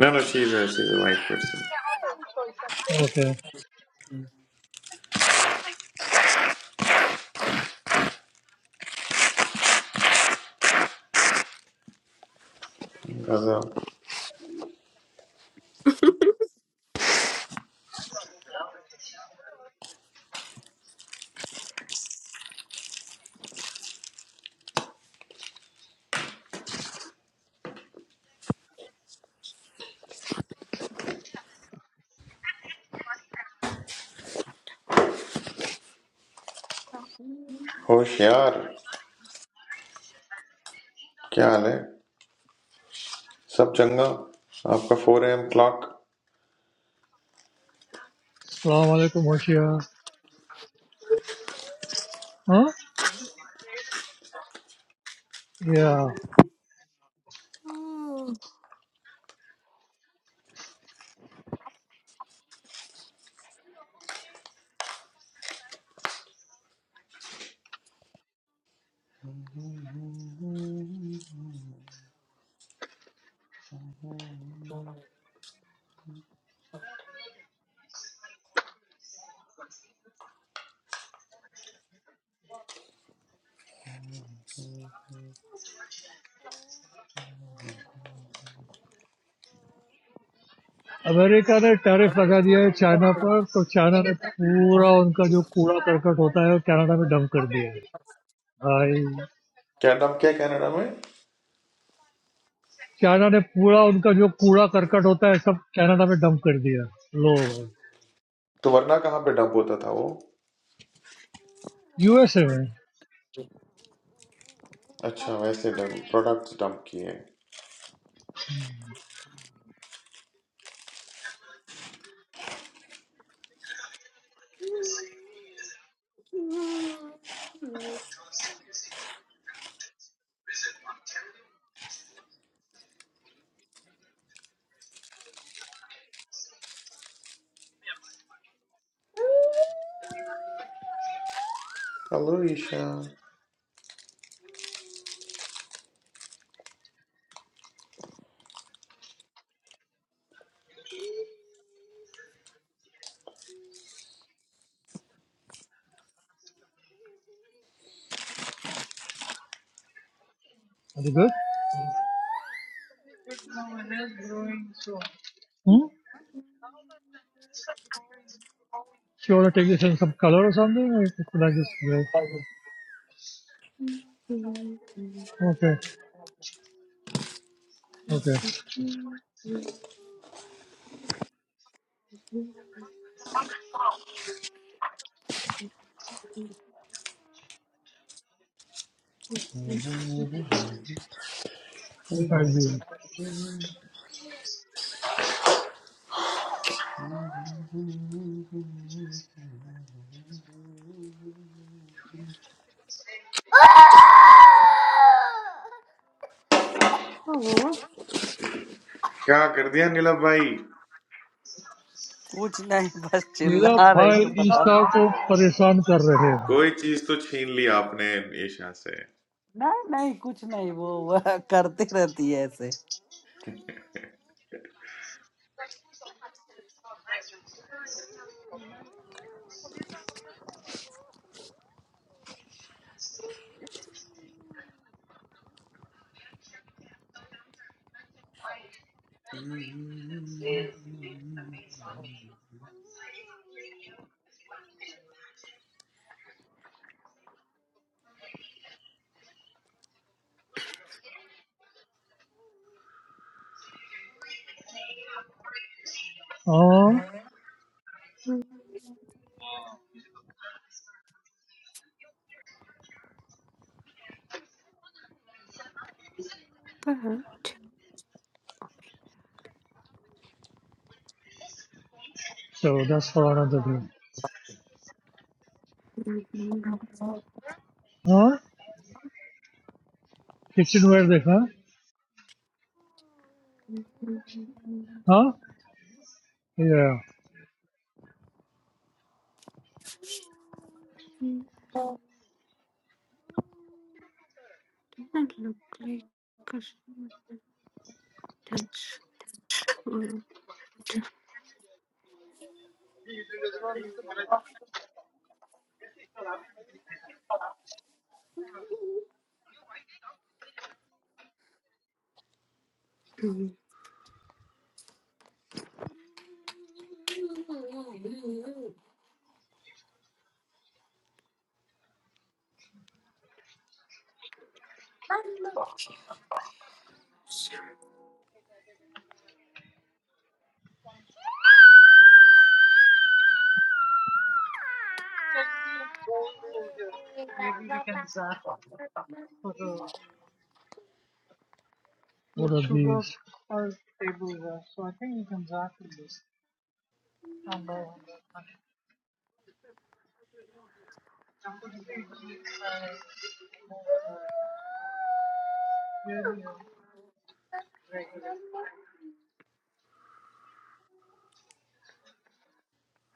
S2: No, no, she's a she's a white person.
S3: Okay.
S2: गजब होशियार क्या हाल है सब चंगा आपका 4 a.m. clock
S3: अस्सलाम वालेकुम होशिया हाँ या अमेरिका ने टैरिफ लगा दिया है चाइना पर तो चाइना ने पूरा उनका जो कूड़ा करकट होता है वो कनाडा में डंप कर दिया है भाई
S2: क्या डंप किया कनाडा में
S3: चाइना ने पूरा उनका जो कूड़ा करकट होता है सब कनाडा में डंप कर दिया
S2: तो वरना कहाँ पे डंप होता था वो
S3: यूएसए में
S2: अच्छा वैसे डंप प्रोडक्ट्स डंप किए hello Isha
S3: good hmm She wanna take this in some color or something, or should I just gray? Okay, okay, दिखाई दिए
S5: ओह
S2: क्या कर दिया नीलम भाई
S4: कुछ नहीं बस
S3: मेरा
S4: चिल्ला रही
S3: भाई
S4: है पता
S3: ईशा
S4: नहीं
S3: को परेशान कर रहे हैं
S2: कोई चीज तो छीन ली आपने ईशा से
S4: नहीं नहीं कुछ नहीं वो वह करती रहती है ऐसे
S3: हाँ
S5: पर
S3: चलो दस पुराना तो भी
S5: है।
S3: हाँ किचन वेयर देखा
S5: Mm,
S3: हाँ या
S5: Doesn't look like a that's um,
S3: what are these Tableware. So I think you can zack this.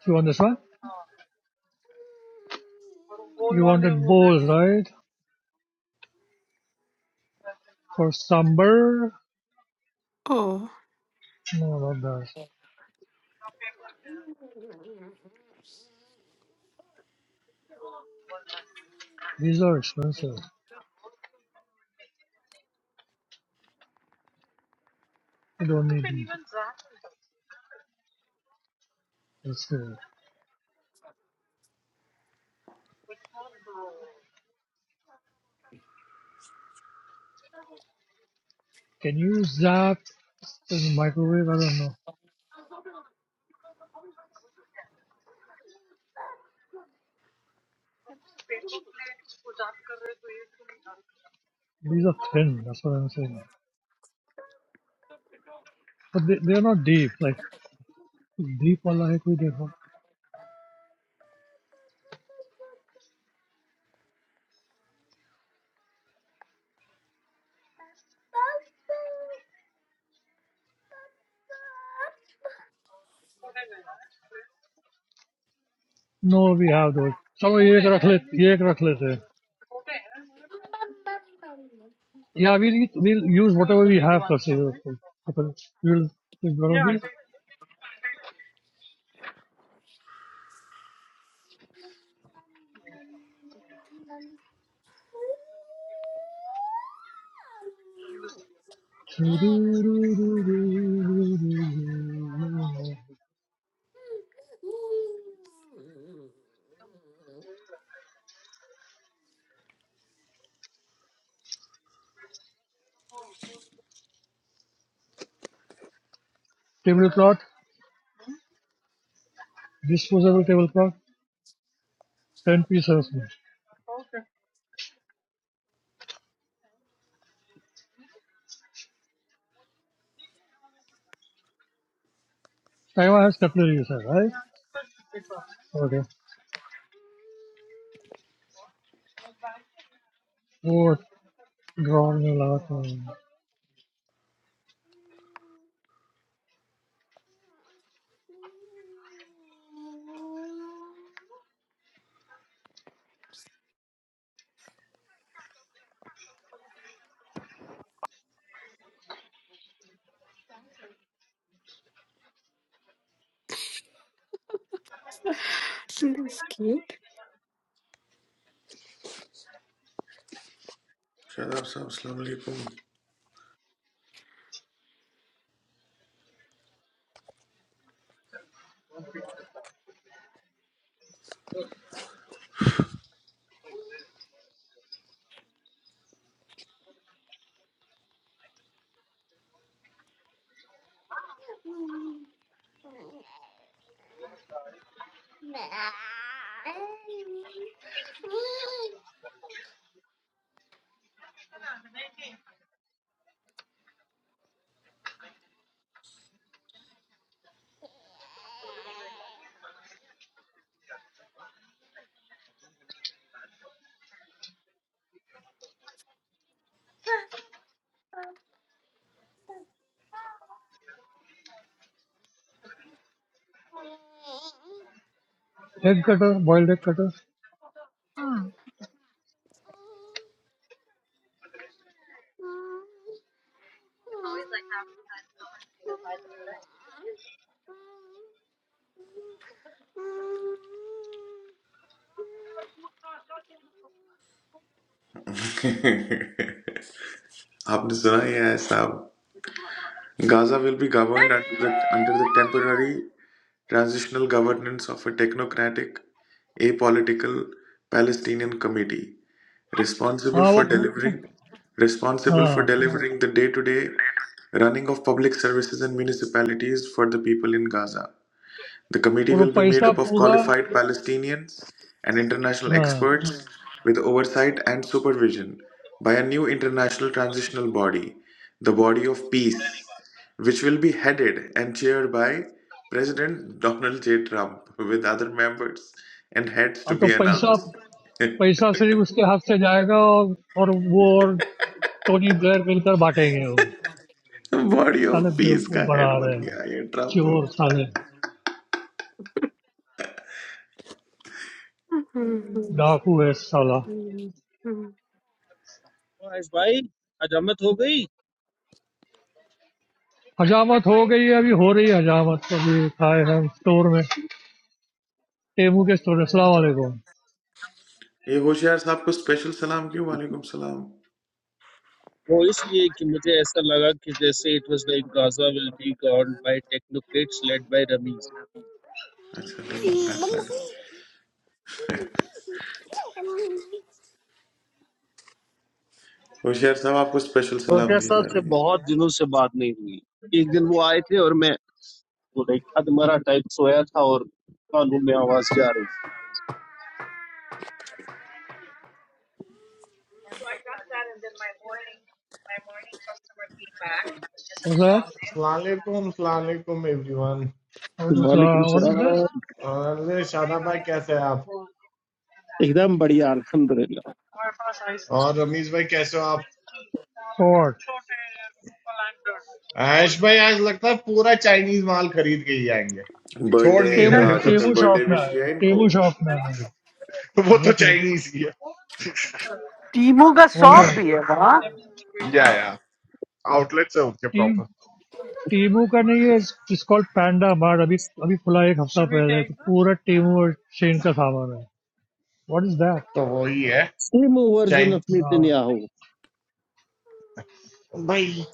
S3: You want this one you wanted bowls right for sambar no not that these are expensive you don't need these let's see can you zap Because the microwave, I don't know. These are thin, that's what I'm saying. But they, they're not deep. Like, deep वाला है कोई देखो? No, we have those. चलो ये एक रख लेते ये एक रख लेते Yeah, we'll, we'll use whatever we have for sale. of course. We'll, we'll probably... Tablecloth, disposable tablecloth, 10 pieces. Taiwan has cutlery, sir. right? Okay. What? Drawing a lot.
S5: that's cute.
S2: शराब साहब अस्सलाम वालेकुम
S3: Egg cutter, boiled egg cutter.
S2: आपने सुना ही है साहब Gaza will be governed under the under the temporary transitional governance of a technocratic a political Palestinian committee responsible
S3: हाँ वो
S2: for
S3: प-
S2: delivering responsible
S3: हाँ
S2: for delivering the day-to-day running of public services and municipalities for the people in Gaza. The committee
S3: और वो
S2: will be made
S3: पैसा
S2: up of
S3: पूरा
S2: qualified Palestinians and international
S3: हाँ
S2: experts with oversight and supervision by a new international transitional body, the Body of Peace, which will be headed and chaired by President Donald J. Trump with other members and heads to
S3: अब तो
S2: be
S3: पैसा
S2: announced.
S3: पैसा सिर्फ उसके हाथ से जाएगा और और वो और टोनी ब्लेयर मिलकर बांटेंगे वो
S2: बॉडी ऑफ
S3: साले
S2: पीस का
S3: बेवकूफ बढ़ा
S2: हेड बन
S3: रहे हैं
S2: गया ये ट्रम्प
S3: चोर साले
S5: Mhm.
S3: डाकू है साला
S5: Mhm.
S6: महेश भाई हजमत हो गई
S3: हजामत हो गई है अभी हो रही है हजामत तो अभी खाए हम स्टोर में टेबू के स्टोर असला वालेकुम
S2: ये होशियार साहब को स्पेशल सलाम क्यों वालेकुम सलाम
S6: वो इसलिए कि मुझे ऐसा लगा कि जैसे it was like Gaza will be gone by technocrats led by Rameez
S2: अच्छा ट्रांसलेटर होशियार साहब आपको स्पेशल सलाम
S6: प्रोफेसर
S2: दी जा
S6: साहब से
S2: रही है
S6: बहुत दिनों से बात नहीं हुई एक दिन वो आए थे और मैं वो लाइक अधमरा टाइप सोया था और कानों में आवाज जा रही
S3: कैसा
S7: अस्सलाम
S3: है?
S7: वालेकुम एवरीवन
S3: What
S6: थी
S3: is uh?
S6: वालेकुम
S3: What is this?
S6: सलाम
S3: Hey
S7: शादाब भाई कैसे हैं आप
S3: guys,
S6: एकदम बढ़िया अल्हम्दुलिल्लाह
S3: our first ice.
S7: और रमीज भाई कैसे हो आप
S3: What?
S7: आयुष भाई आज लगता है पूरा चाइनीज माल खरीद के ही आएंगे छोड़
S2: बर्थडे
S7: नहीं
S2: इनका
S3: Temo
S7: रहे
S2: आज
S7: कुछ
S2: आपने
S3: Temo
S2: बर्थडे
S3: shopna.
S2: विश किया है इनको
S3: Temo shopna.
S7: वो तो
S3: What?
S7: चाइनीज ही
S4: टीमों का
S3: What's
S7: है
S4: शॉप
S3: that?
S4: भी है वहाँ
S7: या या आउटलेट्स है उनके
S3: Temo
S7: proper
S3: Temo ka nahi hai. It's called Panda. Mad. Abi abi khula ek khapsa paise. Pura Temo chain ka saman hai. What is that?
S7: तो वो ही है
S6: same version
S7: chain
S6: of
S3: No.
S6: Netanyahu
S7: भाई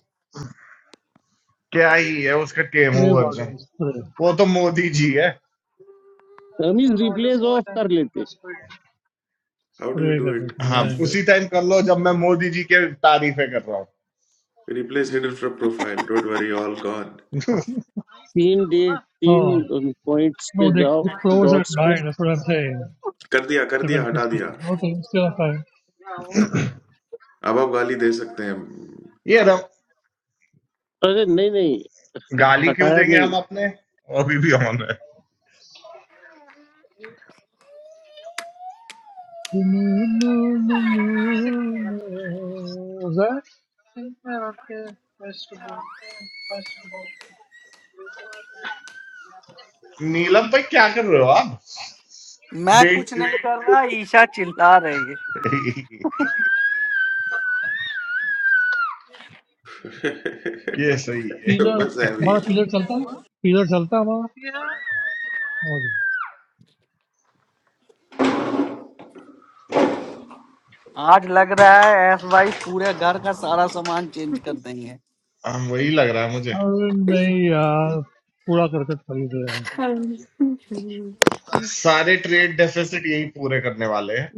S7: क्या ही है उसका Temu
S3: Pray water.
S7: Version
S3: Pray.
S7: वो तो मोदी जी है
S6: रमीज रिप्लेस ऑफ कर लेते
S2: how do you
S3: Pray
S2: do
S3: karte
S2: it
S3: hai.
S7: हाँ
S3: Yeah.
S2: किशोर
S7: उसी टाइम कर लो जब मैं मोदी जी के तारीफे कर रहा हूँ
S2: replace hidden
S4: hmm,
S2: from profile don't worry all gone
S6: तीन डेट
S3: Ha.
S6: तीन पॉइंट्स पे
S3: No. They
S6: जाओ
S3: close at
S6: डॉट्स पे
S3: night. That's what I'm saying.
S2: कर दिया कर दिया
S3: Seven
S2: हटा दिया
S3: fifty. Okay, still okay.
S2: अब आप गाली दे सकते हैं
S7: ये रम,
S6: अरे नहीं नहीं
S7: गाली क्यों
S6: हटाया
S7: देंगे
S6: नहीं
S7: हम अपने अभी भी ऑन है
S3: Is that
S7: नीलम भाई क्या कर रहे हो आप
S4: मैं कुछ
S7: बेट
S4: नहीं कर रहा ईशा चिल्ला रही है
S2: बस
S7: ये सही है
S3: pillar?
S2: ऐसे ही
S3: Bhaara pillar chalta? Pillar chalta aapka? Okay.
S4: आज लग रहा है एस भाई पूरे घर का सारा सामान चेंज कर देंगे
S7: हम वही लग रहा है मुझे
S3: And no, yaar, puda karate karidega.
S5: Um,
S7: सारे ट्रेड डेफिसिट यही पूरे करने वाले हैं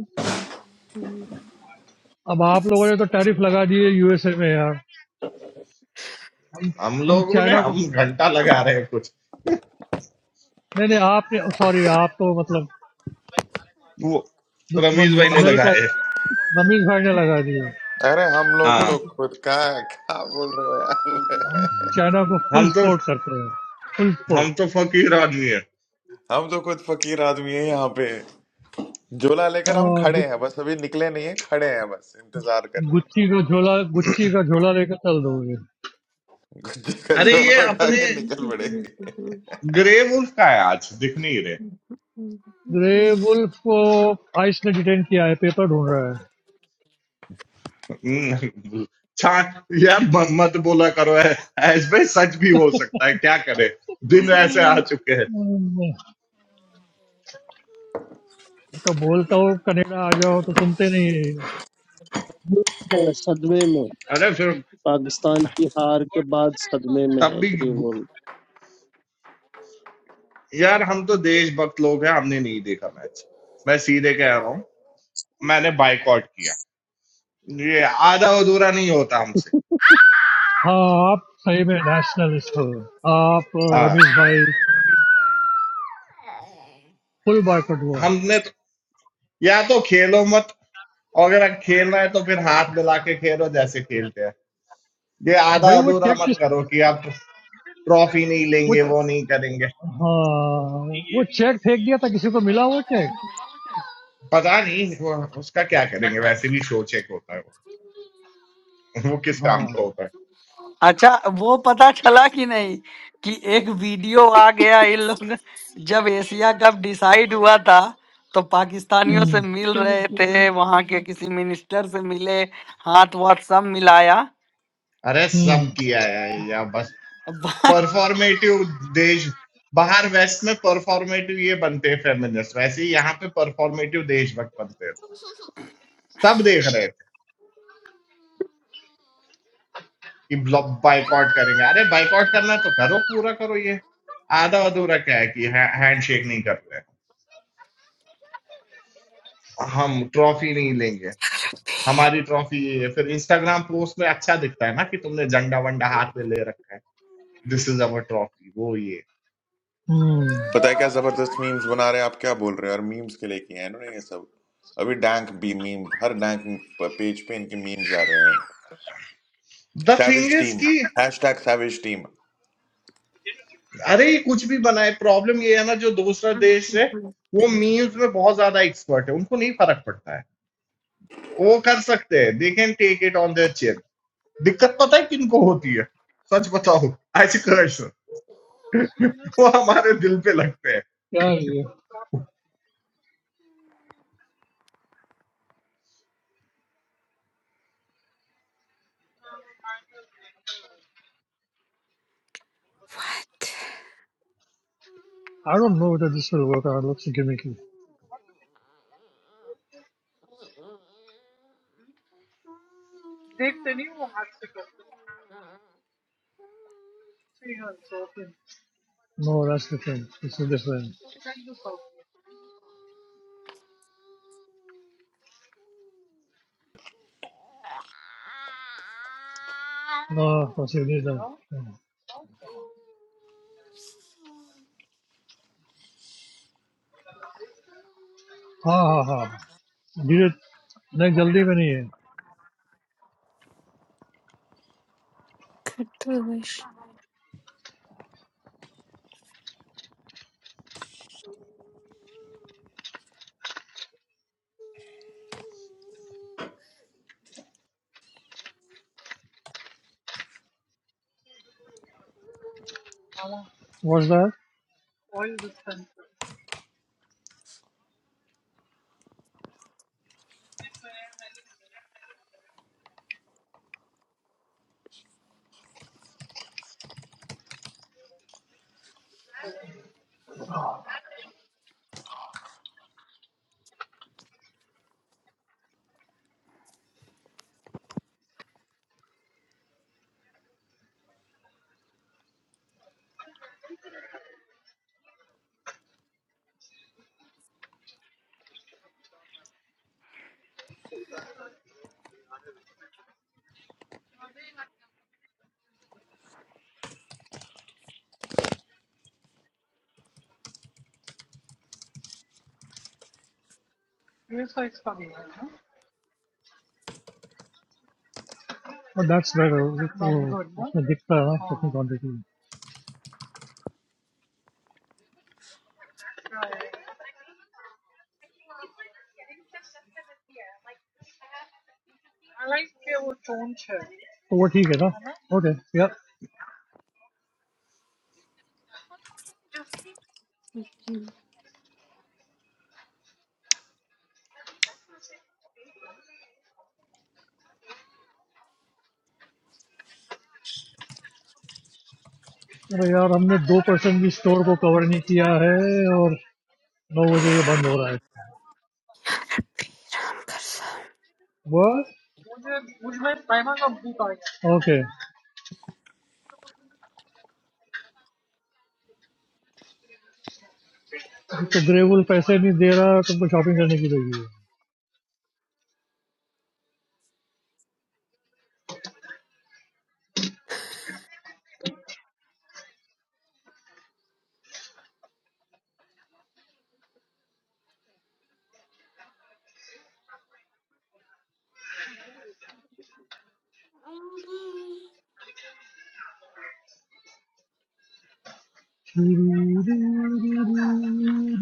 S3: Ab aap logon je to tariff laga diye USA mein yaar. Ham
S7: हम
S3: ham
S7: लोगों ने
S3: China ko...
S7: हम घंटा लगा रहे हैं कुछ
S3: No no. Aap ne sorry. Aap to matlab
S7: वो रमीज
S3: dushman
S7: भाई ने
S3: America
S7: लगाए
S3: dummy tariff ne laga diya.
S2: अरे हम लोग तो
S7: हाँ
S2: खुद का क्या बोल रहे हो यार
S3: Ham China ko full
S7: हम तो
S3: support kar raha hai. Full support.
S7: हम तो फकीर आदमी है
S2: हम तो खुद फकीर आदमी है यहाँ पे झोला लेकर हम
S3: Ah
S2: खड़े
S3: good.
S2: हैं बस अभी निकले नहीं है खड़े हैं बस इंतजार कर रहे
S3: गुच्ची
S2: हैं
S3: का झोला गुच्ची का झोला लेकर चल दोगे।
S2: गुज्जी का
S7: अरे
S2: झोला
S7: ये
S2: उठा
S7: अपने
S2: के निकल पड़ेंगे
S7: ग्रे वुल्फ का है आज दिख नहीं रहे
S3: ग्रे वुल्फ को आइस ने डिटेन किया है, पेपर ढूंढ रहा
S7: छा यार म- मत बोला करो ऐ- ऐसे भाई सच भी हो सकता है क्या करे दिन ऐसे आ चुके हैं
S3: है। तो बोलता हूँ कनेडा आ जाओ तो सुनते नहीं।
S6: ये है सदमे में
S7: अरे फिर
S6: पाकिस्तान की हार के बाद सदमे में
S7: तब
S6: है
S7: भी
S6: ग्रीन
S7: यार हम तो देशभक्त लोग हैं हमने नहीं देखा मैच मैं सीधे कह रहा हूँ मैंने बायकॉट किया ये आधा अधूरा नहीं होता हमसे
S3: हाँ, आप सही में नेशनलिस्ट हो, आप
S7: हाँ
S3: रमेश भाई। फुल बायकॉट हुआ
S7: हमने तो, या तो खेलो मत और अगर खेलना है तो फिर हाथ मिला के खेलो जैसे खेलते हैं ये आधा
S3: भाई। वो
S7: अधूरा
S3: चेक
S7: मत
S3: किस
S7: करो कि आप ट्रॉफी नहीं
S3: वो
S7: लेंगे वो नहीं करेंगे
S3: हाँ वो चेक फेंक दिया था, किसी को मिला वो चेक?
S7: पता नहीं वो उसका क्या करेंगे वैसे भी शो चेक होता है वो वो किस काम
S3: हाँ
S7: का होता है
S4: अच्छा वो पता चला कि नहीं कि एक वीडियो आ गया इन लोग जब एशिया कप डिसाइड हुआ था तो पाकिस्तानियों से
S3: हम्म
S4: मिल रहे थे
S5: mhm.
S4: वहां के किसी मिनिस्टर से मिले हाथ वाथ सब मिलाया
S7: अरे
S3: हम्म
S7: सब किया है या बस
S4: Ба-
S7: परफॉर्मेटिव देश बाहर वेस्ट में परफॉर्मेटिव ये बनते हैं फेमिनिस्ट वैसे ही यहाँ पे परफॉर्मेटिव देशभक्त बनते हैं लोग सब देख रहे थे कि बाइकआउट करेंगे अरे बाइकआउट करना है तो करो पूरा करो ये आधा अधूरा क्या है कि हैंडशेक नहीं कर रहे हम ट्रॉफी नहीं लेंगे हमारी ट्रॉफी ये है। फिर इंस्टाग्राम पोस्ट में अच्छा दिखता है ना कि तुमने झंडा वंडा हाथ में ले रखा है दिस इज अवर ट्रॉफी वो ये
S3: हम्म
S2: पता है क्या जबरदस्त मीम्स बना रहे हैं आप क्या बोल रहे हो और मीम्स के लिए किए हैं इन्होंने ये सब अभी डैंक भी मीम हर डैंक पेज पे इनके मीम्स आ रहे हैं
S7: the thing
S2: savage
S7: is
S2: team
S7: कि
S2: हैशटैग सैविज टीम
S7: अरे ये कुछ भी बनाए प्रॉब्लम ये है ना जो दूसरा देश है
S5: Mhm.
S7: वो मीम्स में बहुत ज्यादा एक्सपर्ट है उनको नहीं फर्क पड़ता है वो कर सकते हैं they can take it on their chair दिक्कत पता है किनको होती है सच बताओ एज कर्स वो हमारे दिल पे लगते हैं
S3: क्या ये?
S5: What?
S3: I don't know that this will work out. Looks gimmicky. No, that's different. This is different. No possibility. No. Ha ha ha. Budget? Not in a hurry, is it?
S5: Good delicious.
S3: Was that? But that's better. Oh. It's not visible, huh? How much quantity? So it's okay, huh? Okay. Yeah. Well, yeah. We have covered two percent of the store. And now this is closing. What? Okay. So Gravel is not giving money. So we have to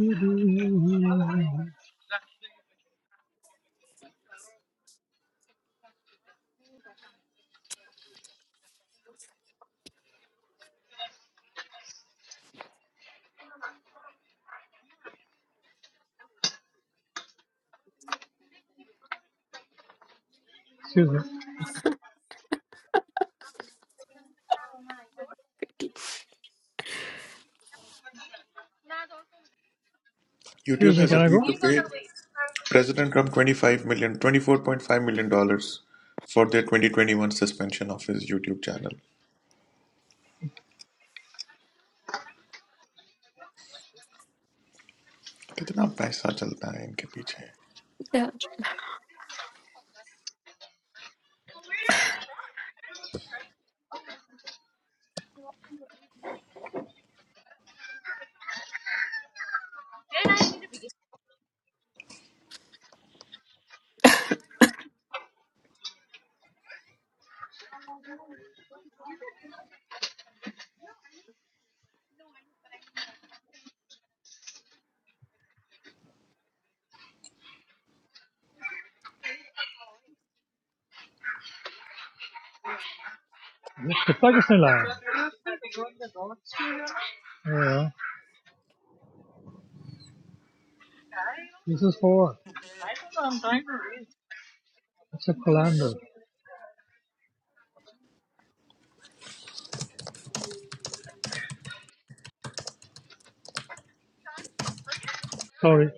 S3: do shopping. Okay.
S2: YouTube
S3: Excuse me,
S2: has
S3: can I go?
S2: agreed to pay President Trump 25 million, 24.5 million dollars for their 2021 suspension of his YouTube channel. कितना पैसा चलता है इनके पीछे
S5: Yeah.
S3: It's a Pakistani line. Yeah. This is for. what? It's a colander. Sorry.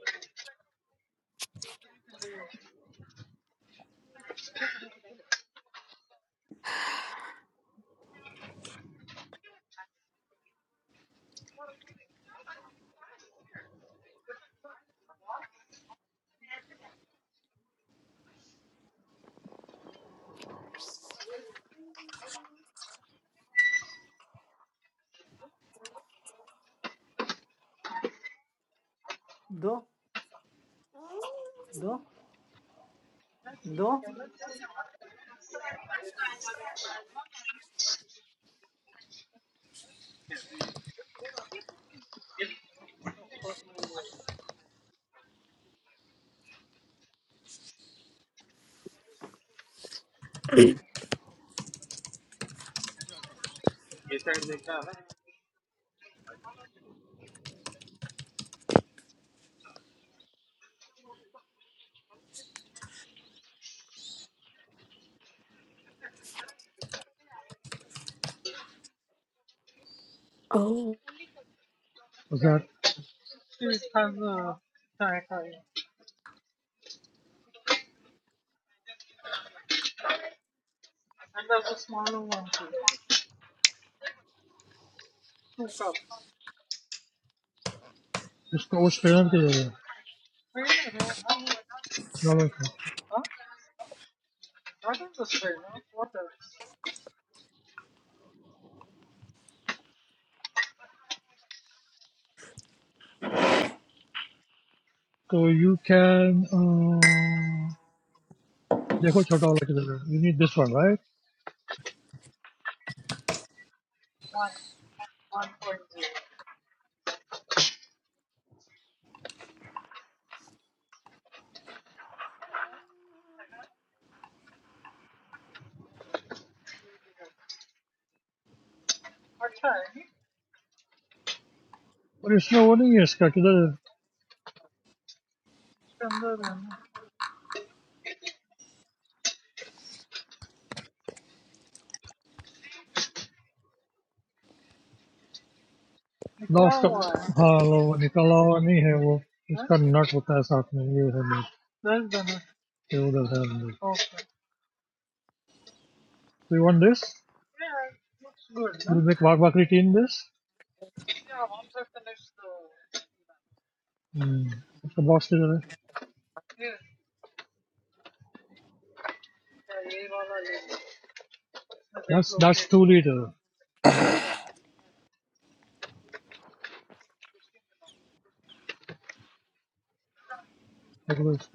S4: До, до, до.
S5: Oh.
S3: Was that? Is this for? So you can. देखो छोटा वाला किधर है? You need this one, right? But इसमें वो नहीं है इसका किधर? Lost. हाँ लो निकाला हुआ नहीं है वो. इसका nut होता है साथ में ये है नहीं. ये उधर है नहीं. So you want this? Yeah. it Looks good. Huh? You make wakwakriti in this? Mm. It's about three liter. That's that's two liter. That was-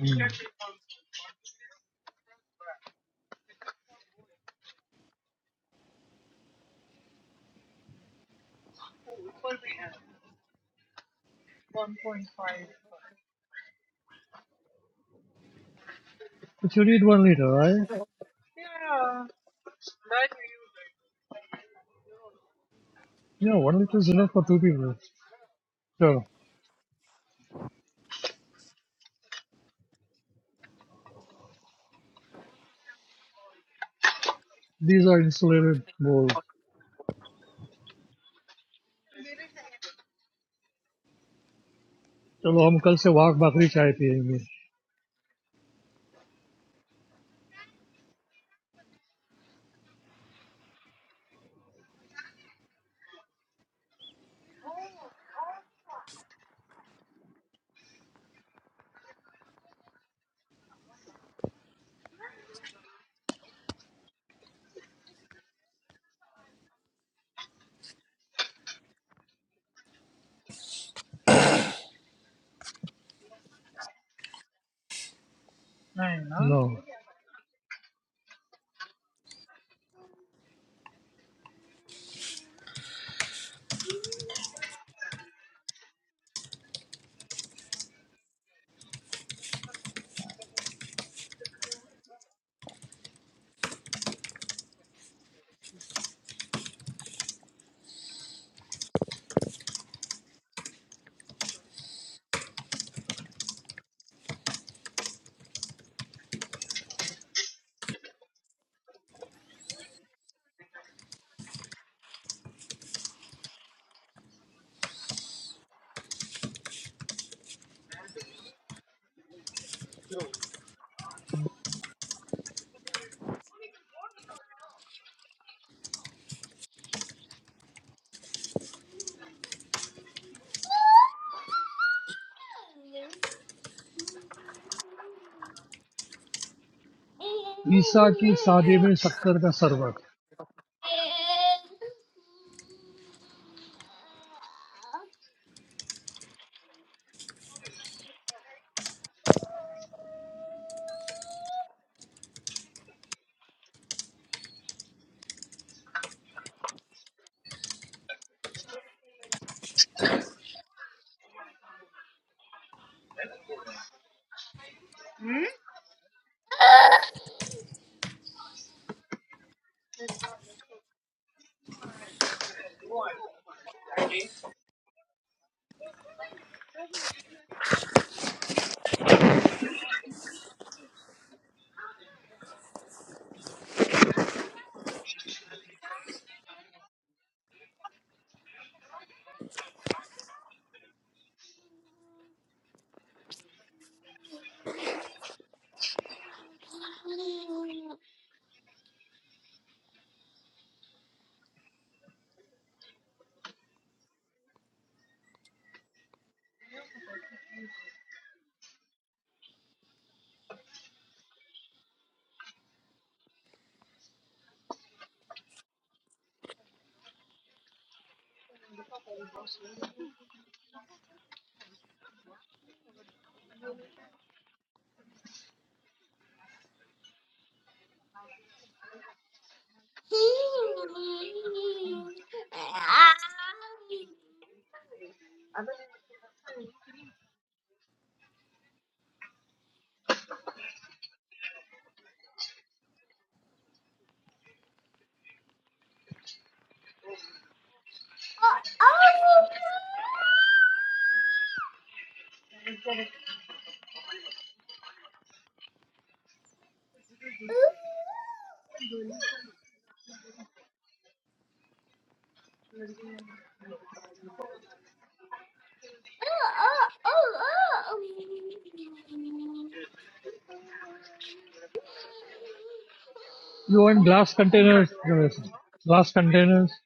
S3: Mm. But you need one liter, right? Yeah, one liter is enough for two people. Sure. These are insulated bowls. चलो हम कल से वाघ बकरी चाय पियेंगे No. ईसा की शादी में शक्कर का शरबत you and glass containers glass containers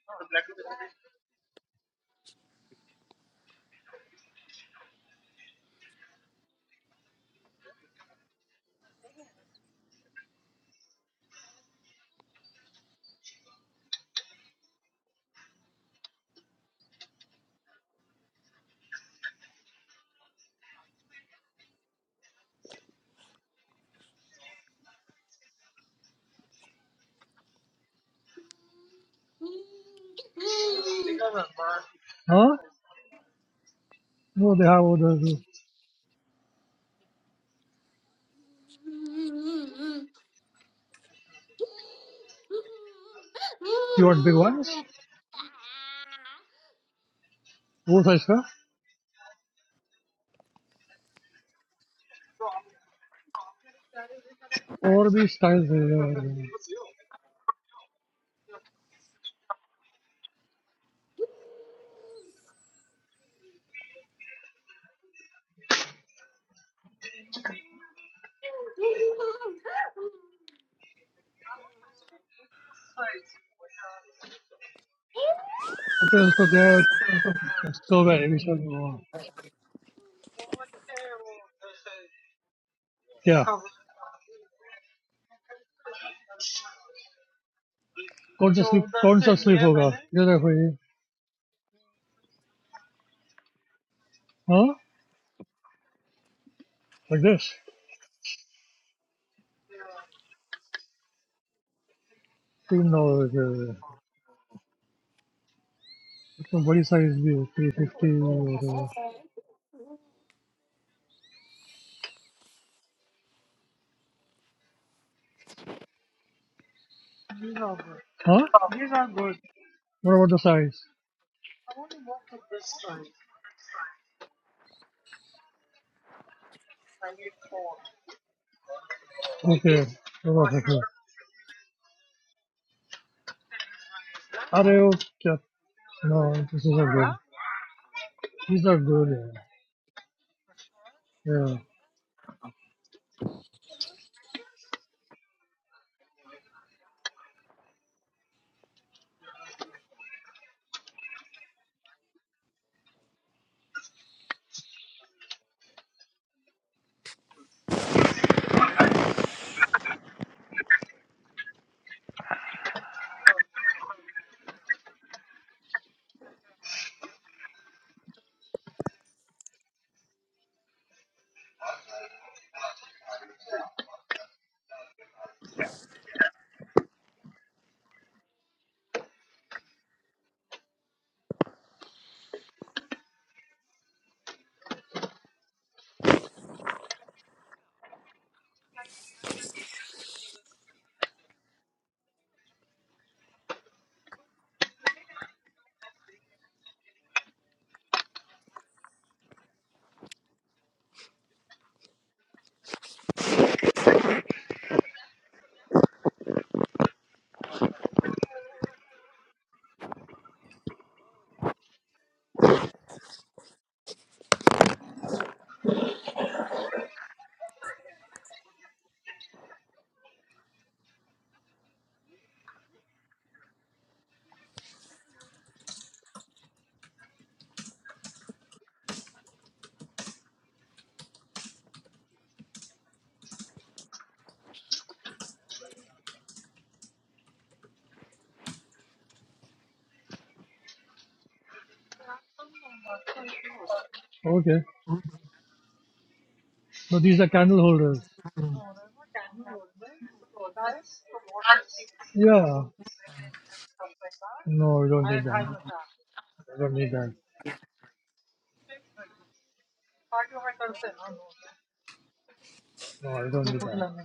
S3: हाँ वो देखा वो यू वांट बिग वंस वो साइज का और भी स्टाइल ओके उसको क्या है, strawberry, we shall go on. Yeah. So, कौन सा तो स्लीप उधर कौन से सा स्लीप लिया होगा मैंने ये देखो ये हाँ लाइक दिस तीन नौ इसमें बड़ी साइज भी है थ्री फिफ्टी और हाँ what about the size okay what देखो अरे वो क्या no this is a good these are good yeah yeah okay so these are candle holders yeah no you don't need that. I don't need that no I don't need that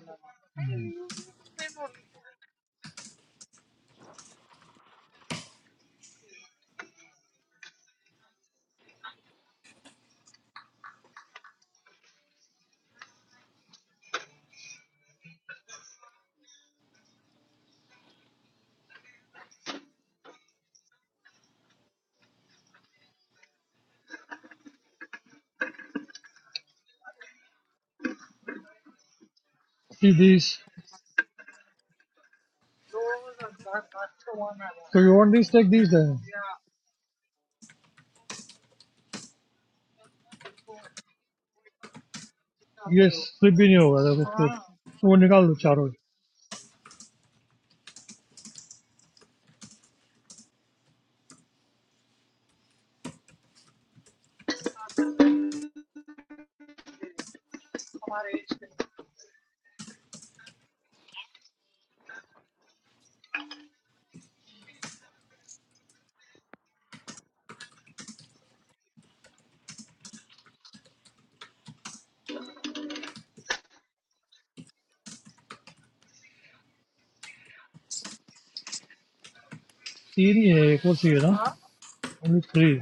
S3: see these so you want these take these then Yes. Three.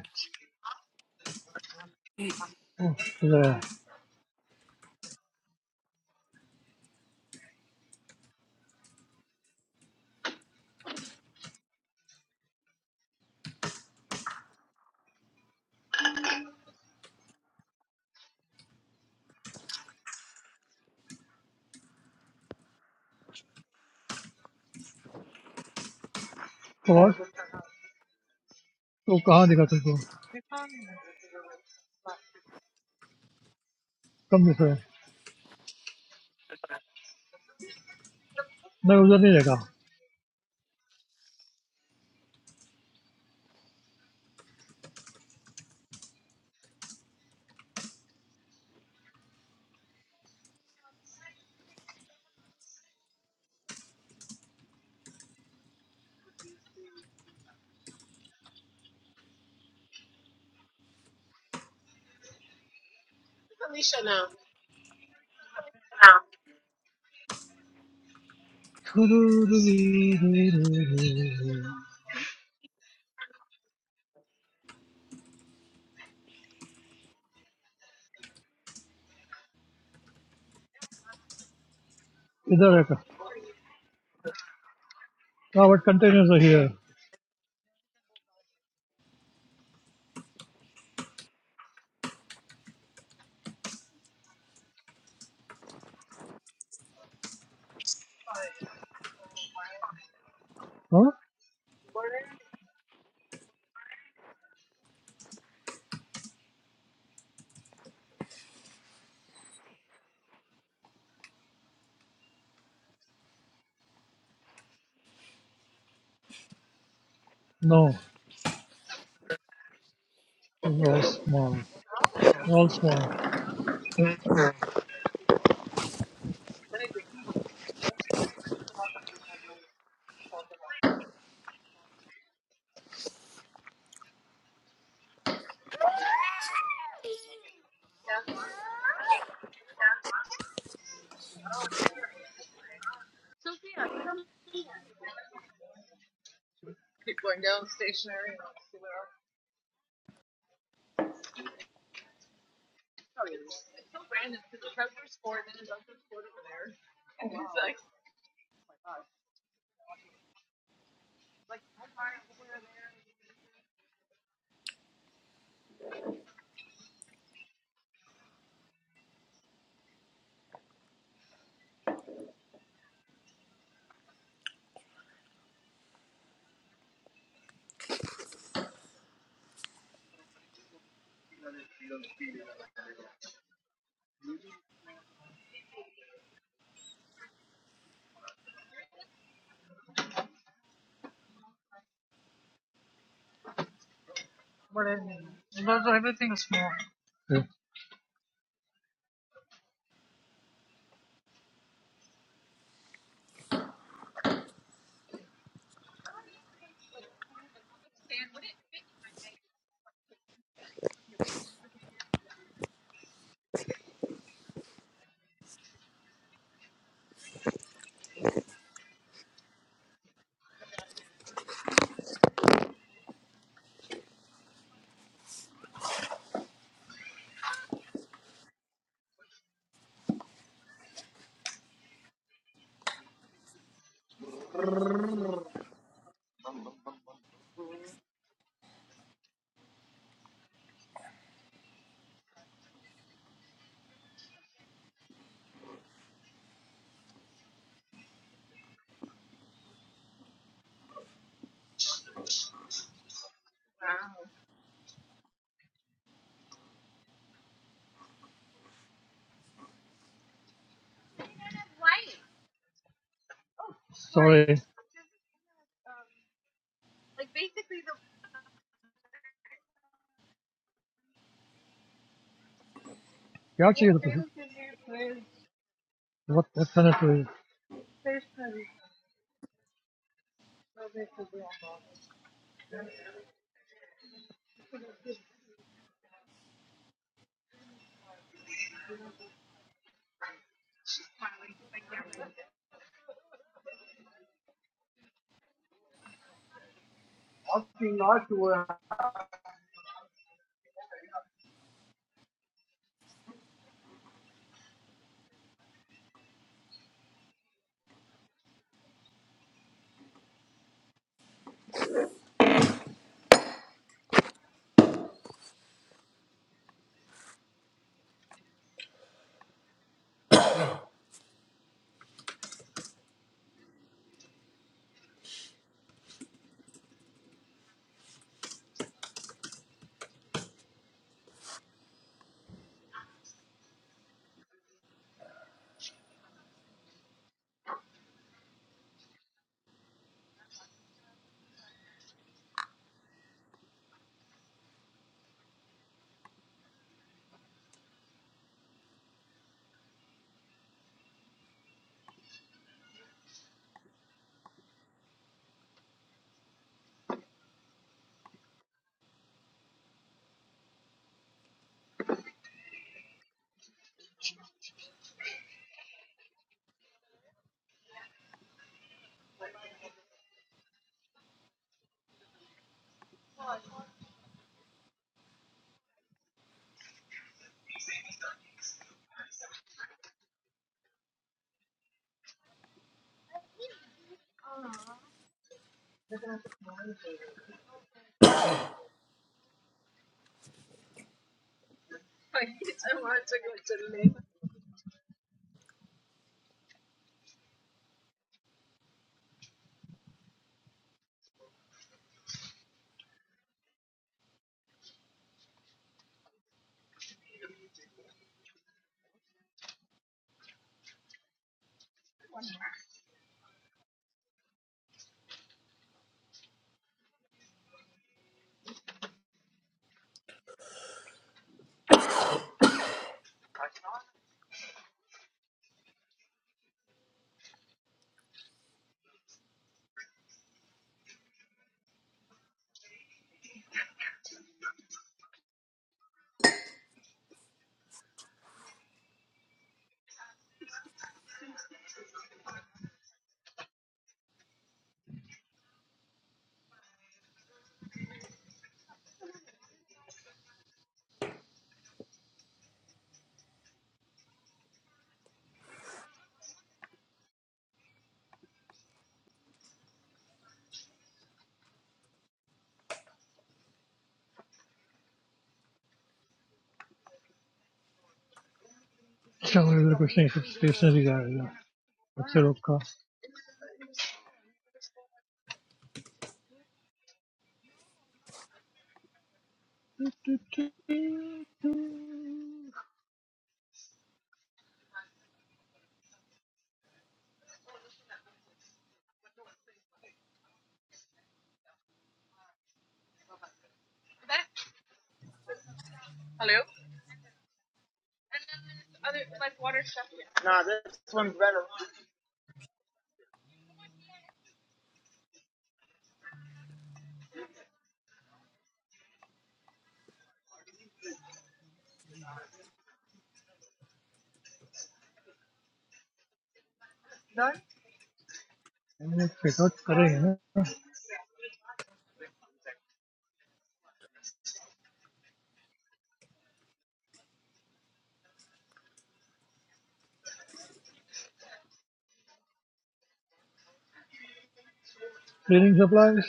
S3: Cleaning supplies?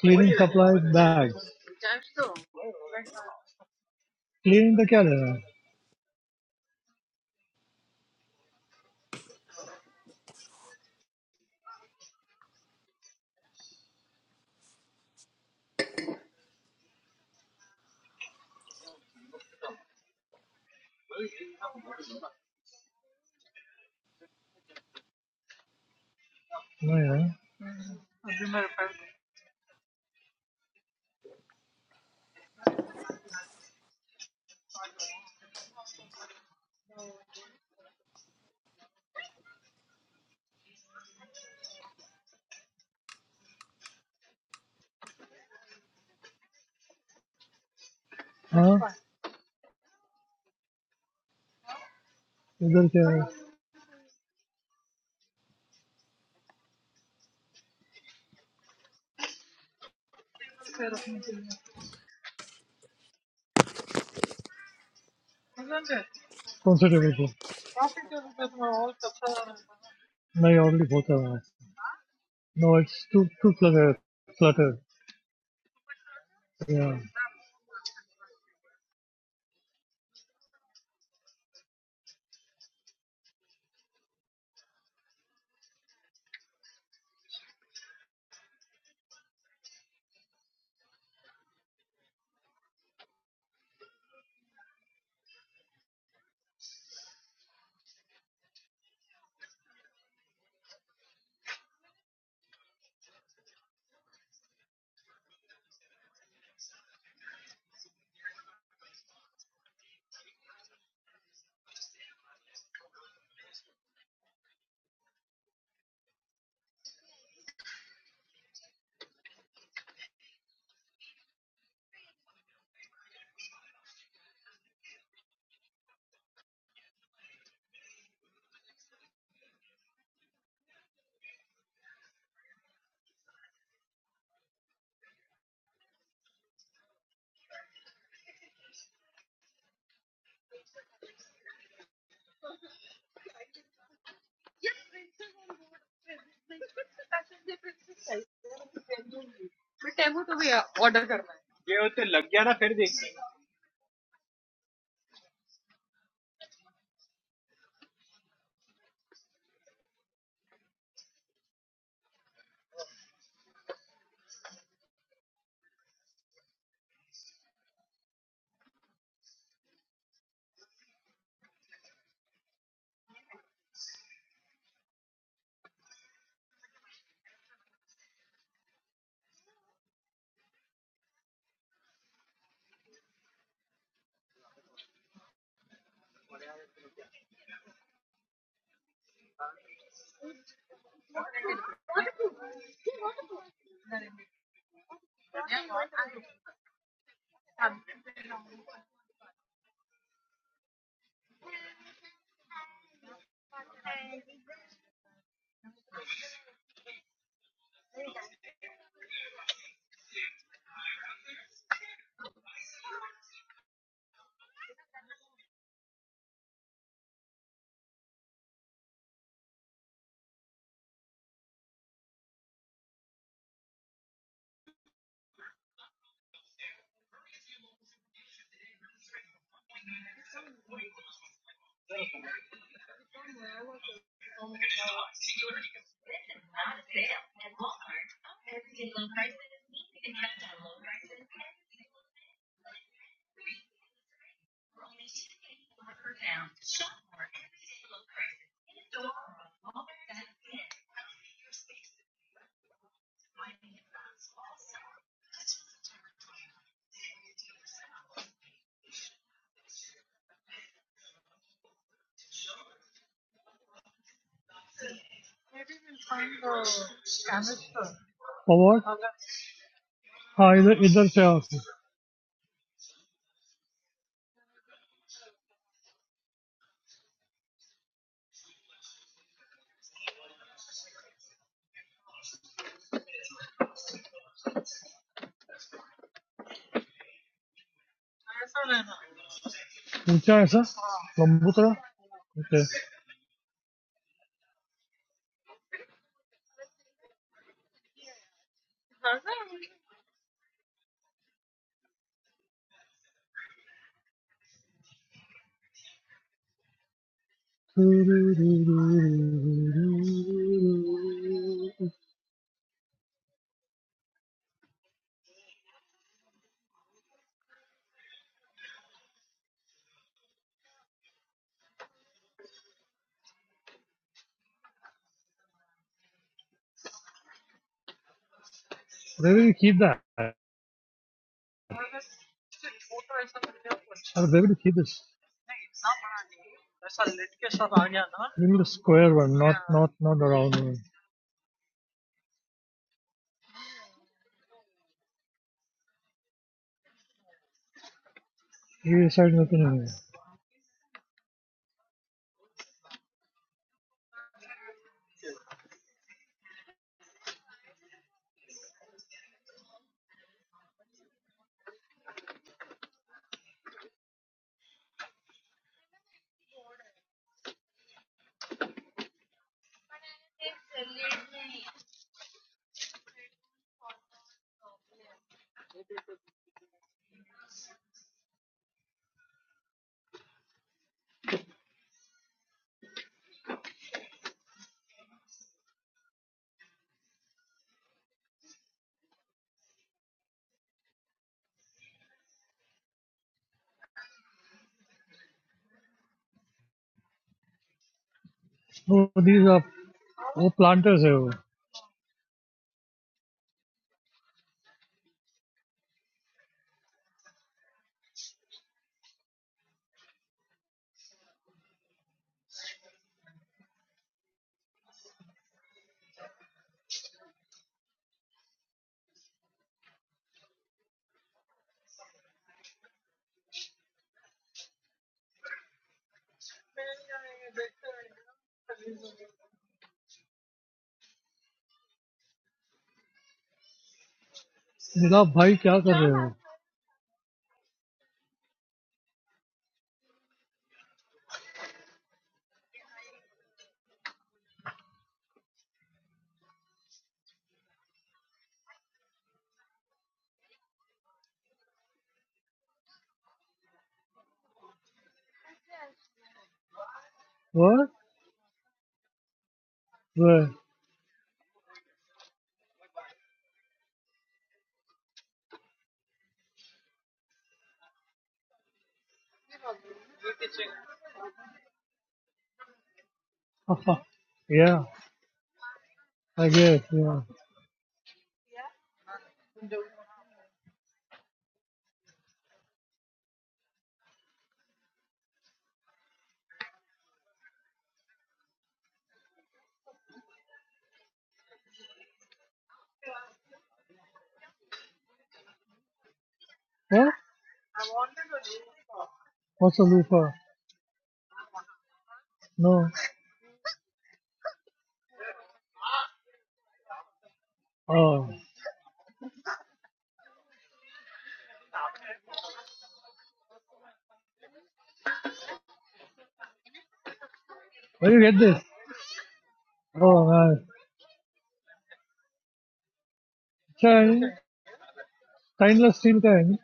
S3: Cleaning supplies bags. Cleaning का क्या लेना है नहीं है हाँ इधर क्या है कौन सा टेबल पे नहीं ऑलरेडी बहुत है no it's too too flutter flutter या और व्हाट हाँ इधर इधर से आओ ऊंचा है ऐसा लंबू तरह Okay. Where do Maybe keep that. Where do maybe keep this. We need a square one, not not not a round one. You decide nothing. वो दीज आप वो planters है वो नीलाभ भाई क्या कर रहे हो What? Where? yeah, I guess. Yeah. What? What's a loofah? No. Oh, where you get this? Oh man, China, stainless steel kind.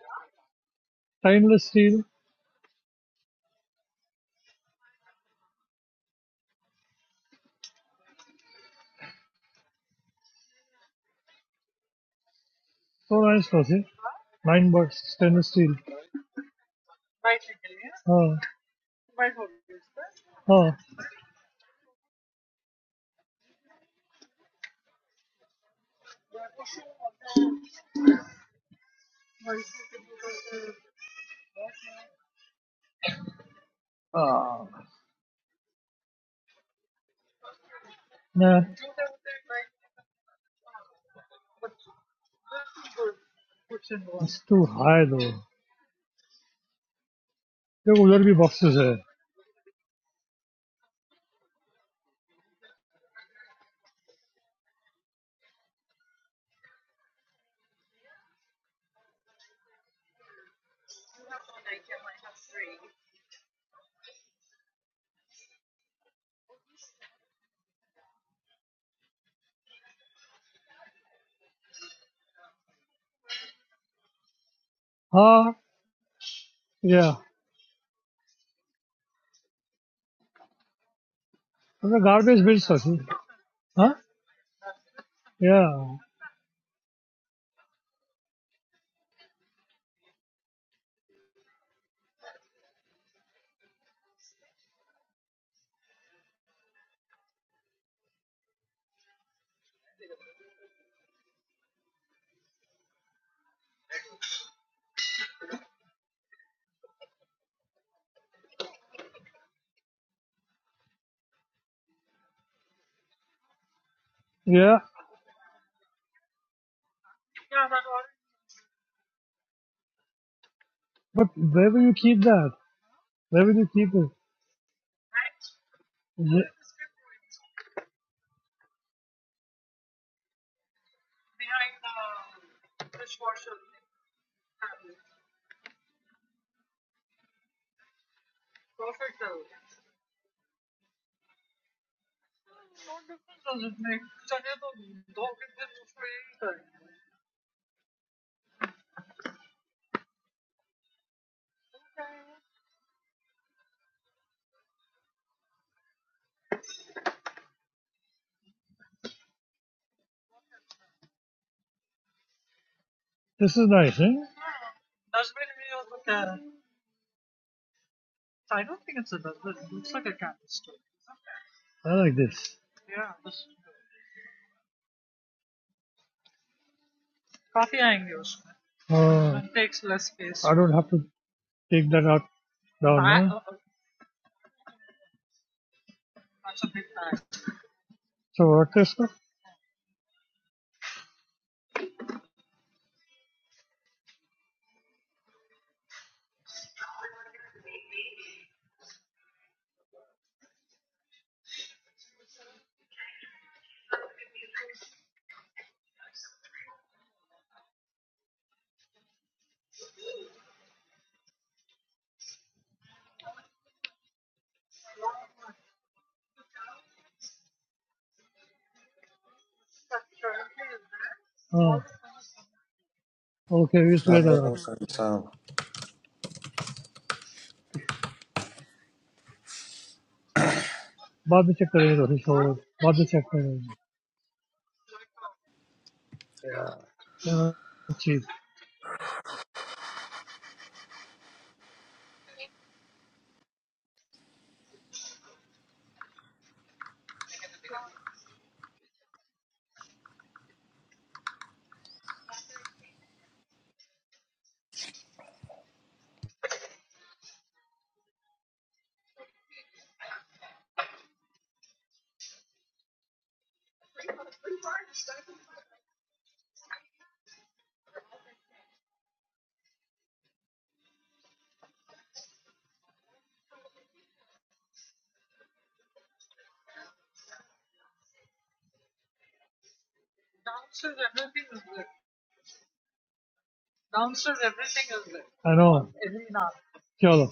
S3: Stainless steel, so nice was it? Nine bucks, stainless steel. Oh, oh, nah, it's too high though. There will be boxes there. Huh? Yeah, it's a garbage bin, Sachi. Huh? Yeah, yeah. But where will you keep that? Where will you keep it? Ye- This is nice, eh? I like this. Uh, I don't have to take that out down, huh? So what is it? Uh, okay, we'll figure that out.
S2: सलामकुम sir साहब
S3: बाद में check करेंगे थोड़ी सो बाद में check करेंगे चीज आई नो चलो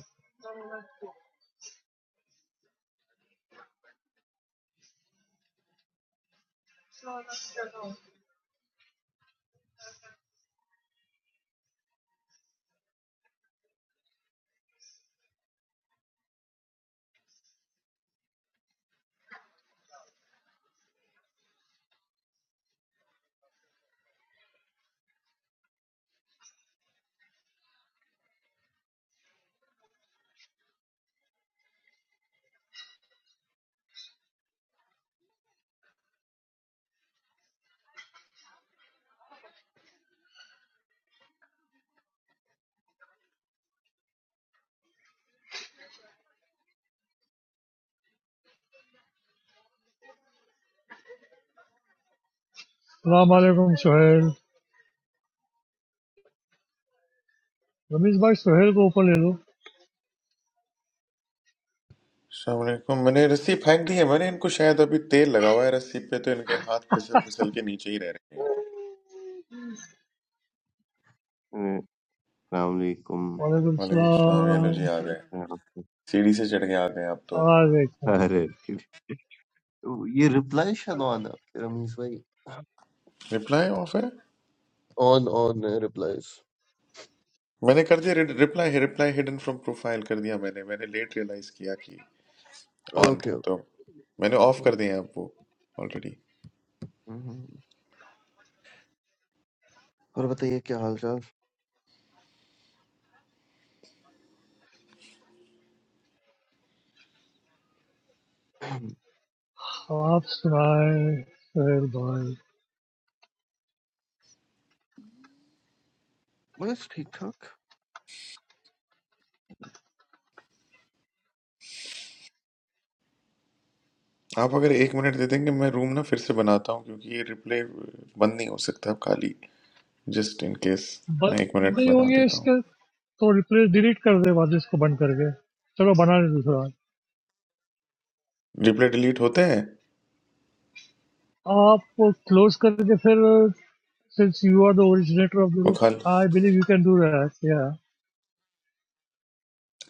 S3: सलाम वालेकुम सुहेल रमीज भाई सुहेल को ऊपर ले लो
S2: सलामकुम मैंने रस्सी फेंक दी है मैंने इनको शायद अभी तेल लगा हुआ है रस्सी पे तो इनके हाथ फिसल फिसल के नीचे ही रह रहे हैं
S8: अलैक्म
S3: वालेकुम
S2: वालेकुम सलाम ये लो
S3: सलाम
S2: जी आ गए
S8: कैसे हैं आप
S2: सीढ़ी से चढ़ के आ गए आप तो
S3: आवाज एक है।
S8: अरे ये रिप्लाई शायद ऑन है आपके रमीश भाई
S2: रिप्लाई ऑफ है
S8: ऑन ऑन है रिप्लाईज
S2: मैंने कर दिया reply reply hidden from profile कर दिया मैंने मैंने लेट रियलाइज किया कि ऑन
S8: ओके
S2: था
S8: ओके।
S2: तो मैंने ऑफ कर दिया है आप वो ऑलरेडी
S8: और बताइए क्या हाल चाल
S3: आप सुनाए सुहेल भाई
S8: बस ठीक ठाक
S2: आप अगर एक मिनट दे देंगे मैं रूम ना फिर से बनाता हूँ क्योंकि ये रिप्ले बंद नहीं हो सकता अब खाली जस्ट इन केस मैं
S3: बंद
S2: एक मिनट
S3: नहीं
S2: बता
S3: होगी
S2: देता हूँ
S3: इसके तो replace delete कर दे बाद इसको बंद कर दे चलो बना ले दूसरा
S2: रिप्ले डिलीट होते हैं
S3: आप वो close कर दे फिर since you are the originator of the
S2: वो
S3: room
S2: खाल
S3: I believe you can do that yeah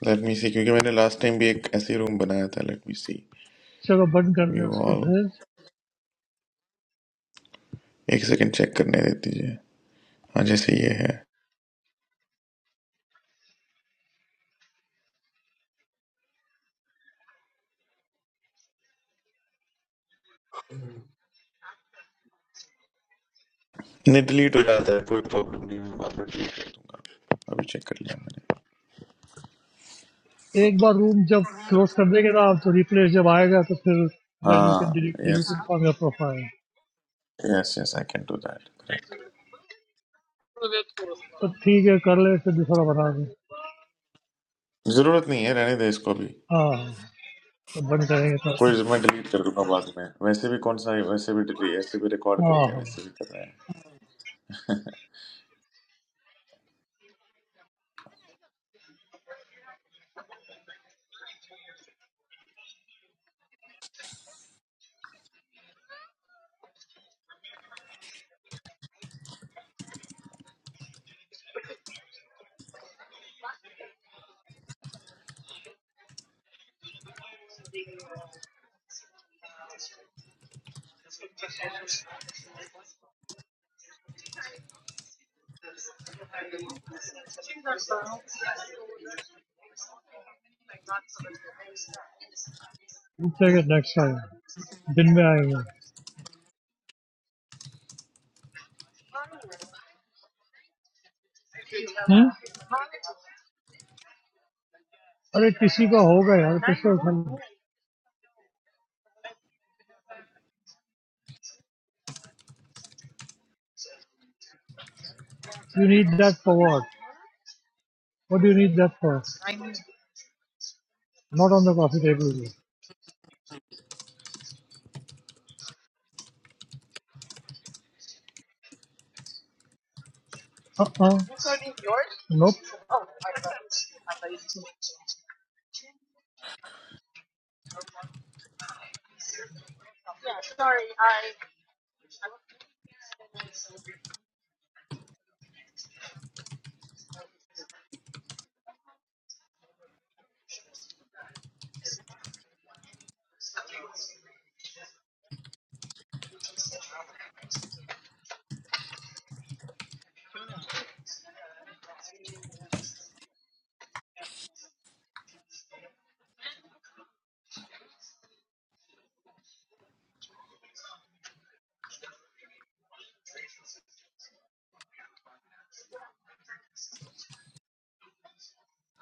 S2: let me see क्योंकि मैंने लास्ट टाइम भी एक ऐसे रूम बनाया था लेट मी सी
S3: चलो बंद कर
S2: वी
S3: दे उसको
S2: ऑल
S3: फिर
S2: एक सेकंड चेक करने दे दीजिए हाँ जैसे ये है नहीं डिलीट हो जाता है कोई प्रॉब्लम नहीं है, बाद में delete हो- अभी चेक कर लिया मैंने
S3: एक बार room जब close कर देंगे ना आप तो replace जब आएगा तो फिर then you can
S2: हाँ
S3: delete delete
S2: yes
S3: your profile
S2: yes yes I can do that correct
S3: तो ठीक है कर ले फिर दूसरा बना दे
S2: जरूरत नहीं है रहने दे इसको भी
S3: हाँ तो बंद करेंगे तो
S2: कोई मैं डिलीट कर दूंगा बाद में वैसे भी कौन सा वैसे भी डिलीट ऐसे भी रिकॉर्ड
S3: हाँ
S2: करते हैं वैसे भी कर रहे हैं
S3: उससे कि next time दिन में आएंगे हम You need that power. What do you need that for? Not on the coffee table. Uh huh. Nope.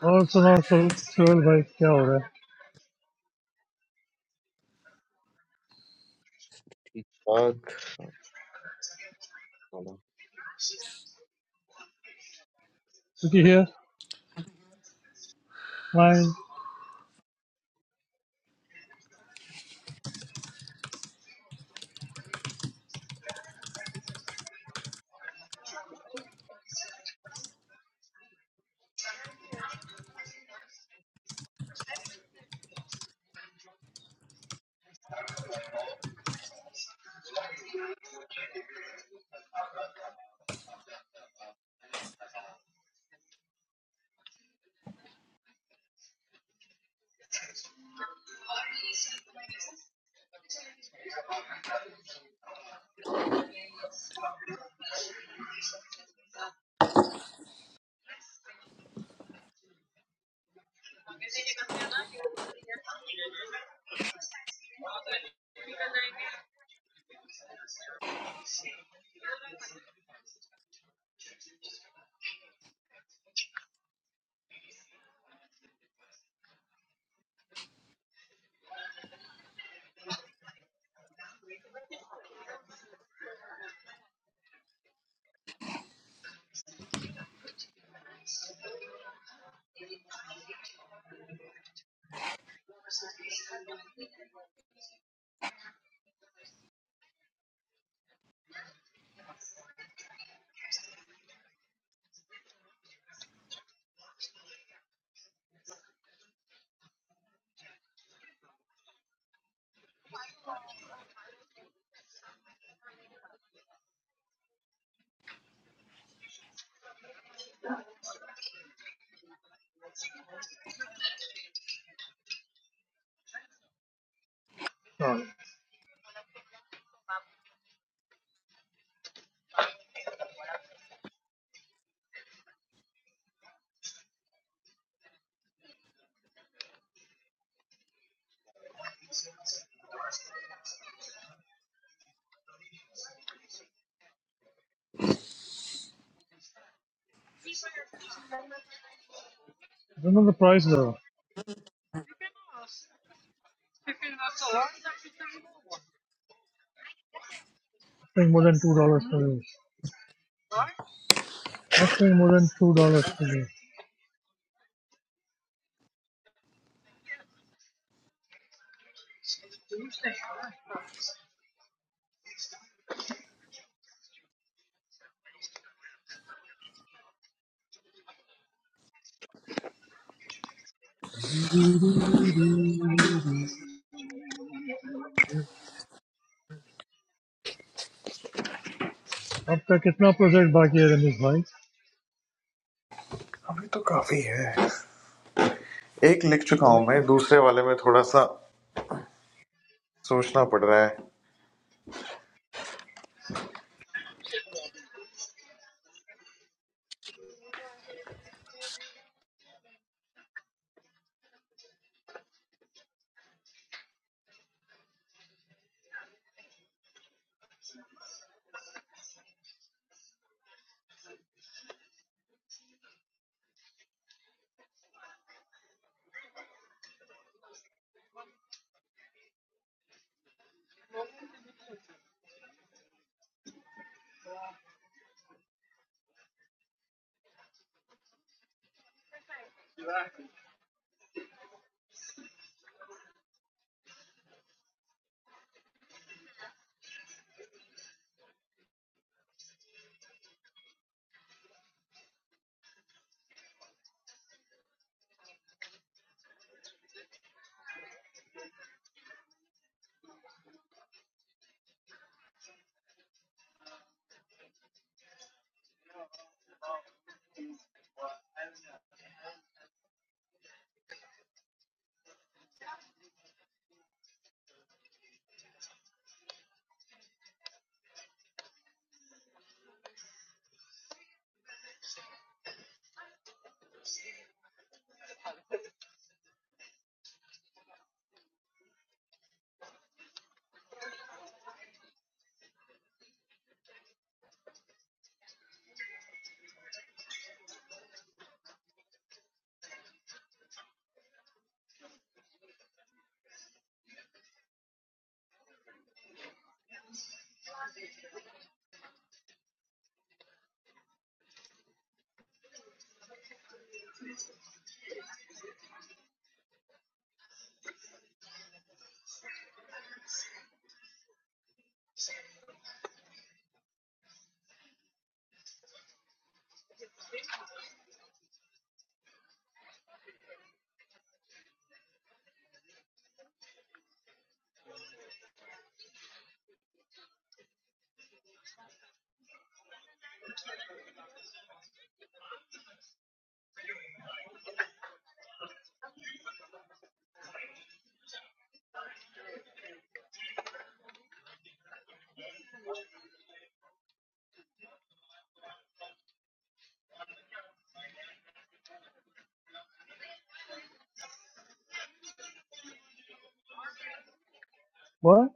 S3: Also, also, twelve, boy. What's happening?
S8: ठीक ठाक
S3: Did you hear? Mine. Remember the prices? Nothing more than two dollars for me. Nothing more than two dollars for me. What? How much percent is left, Ramiz, boy?
S2: अभी तो काफी है एक लिख चुका हूं मैं दूसरे वाले में थोड़ा सा सोचना पड़ रहा है
S3: What?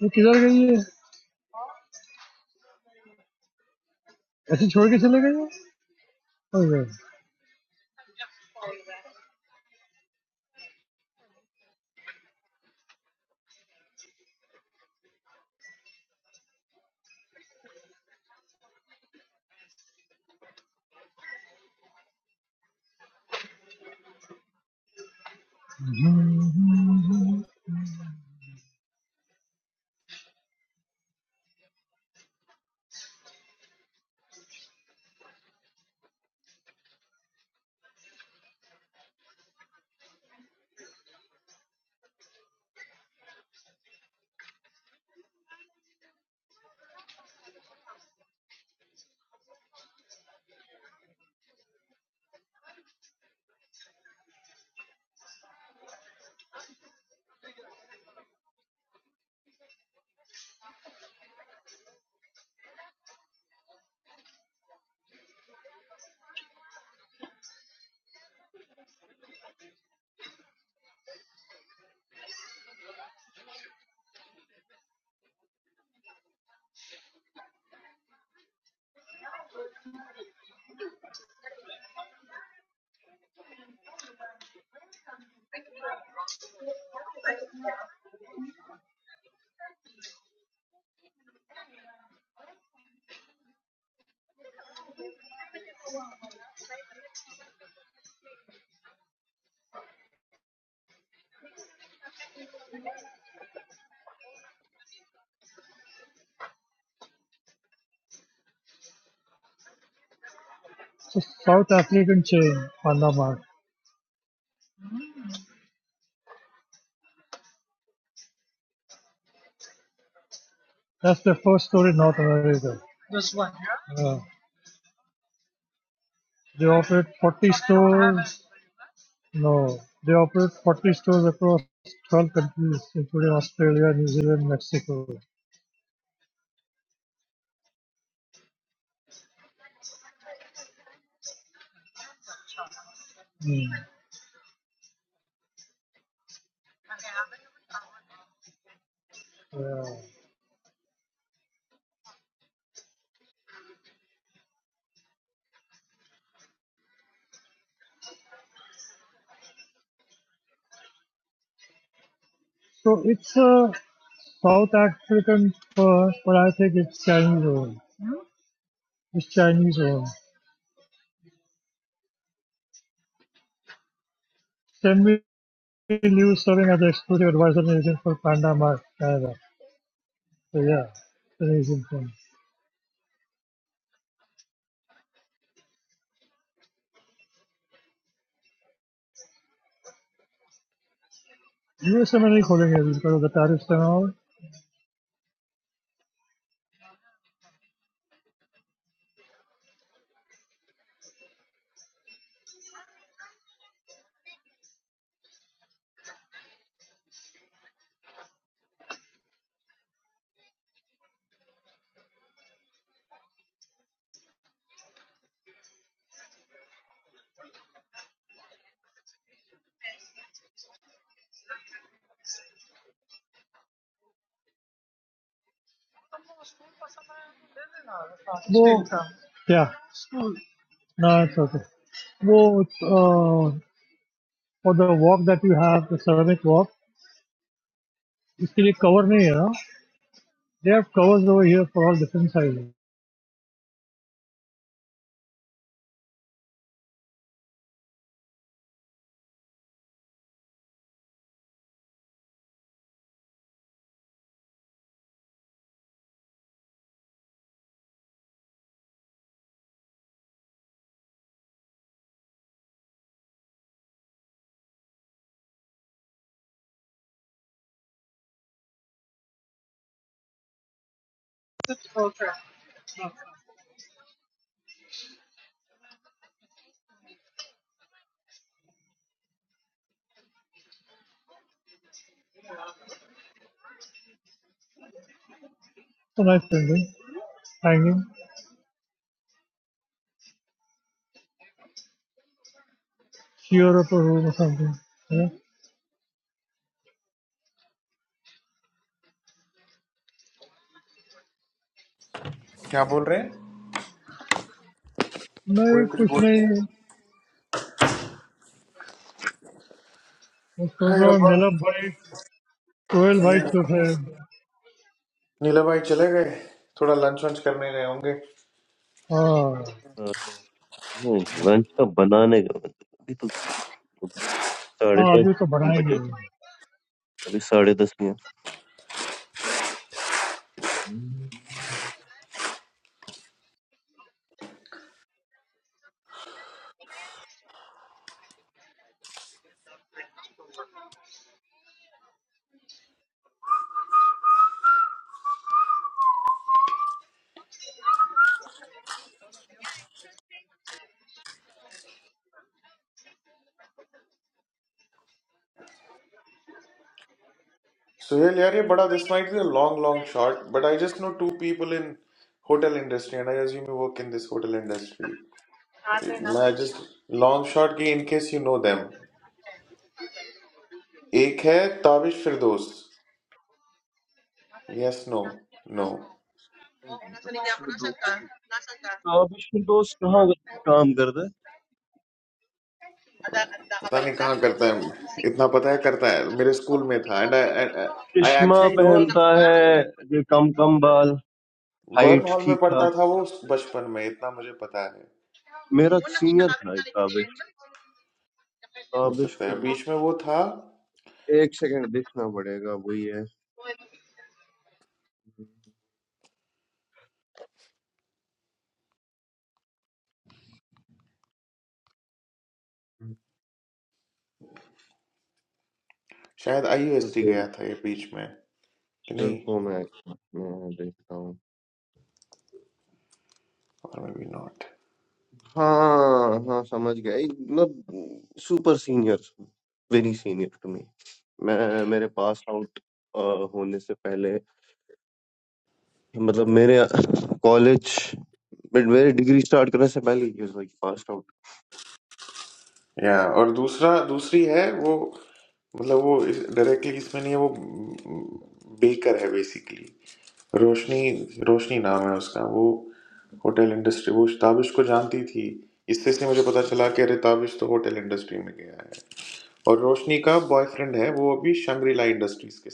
S3: Where did she go? Where did she go? Oh, boy. South African chain, Panda Mark. That's the first story, North America. They operate 40 stores. No, they operate 40 stores across 12 countries, including Australia, New Zealand, Mexico. Hmm. Yeah. So it's a South African firm, but I think it's Chinese owned. It's Chinese owned. Stanley Liu serving as the exclusive advisor agent for Panda Mart Canada. So yeah, it's an Asian firm. US नहीं खोलेंगे because of the tariffs and all. वो क्या? No, it's okay. वो uh, for the walk that you have, the ceramic walk, इसके लिए cover नहीं है ना? They have covers over here for all different sizes. So nice painting, hanging, sheer up a room or something. You know?
S2: क्या बोल रहे हैं कोई
S3: नहीं
S2: कुछ
S3: कुछ
S2: बोल रहे
S3: नहीं
S2: हैं
S3: मैं सोच
S2: हाय
S3: रहा हूँ
S2: रब्बा
S3: नीलम भाई टोयल भाई छोटे हैं।
S2: नीला भाई चले गए थोड़ा लंच वंच करने गए होंगे
S3: हाँ
S8: लंच का बनाने का मतलब अभी तो साढ़े
S3: हाँ अभी
S8: दस
S3: तो
S8: ही बजे
S3: बढ़ाएंगे
S8: अभी साढ़े दस में हम्म,
S2: सुहेल यार ये बड़ा this might be long long shot but I just know two people in hotel industry and I assume you work in this hotel industry मैं जस्ट लॉन्ग शॉट की in case you know them एक है Tabish Firdaus yes no no
S8: नहीं, नहीं, दानिशुर दोस्त तो अब इसमें दोस्त कहाँ काम कर
S2: पता नहीं कहाँ करता है इतना पता है करता है मेरे स्कूल में था एंड आई
S8: चश्मा
S2: एक्चुअली नो
S8: पहनता है जो कम कम बाल
S2: बर्न
S8: हाइट
S2: हॉल में
S8: ठीक ठाक
S2: पढ़ता था वो बचपन में इतना मुझे पता है
S8: मेरा सीनियर था एक ताबिश
S2: हो
S8: ताबिश
S2: सकता
S8: फिर
S2: है
S8: दो
S2: बीच में वो था
S8: एक सेकंड देखना पड़ेगा वही है
S2: शायद आईयूएसटी
S8: रुको
S2: गया था ये बीच में कि नहीं
S8: रुको मैं मैं देखता हूँ
S2: और मे बी नॉट
S8: हाँ हाँ समझ गया एक मतलब super senior very senior to me मैं मेरे पास आउट होने से पहले मतलब मेरे कॉलेज मेरे डिग्री स्टार्ट करने से पहले ही पास आउट
S2: या और दूसरा दूसरी है वो मतलब वो डायरेक्टली इसमें नहीं है वो बेकर है बेसिकली रोशनी रोशनी नाम है उसका वो होटल इंडस्ट्री वो ताबिश को जानती थी इससे से मुझे पता चला कि अरे ताबिश तो होटल इंडस्ट्री में गया है और रोशनी का बॉयफ्रेंड है वो अभी शंग्रीला इंडस्ट्रीज के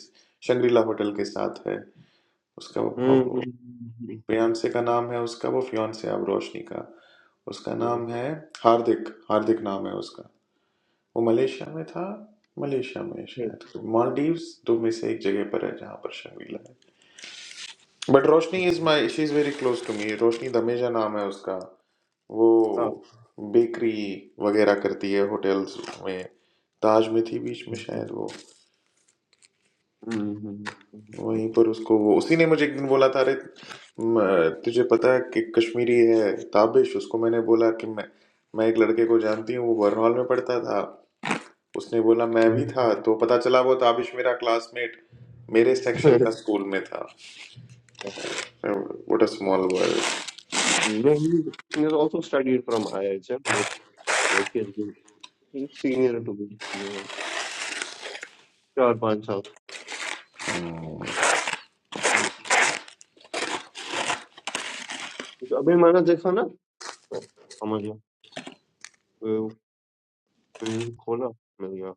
S2: शंग्रीला होटल के साथ है उसका
S8: हम्म
S2: वो
S8: हम्म, हम्म, हम्म,
S2: फियांसे
S8: हम्म,
S2: का नाम है उसका वो फियांसे अब रोशनी का उसका
S8: हम्म,
S2: नाम है हार्दिक हार्दिक नाम है उसका वो मलेशिया में था मलेशिया में
S8: हम्म,
S2: शायद मालदीव्स दो में से एक जगह पर है जहाँ पर शर्मिला है but
S8: hmm,
S2: Roshni is my she is very close to me Roshni Dameja नाम है उसका वो
S8: हाँ,
S2: बेकरी वगैरह करती है होटल्स में ताज में थी बीच में
S8: हम्म, हम्म,
S2: शायद वो
S8: हम्म, हम्म,
S2: वहीं पर उसको वो उसी ने मुझे एक दिन बोला था अरे म- तुझे पता है कि कश्मीरी है ताबिश उसको मैंने बोला कि मैं मैं एक लड़के को जानती हूँ वो बरनॉल में पढ़ता था उसने बोला मैं
S8: हम्म,
S2: भी
S8: हम्म.
S2: था तो पता चला वो ताबिश मेरा क्लासमेट मेरे सेक्शन का स्कूल में था what a small world
S8: No, He he has also studied from IISM, but like he has been he's senior to me, uh, चार पांच साल तो अभी मैंने देखा ना तो समझ गया वो पेज खोला मिल गया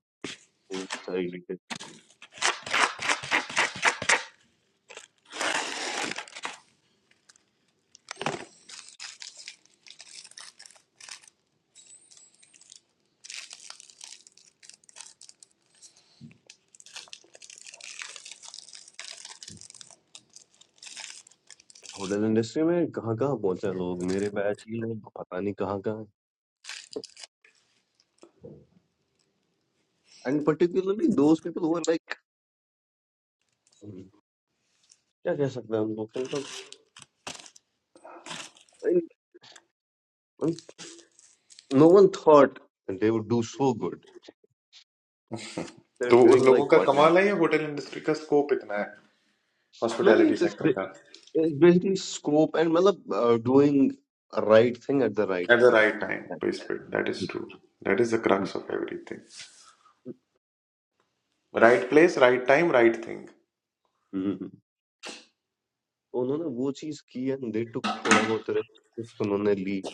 S8: हम्म, सारी डिटेल होटल इंडस्ट्री में कहाँ कहाँ पहुंचे हैं लोग मेरे बैच ही लोग पता नहीं कहाँ कहाँ and particularly those people who are like क्या कह सकते हैं हम लोग And No one thought that they would do so good. They're
S2: तो उन
S8: doing
S2: लोगों
S8: like
S2: का
S8: wonders.
S2: कमाल है ये होटल इंडस्ट्री का स्कोप इतना है
S8: No,
S2: hospitality
S8: it's just
S2: sector
S8: ba-
S2: का
S8: it's basically scope and matlab, uh, doing a right thing at the right
S2: at the
S8: time.
S2: Right time place that is
S8: Absolutely.
S2: True that is the
S8: hmm,
S2: crux of everything right place right time right thing
S8: hmm. Hmm. तो उन्होंने वो चीज की and they टुक थोड़ा बहुत risk उन्होंने ली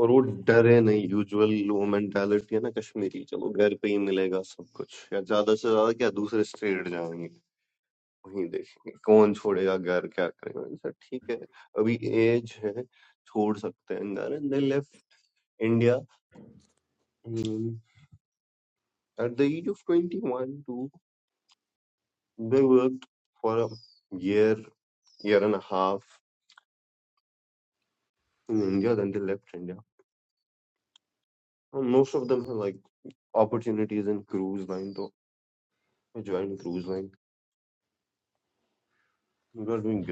S8: और वो डरे नहीं यूजुअल वो मेंटालिटी है ना कश्मीरी चलो घर पे ही मिलेगा सब कुछ या ज्यादा से ज्यादा क्या दूसरे स्टेट जाएंगे वहीं देखेंगे कौन छोड़ेगा घर क्या करेगा इनसे ठीक है अभी आयेज है छोड़ सकते हैं इंदिरा India at the age of twenty one two they worked for year year and half India then they left India most of them है लाइक ऑपरेशन टीज़ इन क्रूज लाइन तो join cruise line were doing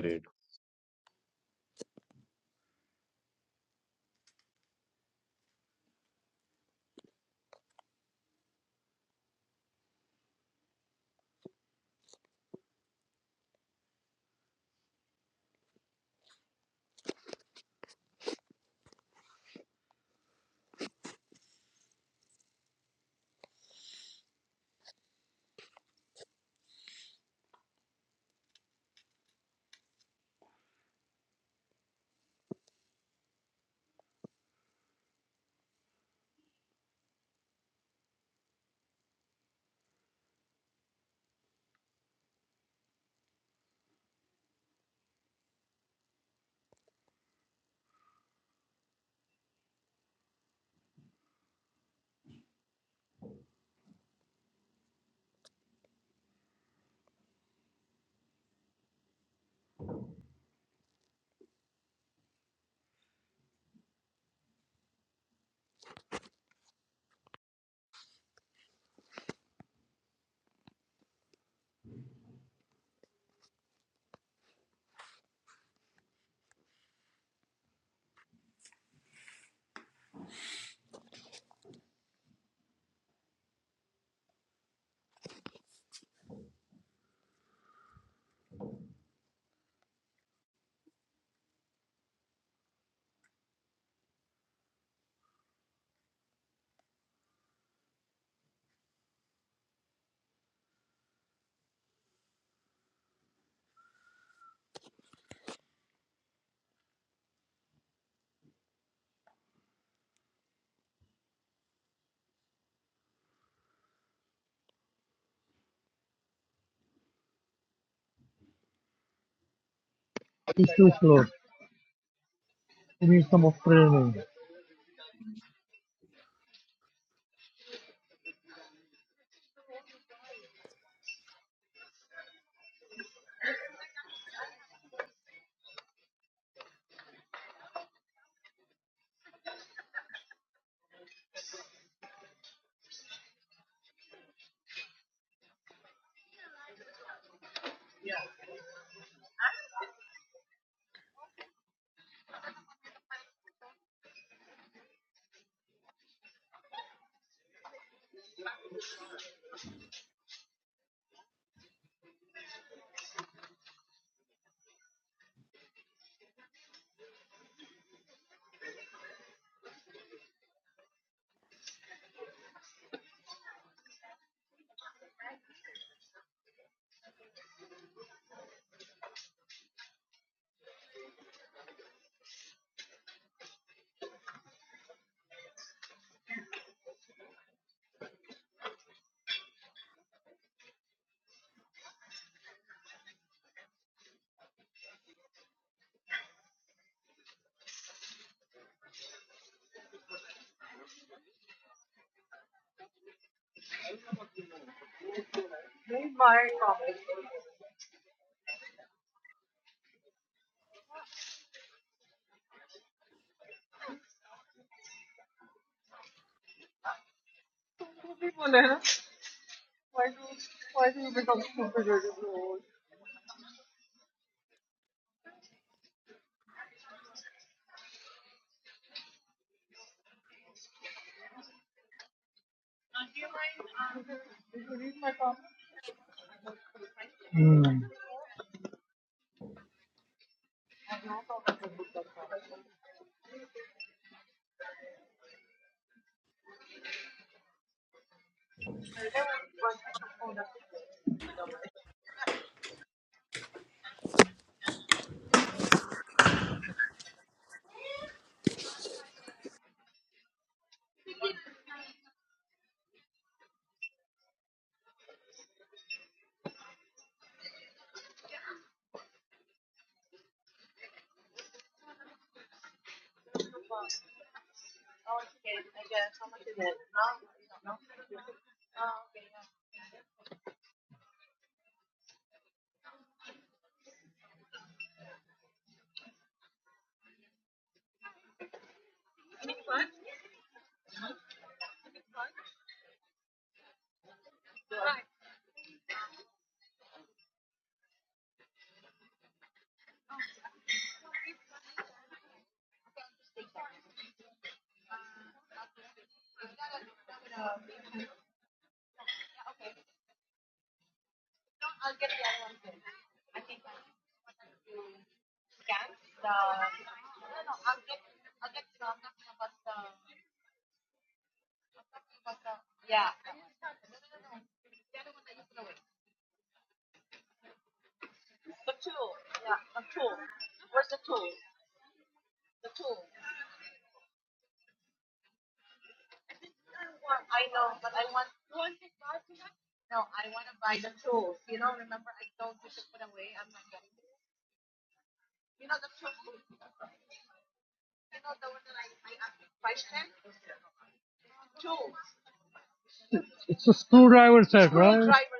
S3: to floor need some of training it's a screwdriver set right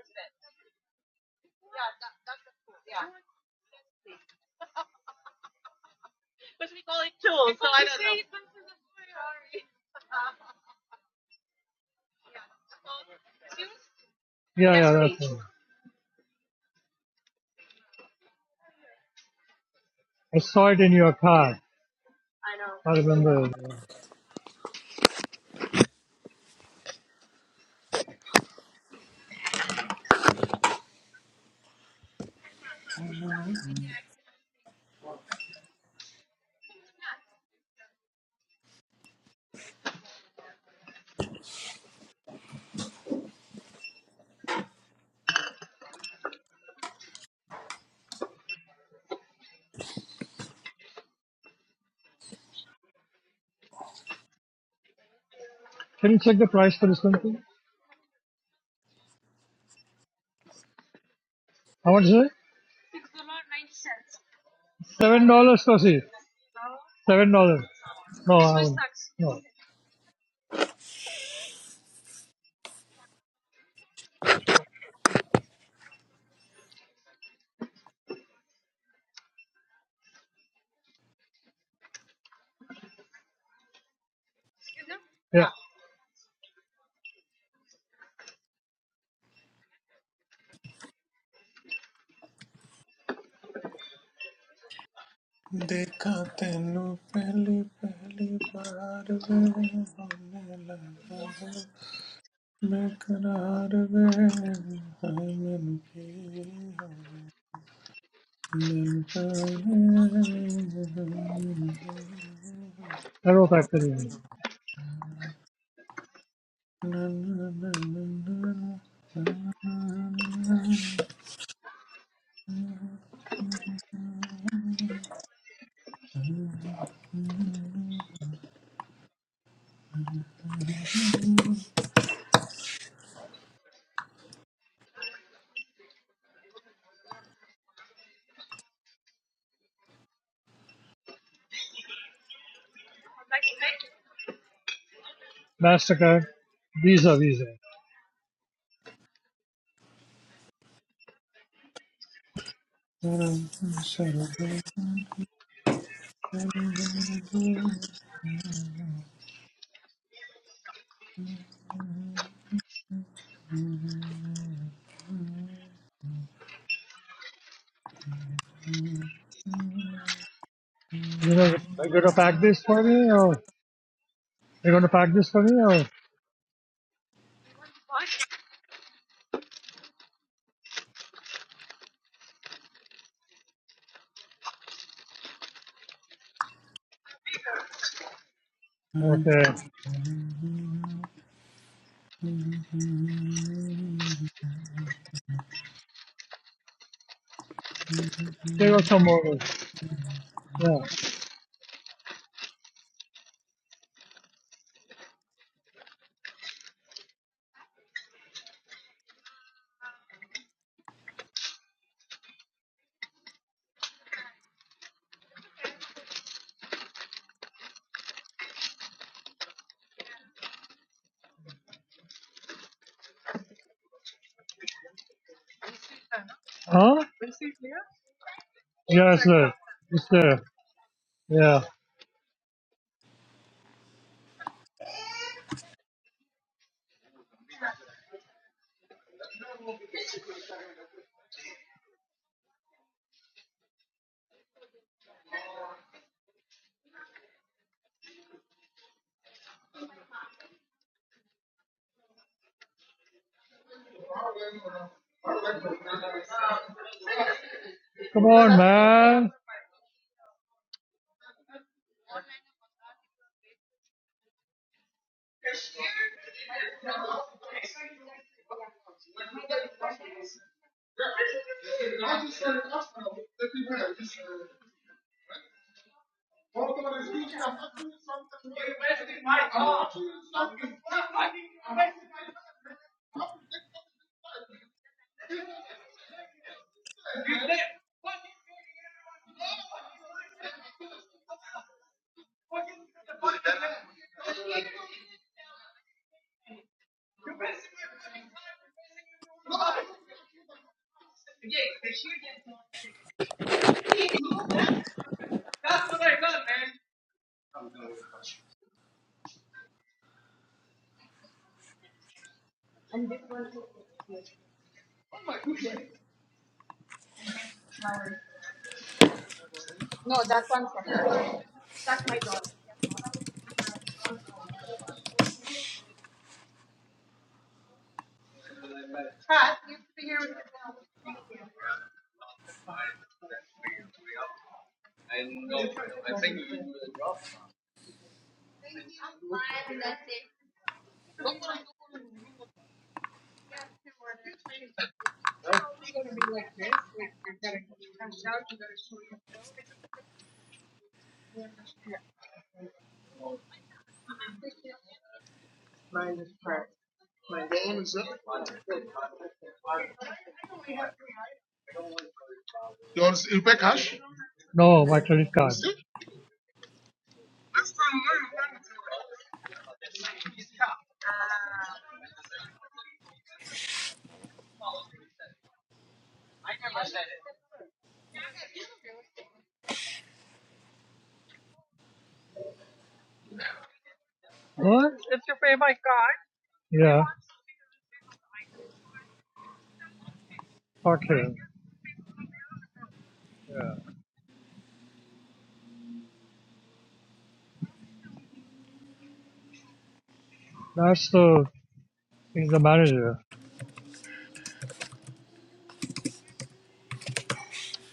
S3: Yeah, yeah, that's it. I saw it in your car. I remember. yeah. Can you check the price for this one, please? How much is it? Seven dollars, Tosi. Seven dollars. No, I won't. no. Yeah,
S2: देखा तेनू पहली पहली बार वे होने लगा वे बेकरार वे है मैनू की होवे। क्या लिए
S3: Aero Factory. Mastercard, Visa, Visa. You know, are you gonna pack this for me, or you're gonna pack this for me, or okay? Take out some more. Yeah. Huh? Yes, sir. It's there. Yeah. Come on, man. No, my credit card. What? Yeah. Fuck you. Yeah. That's the He's the manager.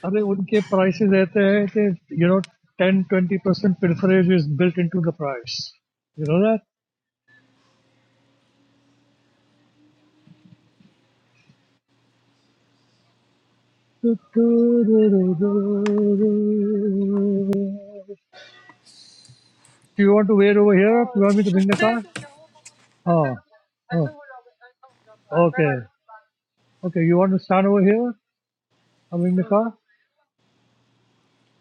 S3: अरे उनके prices ऐसे हैं कि you know 10-20% pilferage is built into the price. You know that? Do you want to wait over here? Do you want me to bring the car? Oh, oh, okay. Okay, you want to stand over here? I'll bring the car.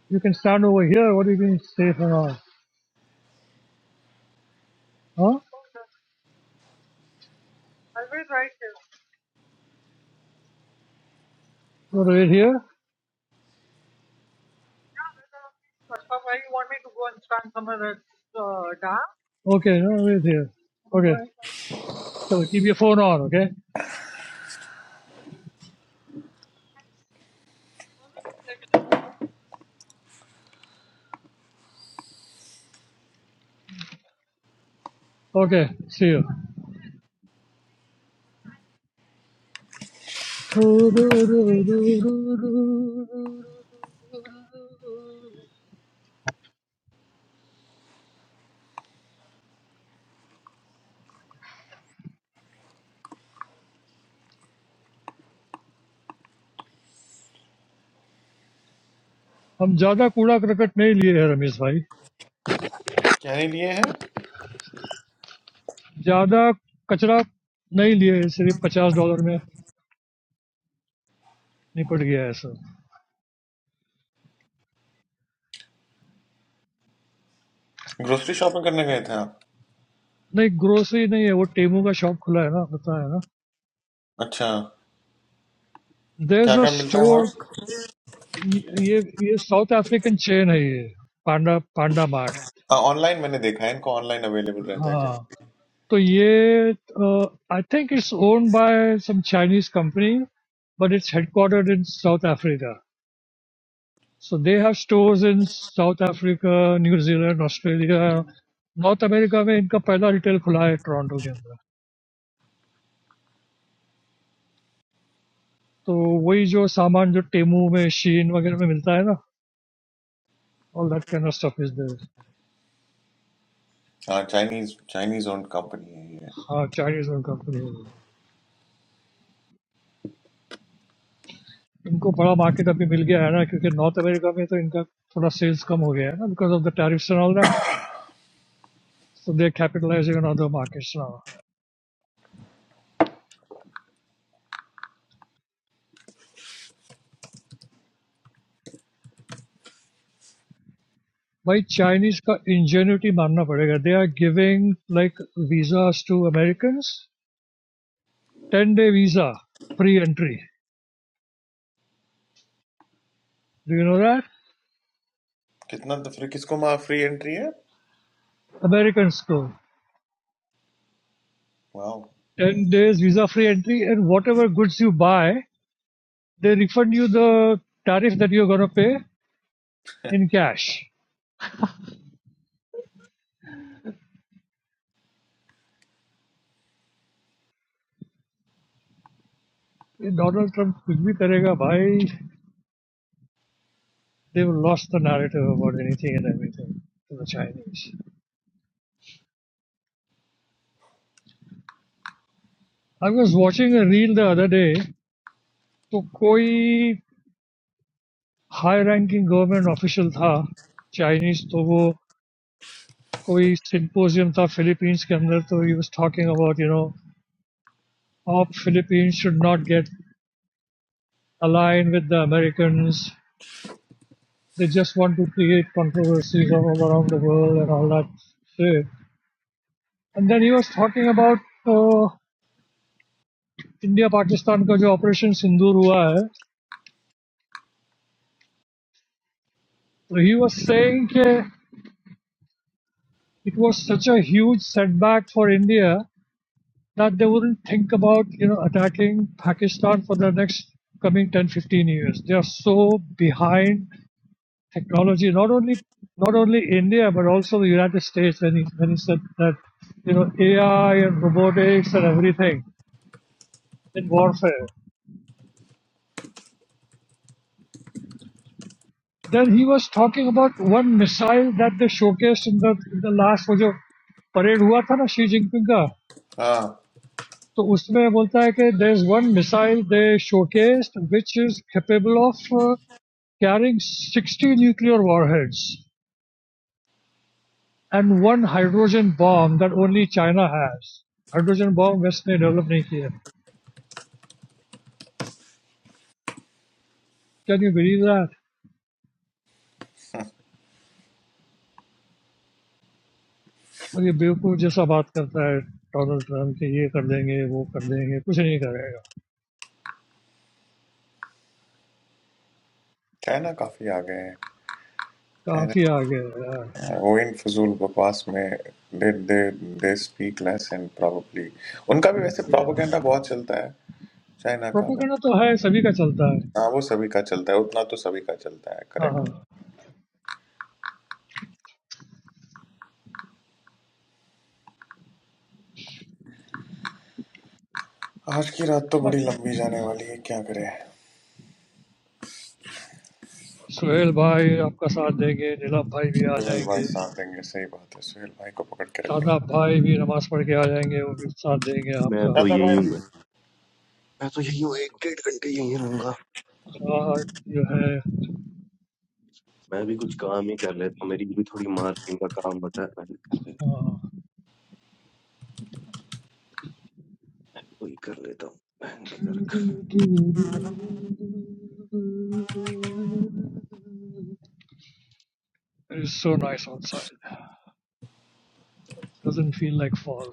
S3: You can stand over here. What do you mean stay for now? Huh? You want to wait here? Okay, no, wait here. Okay. So keep your phone on, okay? Okay, see you. हम ज़्यादा कूड़ा क्रकट नहीं लिए हैं रमेश भाई
S2: है
S3: ज़्यादा कचरा नहीं लिए हैं सिर्फ पचास डॉलर में निपट गया है ऐसा
S2: ग्रोसरी शॉपिंग करने गए थे आप
S3: नहीं grocery नहीं है वो टेम्पो का शॉप खुला है ना बताया ना
S2: अच्छा क्या
S3: there's a
S2: क्या मिलता है
S3: store
S2: वहाँ
S3: ये ये south african chain है ये panda panda mart
S2: ऑनलाइन मैंने देखा है इनको ऑनलाइन अवेलेबल रहता है जब
S3: हाँ तो ये I think it's owned by some Chinese company but it's headquartered in South Africa. So they have stores in South Africa, New Zealand, Australia, North America. Where their first retail is opened in Toronto, Canada. So, that kind of stuff is there.
S2: हाँ Chinese Chinese owned company है ये
S3: Chinese-owned company. They have a big market now. Because in North America, their sales are lower because of the tariffs and all that. So they are capitalizing on other markets. But Chinese have to be smart. They are giving visas to Americans. 10 day visa free entry. Do you know that?
S2: कितना तो free किसको वहाँ free entry है
S3: American school.
S2: वाह
S3: 10 days visa free entry, and whatever goods you buy, they refund you the tariff that you're going to pay in cash. If Donald Trump kuch bhi karega, bhai, they've lost the narrative about anything and everything to the Chinese. I was watching a reel the other day. So, कोई high ranking government official था Chinese तो वो कोई symposium था Philippines के अंदर तो he was talking about you know Of Philippines should not get aligned with the Americans. They just want to create controversies all around the world and all that shit. And then he was talking about uh, India Pakistan का जो operation सिंदूर हुआ है, so he was saying that it was such a huge setback for India that they wouldn't think about you know attacking Pakistan for the next coming 10 to 15 years. They are so behind technology, not only not only India but also the United States. When he when he said that you know AI and robotics and everything in warfare, then he was talking about one missile that they showcased in the in the last वो जो parade हुआ था ना Xi Jinping का
S2: हाँ
S3: तो उसमें बोलता है कि there is one missile they showcased which is capable of uh, carrying 60 nuclear warheads and one hydrogen bomb that only China has. hydrogen bomb. West ने develop नहीं किया Yeah,
S2: चाइना काफी आ गए हैं चाइना वही फजूल बकवास में did they they speak less and probably उनका भी वैसे प्रोपेगेंडा बहुत चलता है चाइना का but हाँ वो सभी का चलता है उतना तो सभी का चलता है करेक्ट आज की रात तो बड़ी लंबी जाने वाली है क्या करें कोई नहीं सुहेल भाई साथ देंगे सही बात है सुहेल भाई को पकड़ के रखेंगे दादा भाई
S8: ग्रे� वही कर लेता हूँ बहन की तरह
S3: it's so nice outside. Doesn't feel like fall.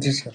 S2: जी sir.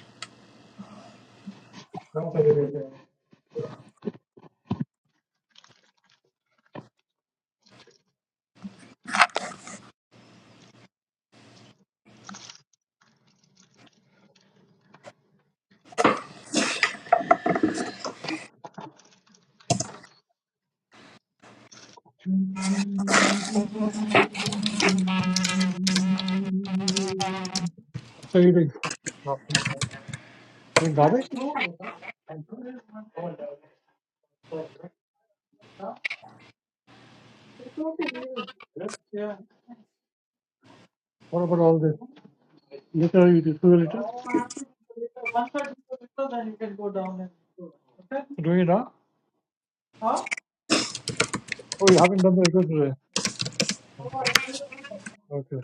S3: What about all this? Later you refill it. up. Do it now? Oh, you haven't done the refill today. Okay.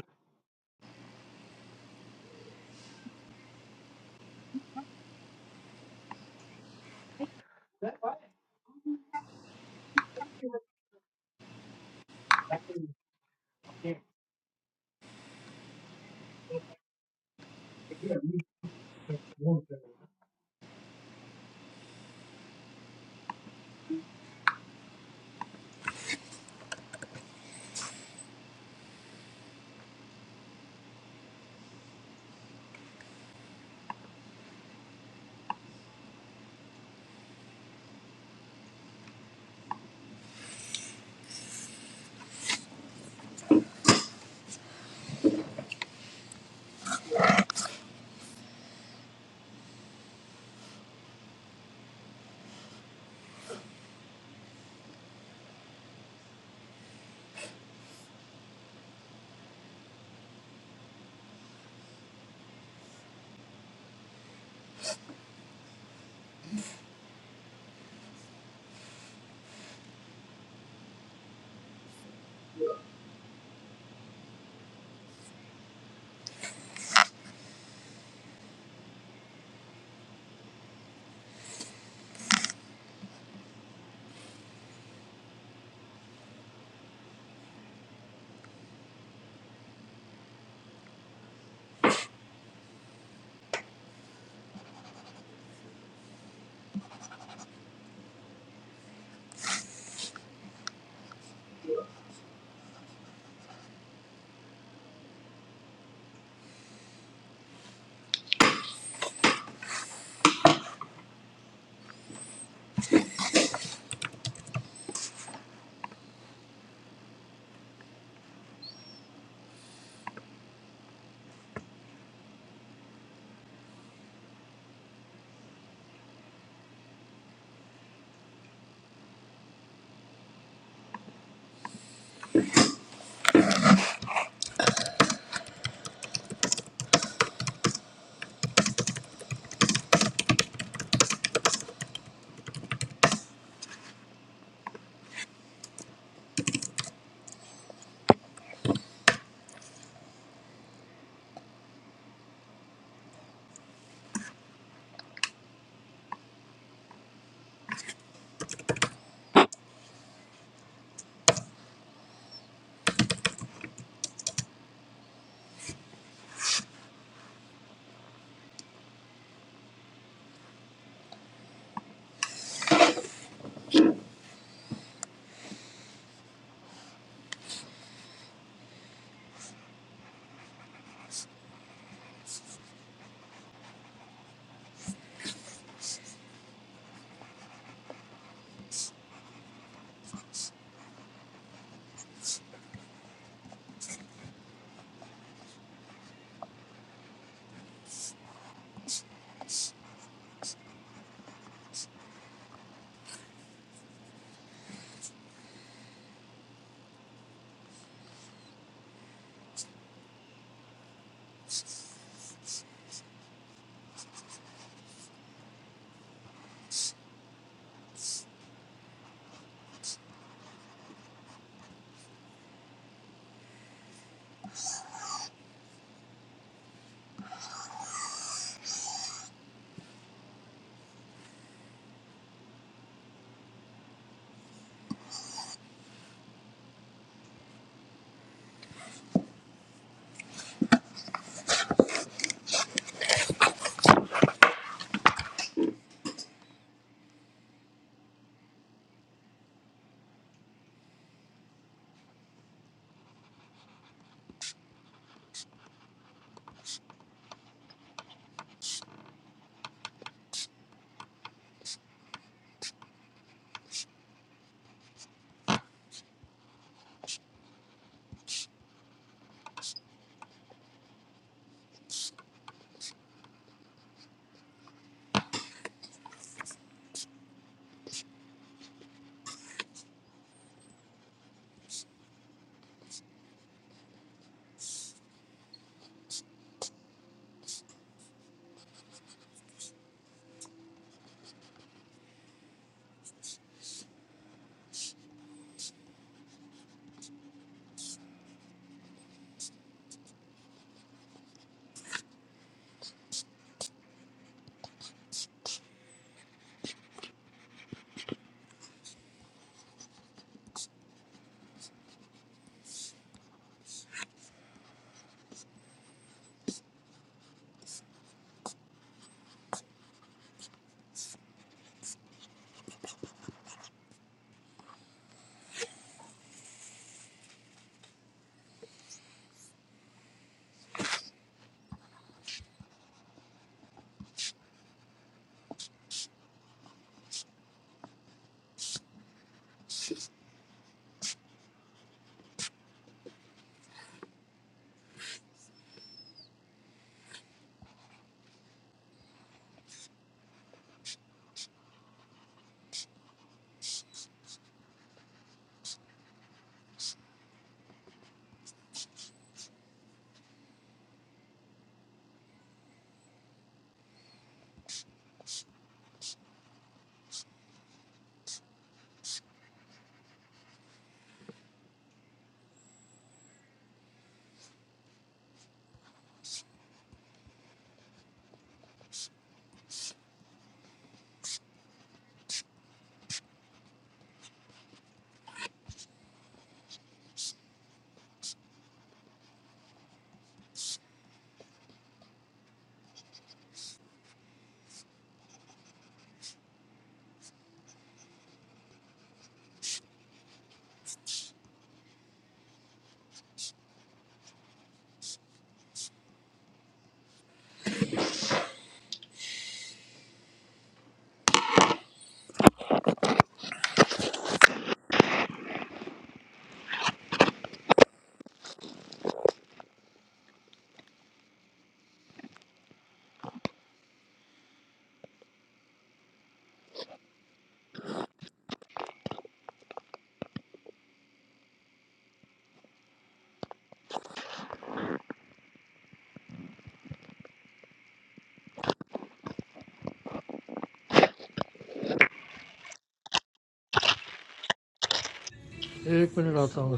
S3: एक मिनट आता हूँ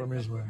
S3: रमेश भाई